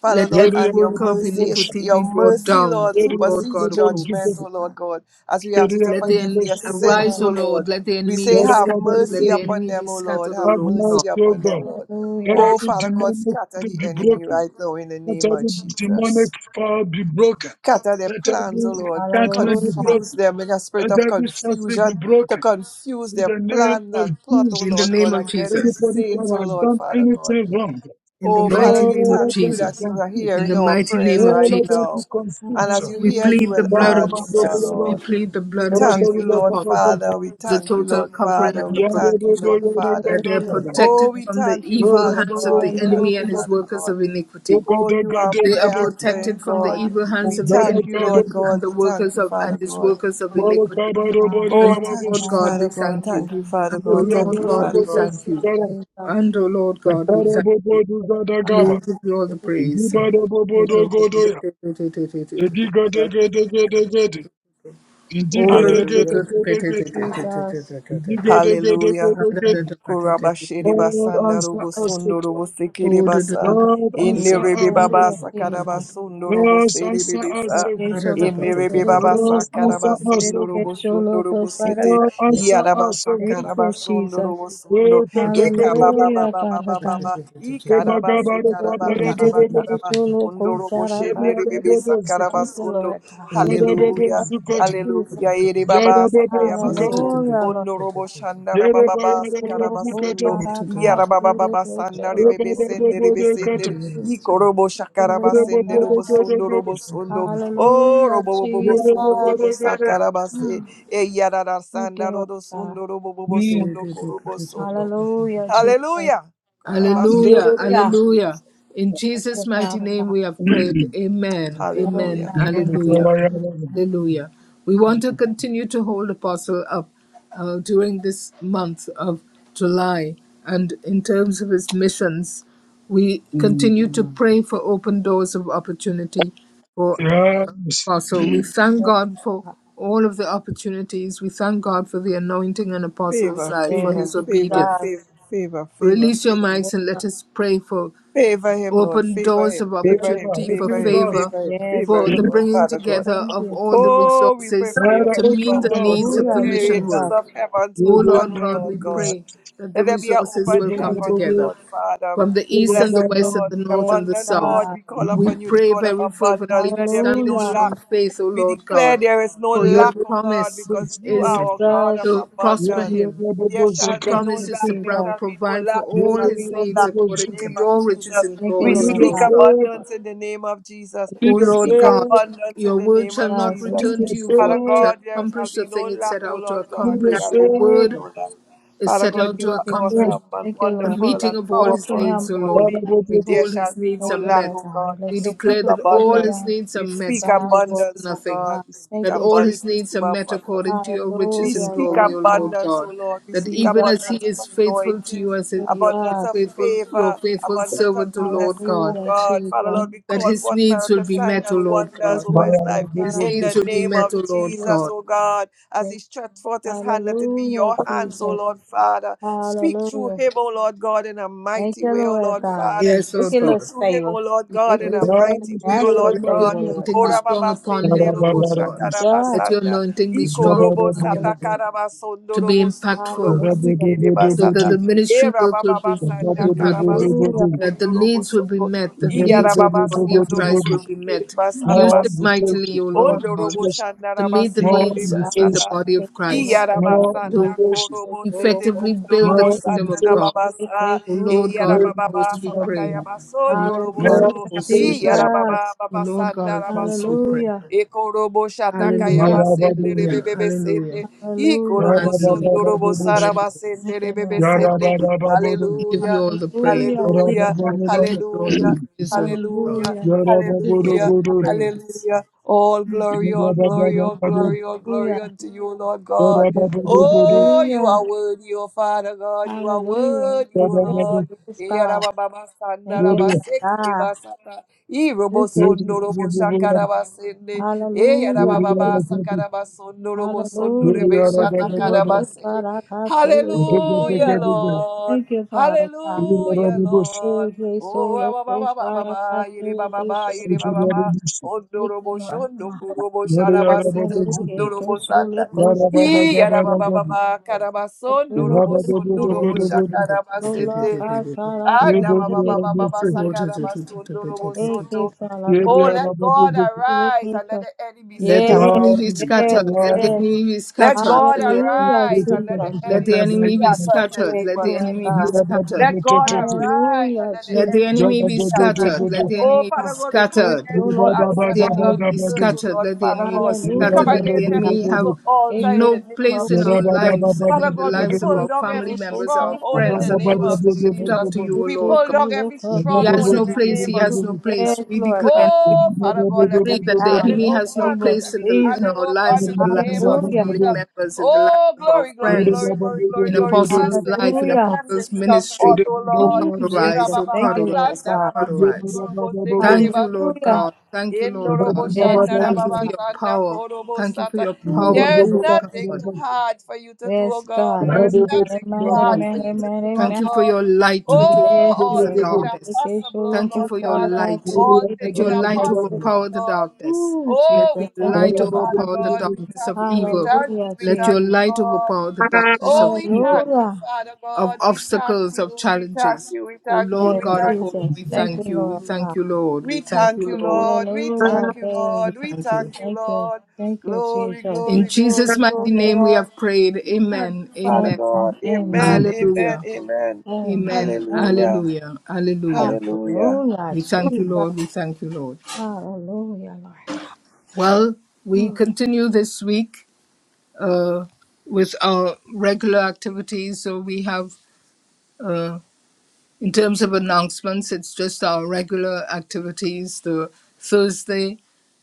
S2: Father
S1: Let
S2: Lord,
S7: Yanda
S1: every
S7: yara
S2: and your
S1: worker of
S7: bobo
S2: mercy, is-
S7: sha.
S1: iniquity
S2: your
S1: be brought
S2: mercy,
S1: down,
S2: Lord,
S7: Yanda
S1: O
S7: yara
S1: Lord
S2: supersedes
S1: God of
S7: bobo
S2: judgment,
S1: hosts.
S7: zukapa.
S2: O Lord
S3: God.
S2: God, as we ask
S7: Yanda
S2: you
S7: yara
S2: to
S1: Let the
S2: forgive
S7: bobo
S1: en-
S2: their
S7: sukapa.
S2: sins,
S1: arise,
S2: O
S3: God.
S1: O Lord.
S2: Lord.
S1: Let the
S2: We
S1: enemy
S2: say,
S1: be
S2: have
S7: yara bobo.
S1: scattered. Let
S2: mercy
S1: the
S7: zikata.
S2: upon
S1: enemy be
S2: them, O Lord,
S1: scattered, O
S2: have
S7: Have
S1: Lord God.
S2: mercy
S7: mercy, O
S2: upon
S7: God.
S2: them, Lord.
S7: Let
S3: Hallelujah.
S2: Oh,
S7: every
S2: Father God,
S7: demonic power
S2: scatter the
S7: be
S2: enemy
S7: broken.
S2: right now in the
S7: Let
S2: name of
S7: every demonic
S2: Jesus.
S7: power be broken.
S2: Scatter their
S7: Let
S2: plans, O
S7: every
S2: Lord.
S7: enchantment be
S3: Hallelujah.
S2: Confuse
S7: broken.
S2: them in a spirit
S7: Let
S2: of
S7: every sorcery be
S2: confusion, to
S7: broken.
S2: confuse
S7: In
S2: their
S7: the name
S2: plan
S7: of
S2: and plot, O
S1: In the
S7: Jesus,
S2: Lord God,
S1: name of
S2: against the
S1: Jesus.
S7: anybody
S2: saints,
S7: that
S2: O
S7: has
S2: Lord,
S7: done
S2: Father God.
S7: anything wrong,
S1: In the
S2: Oh, Father,
S1: mighty
S2: we
S1: name of
S7: Lord,
S2: thank you
S7: let them be
S2: that
S1: Jesus.
S2: you are
S7: confused.
S1: In
S2: hearing
S1: the
S2: our
S1: mighty name
S2: prayers
S1: of
S7: Lord,
S2: right
S7: let them be
S2: now.
S1: Jesus.
S2: And
S7: confused.
S2: as you
S1: We
S2: hear,
S3: Hallelujah.
S2: you
S1: plead the
S2: will
S7: Lord,
S1: blood of
S2: answer,
S1: Jesus. We
S2: Lord.
S1: plead the
S2: We
S1: blood of
S2: thank you,
S1: Jesus
S2: Lord
S7: let
S1: upon
S7: them
S1: them.
S2: Father. We
S1: The
S2: thank you,
S1: total
S2: Lord
S1: covering
S2: Father.
S1: and
S2: We
S1: the
S2: thank you, Lord
S1: protection.
S2: Father.
S1: That they are
S3: Hallelujah,
S2: Oh,
S1: protected
S2: we
S3: Jesus.
S1: from the
S2: thank you,
S1: evil
S2: Father
S1: hands of
S2: God.
S1: the
S2: We thank
S1: enemy
S2: you,
S1: and
S3: Hallelujah.
S1: his
S2: Father
S1: workers
S2: God.
S1: of iniquity.
S2: Oh, you are
S1: They
S2: prayer
S1: are
S2: answering
S3: Father
S1: protected from the
S2: God.
S3: God.
S1: evil hands
S2: We
S1: of the
S2: thank you,
S1: enemy
S2: Lord
S1: and,
S7: be
S1: and
S2: God.
S1: the
S2: We thank
S1: workers
S2: you,
S1: of
S2: Father
S1: and his
S2: God.
S1: workers of
S7: Mama
S1: iniquity.
S3: Amen.
S7: kabaro bari
S2: Oh,
S1: And
S7: yama
S3: Amen.
S2: thank
S1: O Lord
S2: you,
S3: Amen.
S7: bosutu.
S1: God,
S2: Father
S1: we
S2: God.
S1: thank
S3: Amen.
S1: you.
S2: Thank you, Father.
S1: And O
S7: Bari
S2: thank
S1: Lord
S2: you.
S7: yandara
S1: God,
S3: Hallelujah,
S1: we
S7: bobo
S1: thank you.
S7: sukara.
S3: Jesus.
S1: And O Lord God, we
S7: Yatara
S1: thank
S7: bobo
S1: you.
S3: Thank
S7: duzada
S3: God.
S1: We
S7: gaba.
S1: give you all the
S3: Thank
S1: praise.
S7: Indibada bobo
S3: you,
S7: dogodoya. Edi gede gede gede gede. Indi gede gede
S2: Hallelujah.
S7: gede gede.
S3: Jesus.
S7: Indi gede gede
S2: Hallelujah.
S7: gede gede.
S2: Kurabashiri
S7: Lord
S2: basanda
S7: answer
S2: robo
S7: us, O
S2: sundo
S7: God.
S2: robo sekiri basa.
S7: Lord
S2: Inde
S7: answer
S2: rebe
S7: us,
S3: Thank
S7: O
S2: baba
S3: you,
S7: God.
S2: sakara
S3: Jesus.
S2: basundo robo
S7: Lord
S2: seri
S7: answer us,
S2: bebesa.
S7: O God.
S3: Location of
S2: Inde rebe
S3: Saraka.
S2: baba
S7: Lord
S2: sakara
S1: [LAUGHS]
S7: answer us,
S2: basundo
S7: O God.
S2: robo sundo robo sete.
S7: Lord
S1: oh,
S7: answer
S2: Yara
S7: us, O God.
S2: basakara
S3: Thank you,
S2: basundo
S3: Jesus.
S2: robo sundo. Eka baba
S3: Hallelujah,
S2: baba
S3: Father
S2: baba baba.
S3: God. Thank
S2: Ikara
S3: you,
S2: basi
S3: Lord
S2: karaba
S7: Lord, take
S2: karaba
S7: a
S2: karaba. Undo robo shende rebe
S7: Yadababozika,
S2: besa karaba sundo.
S3: God.
S2: Hallelujah.
S3: Thank you,
S7: yadababozikata,
S2: Hallelujah.
S3: Jesus.
S2: Ere baba sakaya baso.
S7: yadababozikata,
S3: Hallelujah, Lord.
S2: Onorobo Shandara
S3: Thank
S2: Baba
S7: yadabayadabozikata,
S2: Sakarabasundo Yarababa Sandari Bebe Sendere
S7: yadababozikata, yadababozikata,
S2: Besendere
S3: you, Jesus.
S2: Ikorobo Shakaraba Sendero
S7: yadababozikata.
S2: Bosundo Robosundo O
S3: Hallelujah,
S2: Robo Bobo Sundo Robo
S3: Jesus.
S2: Sakarabase
S3: Ah.
S2: E Yarara
S3: Thank you,
S2: Sandaro
S3: Lord God.
S2: Sundo Robo Bobo
S7: Mm.
S2: Sundo Korobo Sundo
S3: Hallelujah,
S1: you.
S3: Jesus.
S2: Hallelujah Karabasete
S1: Hallelujah.
S2: Kun
S3: Hallelujah.
S7: Yadababozikata.
S1: Hallelujah. In
S3: Thank
S1: Jesus'
S3: you,
S1: mighty
S3: Father
S1: name
S3: God.
S1: we have prayed.
S7: Mm.
S1: Amen.
S3: Amen.
S1: Amen.
S2: Hallelujah
S3: Amen.
S1: Hallelujah.
S7: Yadababozikata.
S3: amen.
S1: Hallelujah. We want to continue to hold Apostle up uh, during this month of July. And in terms of his missions, we
S7: Mm.
S1: continue to pray for open doors of opportunity for uh,
S7: Yes.
S1: apostle. We thank
S3: Yes,
S1: God for
S3: God.
S1: all of the opportunities. We thank God for the anointing on apostles'
S2: Favor,
S1: life, for
S3: Yes,
S2: favor,
S1: his
S2: favor,
S1: obedience.
S2: favor,
S3: Jesus.
S2: favor, favor,
S1: Release your
S3: Yes,
S1: mics
S2: favor.
S1: and
S3: God.
S1: let us pray for
S2: Favor him, Lord.
S1: open
S2: Favor
S1: doors
S2: him.
S1: of
S2: Favor
S7: Eva,
S2: him.
S1: opportunity, for
S2: Favor
S7: open
S2: him.
S7: doors.
S1: favor,
S2: Favor him.
S3: Yes,
S2: Favor
S1: for
S3: Lord
S1: the
S2: him, Lord.
S3: God.
S1: bringing
S2: Father God.
S1: together
S3: Thank
S1: of
S3: you,
S1: all the
S3: Jesus.
S2: Oh, we pray
S1: resources
S2: for your
S7: Era,
S1: to
S2: favor,
S7: open
S1: meet
S2: O
S1: the
S2: Lord
S7: doors.
S1: needs
S2: God.
S1: of
S2: Let
S1: the
S3: Hallelujah,
S7: Open
S2: the
S1: mission
S7: doors.
S2: windows
S3: Jesus.
S1: work.
S2: of heavens
S1: O
S2: open,
S1: Lord
S2: O
S1: God,
S2: Lord
S1: we
S7: Yadababozikata,
S2: God.
S1: pray that
S2: Let
S1: the
S2: there be an
S1: resources
S2: open
S1: will come
S2: heaven, O
S7: yadababozikata,
S1: together
S2: Lord Father.
S1: from the east and
S2: Bless
S1: the
S2: him,
S1: west and
S2: Lord,
S7: yadababozikata.
S1: the
S2: the
S1: north
S3: Yes,
S1: and the
S2: abundant
S1: south.
S2: God.
S3: God.
S2: We call
S1: We
S2: upon you, the
S1: pray
S2: God of
S1: very
S2: abundance.
S1: fervently. We
S2: Let there be
S1: stand
S2: no
S1: in
S3: Hallelujah.
S2: lack.
S1: strong faith, O
S2: We
S1: Lord
S2: declare
S1: God,
S2: there is no
S7: I
S1: for your
S7: need
S2: lack of God
S1: promise
S7: your
S2: because you are
S7: favor.
S1: is
S7: I
S2: our God of
S3: Jesus.
S1: to
S7: need
S1: prosper
S2: abundance.
S7: your
S1: him.
S7: favor. I
S2: There
S1: Your
S2: shall be
S3: Thank
S2: no
S1: promise
S3: you,
S1: is
S2: lack,
S1: to
S2: there
S1: pro-
S3: Jesus.
S2: shall be no
S1: provide for
S2: lack, there
S7: need
S1: all
S2: shall
S7: your
S2: be
S1: his
S2: no
S1: needs
S2: lack in
S1: according
S2: the
S1: to
S2: name
S7: favor.
S2: of
S1: your riches
S2: Jesus.
S1: and
S3: Thank you,
S2: We
S1: glory, O
S3: Lord
S2: speak
S1: Lord
S3: God.
S1: God.
S2: abundance in the name of Jesus.
S1: O
S2: We
S1: Lord
S2: speak
S1: God,
S2: abundance in
S1: your
S2: the
S1: word
S2: name
S1: shall
S2: of
S1: not
S3: Jesus.
S7: I
S2: Jesus.
S1: return to you void,
S2: Father
S1: it shall
S2: God, there shall
S1: accomplish
S2: be
S1: the
S2: no
S1: thing it
S2: lack,
S1: set
S2: O
S1: out to
S2: Lord God.
S7: need your
S1: accomplish.
S2: Shall
S1: Your
S2: there be
S1: word
S7: favor.
S2: no lack.
S1: is
S2: Father
S1: set
S3: Thank
S2: God,
S1: out to
S2: you
S3: you,
S2: are
S3: Jesus.
S7: Oh,
S1: accomplish
S2: awesome and
S3: Thank you,
S1: the
S3: Lord
S2: wonderful
S3: God.
S1: meeting
S2: and
S1: of all
S3: Work
S1: his
S3: for
S2: powerful and
S3: him,
S1: needs, O
S3: Lord
S1: Lord
S7: Father,
S1: God.
S2: holy.
S7: we give
S3: God.
S7: you
S2: There
S1: Behold,
S2: shall
S1: his
S2: be
S1: needs
S2: no
S3: Thank
S1: are
S3: you,
S2: lack,
S3: Lord
S1: met.
S2: O
S3: God.
S2: God. We
S3: Let
S1: We
S3: your
S1: declare
S2: speak
S3: perfect
S1: that
S3: will be
S1: all
S2: abundance.
S1: his
S3: done
S1: needs are
S2: We
S3: in
S1: met.
S2: speak
S1: He
S3: thy
S1: wants
S3: world,
S1: for
S2: abundance,
S3: Lord
S2: oh
S1: nothing.
S2: God.
S3: God.
S2: We speak
S3: Thank
S1: That
S3: you,
S1: all
S3: Jesus.
S1: his
S2: abundance
S1: needs are
S2: over
S1: met
S2: Papa.
S1: according to your
S2: We
S1: riches and
S3: Hallelujah,
S2: speak
S3: Lord
S1: glory, O
S3: God.
S1: Lord
S2: abundance, O
S1: God.
S2: Lord. We
S1: That
S2: speak
S3: Jesus,
S1: even as he
S2: abundance of
S1: is faithful to you,
S2: anointing,
S1: as his, your, his
S2: abundance of
S3: Jesus.
S1: faithful, your
S2: favor,
S1: faithful
S7: thanks.
S2: abundance of
S1: servant, O Lord
S2: blessing, O
S1: God,
S3: Hallelujah,
S2: God.
S3: Jesus.
S2: Father, Lord, we
S1: that
S2: call
S1: his
S2: forth
S1: needs will
S2: miracle
S1: be
S3: Thank
S2: signs,
S1: met, O
S2: and
S1: Lord
S3: you,
S2: wonders
S1: God.
S3: Jesus.
S7: My
S2: over
S3: Lord
S2: his life
S7: Lord, we give
S1: His
S3: God.
S2: in
S7: you
S1: needs
S2: the
S3: Thank
S1: will be
S2: name
S1: met,
S2: of
S1: O
S3: you,
S1: Lord
S3: Lord
S2: Jesus,
S1: God.
S2: O
S3: God.
S2: God. As he stretched forth his hand, let it be
S3: Hallelujah,
S2: your
S7: thanks.
S2: hands, O
S3: Jesus.
S2: Lord, Father. Speak through
S3: Hallelujah.
S2: him, O Lord God, in a
S3: Thank
S2: mighty
S3: you,
S2: way, O
S3: Lord
S2: Lord,
S3: God.
S2: Father.
S1: Yes, O
S2: Speak
S1: God.
S3: Ridiculous
S2: through him, O
S3: favor.
S2: Lord God, in a
S1: Yes,
S3: Ridiculous
S1: O
S7: Father,
S2: mighty
S7: in the
S2: way, O
S3: supernatural
S2: Lord
S7: name
S1: Let
S7: of
S1: your
S2: God.
S3: favor,
S7: Jesus.
S3: Lord
S1: anointing
S2: O
S1: be
S3: God.
S1: strong
S2: Rababa
S1: upon him,
S7: Father,
S2: Sende
S7: Father,
S1: O
S2: Robo
S1: Lord
S7: Father,
S1: God.
S3: Jesus.
S7: yes.
S1: Let your
S2: Shakarabasanda.
S1: anointing be
S7: Father,
S1: strong
S2: Ikorobo
S7: Father,
S3: Thank
S1: upon
S7: Father,
S3: you,
S1: him
S2: sata
S3: Lord.
S7: Father.
S2: karaba
S1: to be
S2: sondorobo
S1: impactful,
S2: sondorobo
S7: Father, Father,
S3: Hallelujah. Thank
S2: sekereba
S3: you,
S1: so that
S2: sata.
S1: the ministry
S2: Era
S3: God.
S1: work will
S2: baba
S1: be
S2: basanda karaba
S1: impactful,
S2: soto
S3: Hallelujah,
S1: that
S3: Lord
S1: the
S3: God.
S2: kondorobo
S1: needs will be
S2: soto.
S1: met, the
S3: Thank you,
S2: Iyara
S1: needs of the
S2: baba
S3: Jesus.
S1: body of Christ
S2: sondorobo
S1: will be met.
S2: sekereba
S1: Use
S3: Mhm.
S2: saraba
S7: More
S1: him
S2: sondo.
S7: invitation,
S1: mightily, O
S7: more
S1: Lord God,
S2: Ondorobo
S7: invitation,
S1: to
S2: shandaraba
S3: Thank
S1: meet the
S3: you,
S7: more
S1: needs
S2: sekereba
S3: Lord
S1: in
S7: invitation.
S1: the
S3: God.
S2: sata.
S1: body
S3: Thank
S1: of
S3: you, Lord
S1: Christ,
S3: God.
S7: more
S3: Thank
S1: to
S2: Iyarabasanda
S7: invitations,
S2: korobo
S3: you, Lord God.
S2: sete
S1: effectively build the
S2: kundorobo
S7: more
S1: kingdom
S2: sanda
S1: of God.
S7: invitations,
S2: nababasa.
S3: Thank
S1: O
S3: you,
S1: Lord God
S3: Lord
S7: more
S1: of
S7: invitations,
S2: Iyarababa
S1: hosts, we
S3: God.
S7: more
S1: pray.
S2: satakaya
S1: O Lord
S2: basondorobo
S1: God of
S2: so.
S3: Hallelujah,
S1: hosts, we
S2: I
S7: invitations.
S1: pray.
S3: Jesus.
S2: Iyarababa
S1: O Lord God
S2: babasanda
S1: of hosts, we pray.
S2: rabasoto.
S3: Hallelujah,
S2: Ekorobo shatakaya
S3: Jesus.
S1: Hallelujah.
S2: basende
S7: Yarabababababababababab,
S1: Hallelujah.
S2: rebebebe
S1: Hallelujah.
S2: sende.
S3: Hallelujah.
S2: Ikorobo
S1: Hallelujah.
S2: sondorobo
S1: Hallelujah.
S2: sarabasende
S3: Thank you,
S2: rebebe
S3: Lord God.
S2: sende.
S7: yarababababababab, yarababababababab,
S1: We give you
S2: Hallelujah.
S1: all the praise.
S3: Hallelujah,
S2: Hallelujah.
S7: yarababababababab,
S3: Jesus.
S1: We give you all the
S2: Hallelujah.
S1: praise, O Lord God.
S2: Hallelujah.
S3: Hallelujah.
S1: We give
S3: Thank
S7: yarababababababab, yarababababababab, yarababababababab,
S3: you,
S1: you all
S7: yarababababababab,
S2: Hallelujah.
S3: Father
S1: the
S3: God.
S1: praise.
S2: Hallelujah. All glory, all glory, all glory, all glory
S3: Hallelujah.
S2: unto you, Lord
S7: yarababababababab,
S2: God.
S7: yarababababababab,
S2: Oh, you
S3: Hallelujah.
S2: are worthy, O Father God. You are
S3: Hallelujah.
S2: worthy,
S3: We
S2: O
S3: show
S2: Lord.
S7: yarabababababab,
S3: this God. Thank you,
S7: yarabababababab,
S3: God.
S2: Eyarabababasandarabasekiribasata.
S3: Thank you, Jesus.
S2: Irobosonorobosakarabasende.
S3: Hallelujah. Jesus. Hallelujah. Thank you, Lord. Oh,
S2: Eyarabababasakarabasonorobosondorebesatakarabase.
S3: God, I can show you this
S2: Hallelujah,
S3: show.
S7: yarababababababab,
S2: Lord.
S3: Thank you, Father God.
S2: Hallelujah, Lord.
S3: Hey, hey, so
S2: Oh, ba
S3: low,
S2: ba
S3: oh,
S2: ba ba ba
S3: God,
S2: ba,
S3: I can show
S2: yiri ba
S3: you
S2: ba
S3: this
S2: ba, yiri ba
S3: show.
S2: ba ba.
S7: yarababababababab,
S3: Thank you,
S2: Ondorobo
S3: Lord
S2: shondo
S3: God.
S2: kurobo
S7: Yada
S2: sharaba
S7: yada baba
S2: sete
S3: Hallelujah.
S7: ziki.
S3: Hey, hey,
S2: kundorobo
S3: so
S2: sanda.
S3: low, oh,
S7: Yada
S3: God, I
S7: baba
S2: I
S7: gaba
S2: yara
S3: can
S2: ba ba
S7: gaba.
S2: ba ba, karaba
S3: show you
S7: Yada
S2: sondorobo
S7: dobo
S1: All
S7: dobo
S3: this
S2: sondorobo
S3: show.
S7: dobo.
S1: the
S2: shakaraba
S3: Ola
S2: sete.
S3: kasara
S2: Anda
S7: Yada
S2: ba ba
S3: kasere
S2: ba
S7: yada
S2: ba ba ba,
S7: bese.
S3: kule
S2: sakaraba
S3: kushe.
S2: sondorobo
S3: Eke
S2: sondo.
S3: sala
S7: Yada
S2: Oh,
S7: yada
S2: let
S3: kasere
S7: baba
S2: God
S7: ziki.
S3: kule
S2: arise and
S3: kushe.
S2: let the enemy
S1: Let the
S2: scatter
S3: Yes,
S1: enemy
S7: Yada
S2: in
S1: be
S2: the name of
S3: yes,
S1: scattered. Let
S2: Jesus.
S7: yada.
S1: the
S3: yes.
S1: enemy be
S2: Let
S1: scattered.
S2: God
S1: Let the enemy,
S3: Hallelujah,
S2: arise
S7: Yada
S2: and let the
S3: Jesus.
S7: kati
S1: let the
S7: kata
S2: enemy
S7: bayi.
S1: enemy be
S2: scatter in the
S1: scattered.
S3: Yes,
S2: name
S1: Let
S2: of
S1: the
S3: Lord
S1: enemy be
S2: Jesus.
S3: God.
S7: Yada baba
S1: scattered.
S2: Let
S7: to
S2: God arise and
S3: Hallelujah,
S2: let the
S1: Let the
S7: to to.
S2: enemy
S7: Yada
S3: Jesus.
S1: enemy be
S7: do do
S2: scatter.
S7: do
S3: Yes,
S7: do
S1: scattered. Let
S7: do.
S1: the
S2: Oh,
S3: Lord
S1: enemy be
S2: Father
S3: God.
S2: God, we
S3: Eke
S2: come
S1: scattered.
S2: against
S7: Yada
S3: solo
S2: all
S7: baba
S1: Let the
S3: kusara.
S7: baba
S1: enemy
S2: ancestral
S1: be
S7: baba
S2: curse,
S7: do.
S2: oh
S1: scattered.
S2: Lord,
S1: Let the
S2: Father
S1: enemy be
S2: God.
S7: Yada
S2: We come
S1: scattered.
S7: baba
S3: Hallelujah,
S1: Let
S7: do
S3: Lord
S1: the
S2: against
S7: do
S3: God.
S7: do
S2: every
S1: enemy
S7: do
S1: have
S7: do.
S2: evil altar in
S3: Eke
S2: the
S1: no
S2: name of
S3: solo
S1: place in
S7: Yada
S1: our
S7: baba
S3: kusara.
S2: Jesus.
S7: baba
S1: lives and
S2: Father
S1: in the
S2: God, we
S7: baba do
S1: lives of
S7: do.
S2: pull
S1: our
S2: down
S1: family
S3: Solo
S2: every
S1: members, our
S2: stronghold
S7: Yada
S2: in
S3: kusara.
S1: friends,
S2: the
S1: and
S7: baba
S2: name
S7: do
S2: of
S1: those we
S7: do do
S1: lift
S3: It
S7: do
S3: is
S2: Jesus.
S1: up to
S7: do.
S1: you, O
S3: it
S2: We
S3: is
S1: Lord
S2: pull
S1: God.
S3: you,
S2: down
S3: Lord
S2: every
S3: God.
S7: Yada
S1: He
S7: baba
S1: has
S2: stronghold in
S1: no
S7: do
S2: the
S7: do
S1: place.
S7: do
S2: name
S1: He
S7: do
S1: has no
S7: do.
S3: Hallelujah.
S2: Jesus.
S1: place.
S3: Yes,
S1: We
S3: Lord
S1: declare
S3: God.
S1: and we
S2: Oh,
S7: Yada
S3: We
S2: Father
S7: baba
S2: God,
S3: stand
S2: let
S7: do
S1: decree
S2: every
S7: do do
S1: that the
S7: do
S3: down
S7: do.
S2: channel
S1: enemy
S3: in
S1: has
S3: the
S1: no
S2: open,
S3: name of
S1: place
S2: every
S1: in the in
S3: Jesus.
S1: our
S2: channel open
S1: lives,
S7: Amen.
S2: in
S1: in the
S2: the
S1: lives
S7: Amen.
S2: name
S1: of
S2: of
S1: the
S3: Hallelujah.
S1: family
S2: Jesus.
S7: Amen.
S1: members, in the lives
S2: Oh,
S1: of our
S2: glory, glory,
S1: friends,
S2: glory, glory, glory,
S1: in
S2: glory.
S1: apostles'
S2: Blessings,
S1: life,
S2: let
S1: in
S2: the
S3: Hallelujah.
S1: apostles'
S2: blessings come forth,
S1: ministry.
S2: oh
S1: Oh
S2: Lord.
S3: Ooh,
S1: God, arise!
S3: Jesus.
S1: Oh
S3: Thank
S1: God,
S3: you, Lord
S1: arise! Oh
S3: God.
S1: God, arise! Thank you, Lord
S3: Hallelujah.
S2: Irabababasandarabasundurubusikiribasata,
S1: God. Thank you, Lord God.
S3: Yes, Father
S1: Thank you for
S3: God.
S1: your power. Thank you for
S2: indurubushandarababasanakorobusata.
S1: your
S3: Ooh,
S2: There
S1: power,
S2: is
S1: Lord
S3: Jesus.
S2: nothing
S1: God.
S2: too hard for you to do, oh
S3: Yes,
S2: God.
S3: God.
S2: There is
S3: Amen.
S2: nothing too
S3: Amen.
S2: hard for
S3: Amen.
S2: you to
S3: Amen.
S2: do, Lord
S1: Thank you
S3: Amen.
S1: for
S2: God.
S1: your light which
S2: Oh,
S3: Yes,
S1: overpowers
S2: all
S1: the
S3: Lord
S2: things
S3: God.
S2: are
S1: darkness.
S3: Okay, so
S2: possible, oh
S3: look,
S1: Thank you
S3: oh,
S2: Lord
S1: for your
S3: God, I
S2: Father.
S3: pass
S1: light.
S2: All
S3: Okay,
S1: Let
S3: so
S2: things
S1: your
S3: look,
S2: are
S1: light
S2: possible,
S3: oh,
S2: oh
S1: overpower the
S2: Lord.
S1: darkness.
S3: Ooh, Jesus.
S1: Let
S2: Oh, we
S1: your
S2: thank
S3: Thank you,
S1: light
S3: Lord
S2: you,
S3: God.
S2: Father
S1: overpower the
S2: God. We
S1: darkness
S2: thank
S1: of
S2: you, we
S1: evil.
S2: thank you,
S3: Hallelujah,
S2: we
S1: Let
S2: thank
S1: your
S2: you,
S3: Jesus.
S1: light
S2: Lord.
S1: overpower the darkness
S2: Oh,
S1: of
S2: we
S1: evil,
S2: thank you,
S3: Hallelujah.
S2: Father
S1: of
S2: God. We thank
S1: obstacles, of
S2: you, we thank
S1: challenges.
S2: you, we
S1: O
S2: thank you,
S1: Lord
S3: Yes,
S2: we
S1: God of
S2: thank
S1: hosts,
S2: you.
S3: Jesus.
S1: we
S3: Thank you,
S1: thank you. We
S3: Lord God.
S1: thank you, Lord. We
S2: We
S1: thank
S2: thank
S1: you,
S2: you,
S1: Lord.
S2: Lord. We
S3: Hallelujah,
S2: thank you,
S3: babe.
S1: We
S2: Lord. We
S1: thank you.
S2: thank you,
S3: Thank you.
S2: Lord.
S3: Thank you,
S2: Glory,
S3: Jesus.
S1: In
S2: glory, glory,
S1: Jesus' mighty
S2: glory,
S1: name
S3: Hallelujah.
S1: we
S2: Lord.
S1: have prayed.
S2: We thank
S1: Amen.
S2: you, Father
S1: Amen.
S3: Amen.
S2: God.
S3: Amen.
S2: Amen, amen,
S1: Hallelujah.
S2: amen.
S3: Amen.
S1: Amen.
S3: Amen.
S2: Hallelujah,
S1: Hallelujah. Hallelujah.
S2: hallelujah.
S3: Hallelujah,
S1: We thank you,
S3: Jesus.
S1: Lord. We thank you, Lord.
S3: Hallelujah, Lord
S1: Well,
S3: God.
S1: we
S3: Ooh.
S1: continue this week uh, with our regular activities. So we have. uh, In terms of announcements, it's just our regular activities. The Thursday,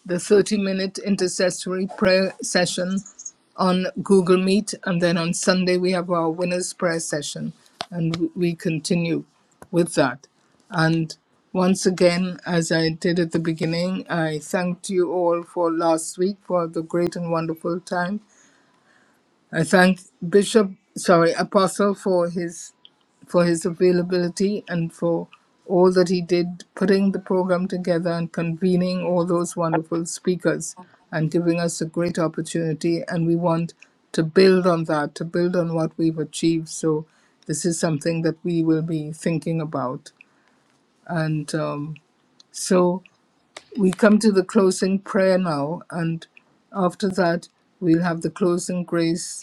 S1: the 30 minute intercessory prayer session on Google Meet. And then on Sunday, we have our winner's prayer session. And w- we continue with that. And once again, as I did at the beginning, I thanked you all for last week for the great and wonderful time. I thank Bishop, sorry, Apostle for his for his availability and for all that he did putting the program together and convening all those wonderful speakers and giving us a great opportunity and we want to build on that to build on what we've achieved so this is something that we will be thinking about and um, so we come to the closing prayer now and after that we'll have the closing grace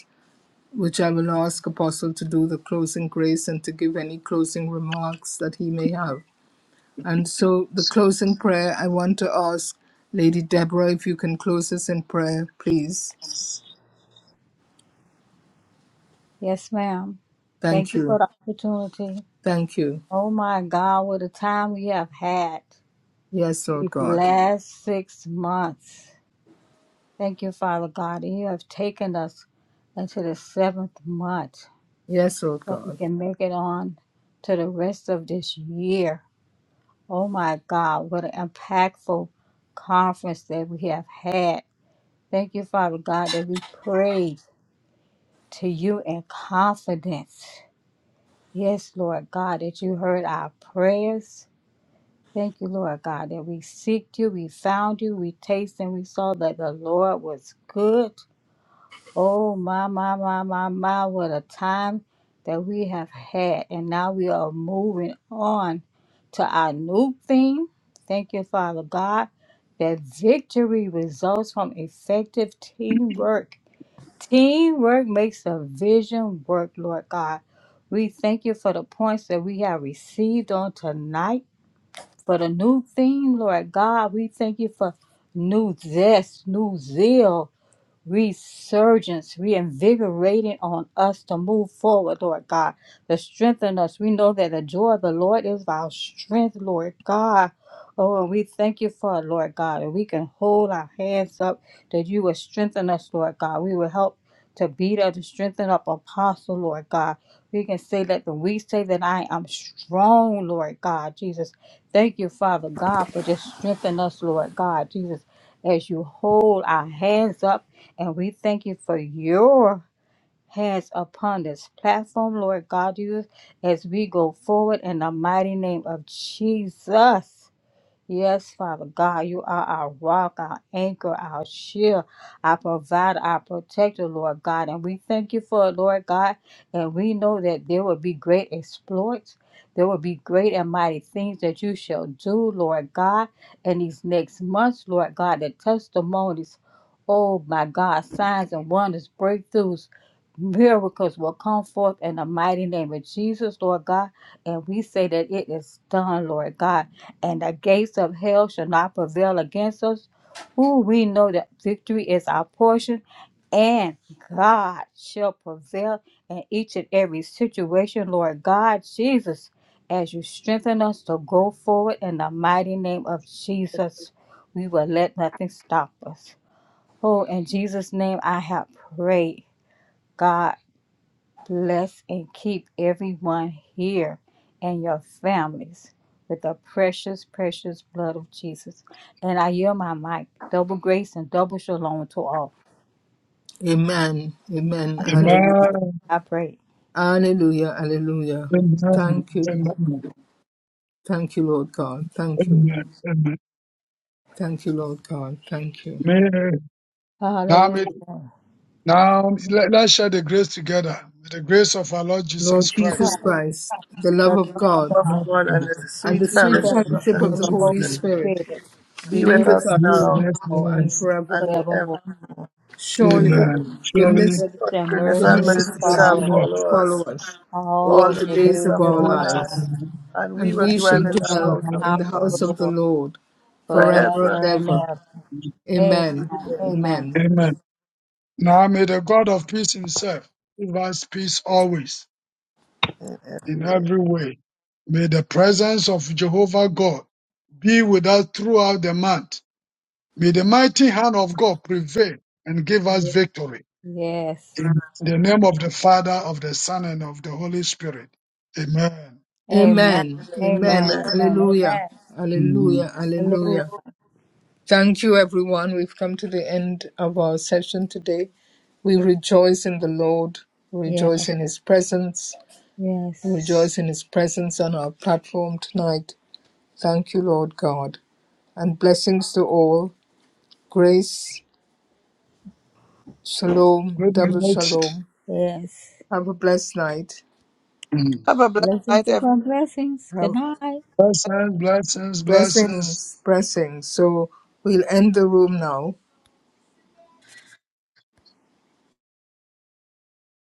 S1: which I will ask Apostle to do the closing grace and to give any closing remarks that he may have. And so, the closing prayer, I want to ask Lady Deborah if you can close us in prayer, please.
S3: Yes, ma'am. Thank
S1: Thank
S3: you for
S1: you.
S3: the opportunity.
S1: Thank you.
S3: Oh my God, what a time we have had
S1: Yes, Lord
S3: these
S1: God.
S3: last six months. Thank you, Father God. that You have taken us into the seventh month
S1: Yes, Lord
S3: so we
S1: God.
S3: can make it on to the rest of this year. Oh my God, what an impactful conference that we have had. Thank you, Father God, that we prayed to you in confidence. Yes, Lord God, that you heard our prayers. Thank you, Lord God, that we seeked you, we found you, we tasted and we saw that the Lord was good. Oh, my, my, my, my, my, what a time that we have had. And now we are moving on to our new theme. Thank you, Father God, that victory results from effective teamwork. Teamwork makes the vision work, Lord God. We thank you for the points that we have received on tonight. For the new theme, Lord God, we thank you for new zest, new zeal, resurgence, reinvigorating on us to move forward, Lord God, to strengthen us. We know that the joy of the Lord is our strength, Lord God. Oh, and we thank you for it, Lord God, and we can hold our hands up that you will strengthen us, Lord God. We will help to beat up, to strengthen up apostle, Lord God. We can say that when we say that I am strong, Lord God, Jesus. Thank you, Father God, for just strengthening us, Lord God, Jesus, as you hold our hands up and we thank you for your hands upon this platform, Lord God, you as we go forward in the mighty name of Jesus. Yes, Father God, you are our rock, our anchor, our shield, our provider, our protector, Lord God. And we thank you for it, Lord God. And we know that there will be great exploits. There will be great and mighty things that you shall do, Lord God, in these next months, Lord God. The testimonies, oh my God, signs and wonders, breakthroughs, miracles will come forth in the mighty name of Jesus, Lord God. And we say that it is done, Lord God and the gates of hell shall not prevail against us. Ooh, we know that victory is our portion, and God shall prevail in each and every situation, Lord God Jesus, as you strengthen us to go forward in the mighty name of Jesus. We will let nothing stop us. Oh, in Jesus' name I have prayed, God. Bless and keep everyone here and your families with the precious, precious blood of Jesus. And I yield my mic. Double grace and double shalom to all.
S1: Amen. Amen.
S3: In Jesus,
S1: Hallelujah.
S3: I pray.
S1: Hallelujah. Hallelujah. Thank you. Thank you, Lord God. Thank you.
S7: Amen.
S1: Thank you, Lord God. Thank you.
S7: Amen.
S3: Hallelujah.
S7: Amen. Now let, let's share the grace together. May the grace of our Lord
S1: Lord
S7: Jesus
S1: Jesus
S7: Christ.
S3: Christ,
S1: Christ, the
S3: the
S1: love of
S3: love of
S1: God
S2: of
S3: God,
S7: Lord,
S2: God
S7: and
S2: and the
S7: the
S3: and
S1: and
S2: sweet
S1: the
S3: sweet
S1: sweet
S2: fellowship
S3: fellowship
S2: of
S1: fellowship
S2: the
S1: of
S3: of
S1: the
S3: the
S2: Holy
S7: fellowship of
S3: Holy
S1: Holy
S7: the
S2: Spirit
S7: Holy Spirit
S1: Spirit
S3: Spirit,
S2: be
S3: be
S1: be
S2: with
S3: with
S1: with
S2: us
S7: be
S3: us
S1: us
S7: with
S2: now
S7: us
S1: now
S7: now and
S1: and
S2: and
S1: forevermore.
S3: forevermore.
S2: ever.
S7: forever.
S1: Surely
S2: Amen.
S3: Surely,
S7: Amen. Surely,
S1: goodness,
S3: Goodness
S2: God's
S3: and
S2: Goodness
S3: mercy
S2: and
S1: goodness and
S3: shall
S7: mercy
S2: mercy
S7: shall
S2: shall
S1: mercy
S3: follow
S7: follow
S3: us
S2: follow
S7: us.
S1: follow
S2: us
S1: us all
S2: all
S3: all
S2: the
S1: the
S3: the
S1: days
S2: days
S3: days
S1: of
S2: of
S7: To
S3: of
S1: our
S2: our
S3: our
S7: those of
S3: life,
S2: life,
S1: lives,
S7: the
S2: and we
S1: and
S2: will
S3: and
S1: we
S2: dwell
S1: shall
S3: we
S2: in
S7: who
S3: shall
S2: the
S3: dwell
S1: dwell
S7: shall
S3: in
S2: house
S3: the
S2: of
S7: dwell in
S1: in
S2: the
S1: the
S7: the
S3: house
S2: Lord
S3: of
S1: house
S7: presence
S3: the
S1: of
S7: of
S1: the
S3: Lord
S1: Lord forever
S3: forever
S2: forever.
S1: and
S3: and
S7: the
S1: ever.
S3: ever.
S7: Lord.
S3: Amen.
S1: Amen.
S2: Amen.
S3: Amen.
S1: Amen.
S7: Amen. Now may the God of peace himself give us peace always
S2: And
S7: in
S2: everywhere.
S7: every way. May the presence of Jehovah God be with us throughout the month May the mighty hand of God prevail and give us victory.
S3: Yes.
S7: In the name of the Father, of the Son, and of the Holy Spirit. Amen.
S3: Amen.
S1: Amen.
S3: Amen.
S1: Amen.
S2: Amen.
S3: Amen.
S1: Alleluia.
S3: Amen.
S7: Mhm.
S1: Alleluia.
S3: Hallelujah.
S1: Alleluia. Thank you, everyone. We've come to the end of our session today. We rejoice in the Lord, we
S3: Yes.
S1: rejoice in His presence, we
S3: Yes.
S1: rejoice in His presence on our platform tonight. Thank you, Lord God. And blessings to all. Grace, shalom,
S7: Good
S1: double
S7: night.
S1: shalom.
S3: Yes.
S1: Have a blessed night.
S7: Mhm.
S2: Have a blessed night,
S3: Blessings
S2: everyone.
S3: upon blessings. Good
S1: Have
S3: night.
S7: Blessings, blessings, blessings.
S1: blessings, blessings. So we'll end the room now.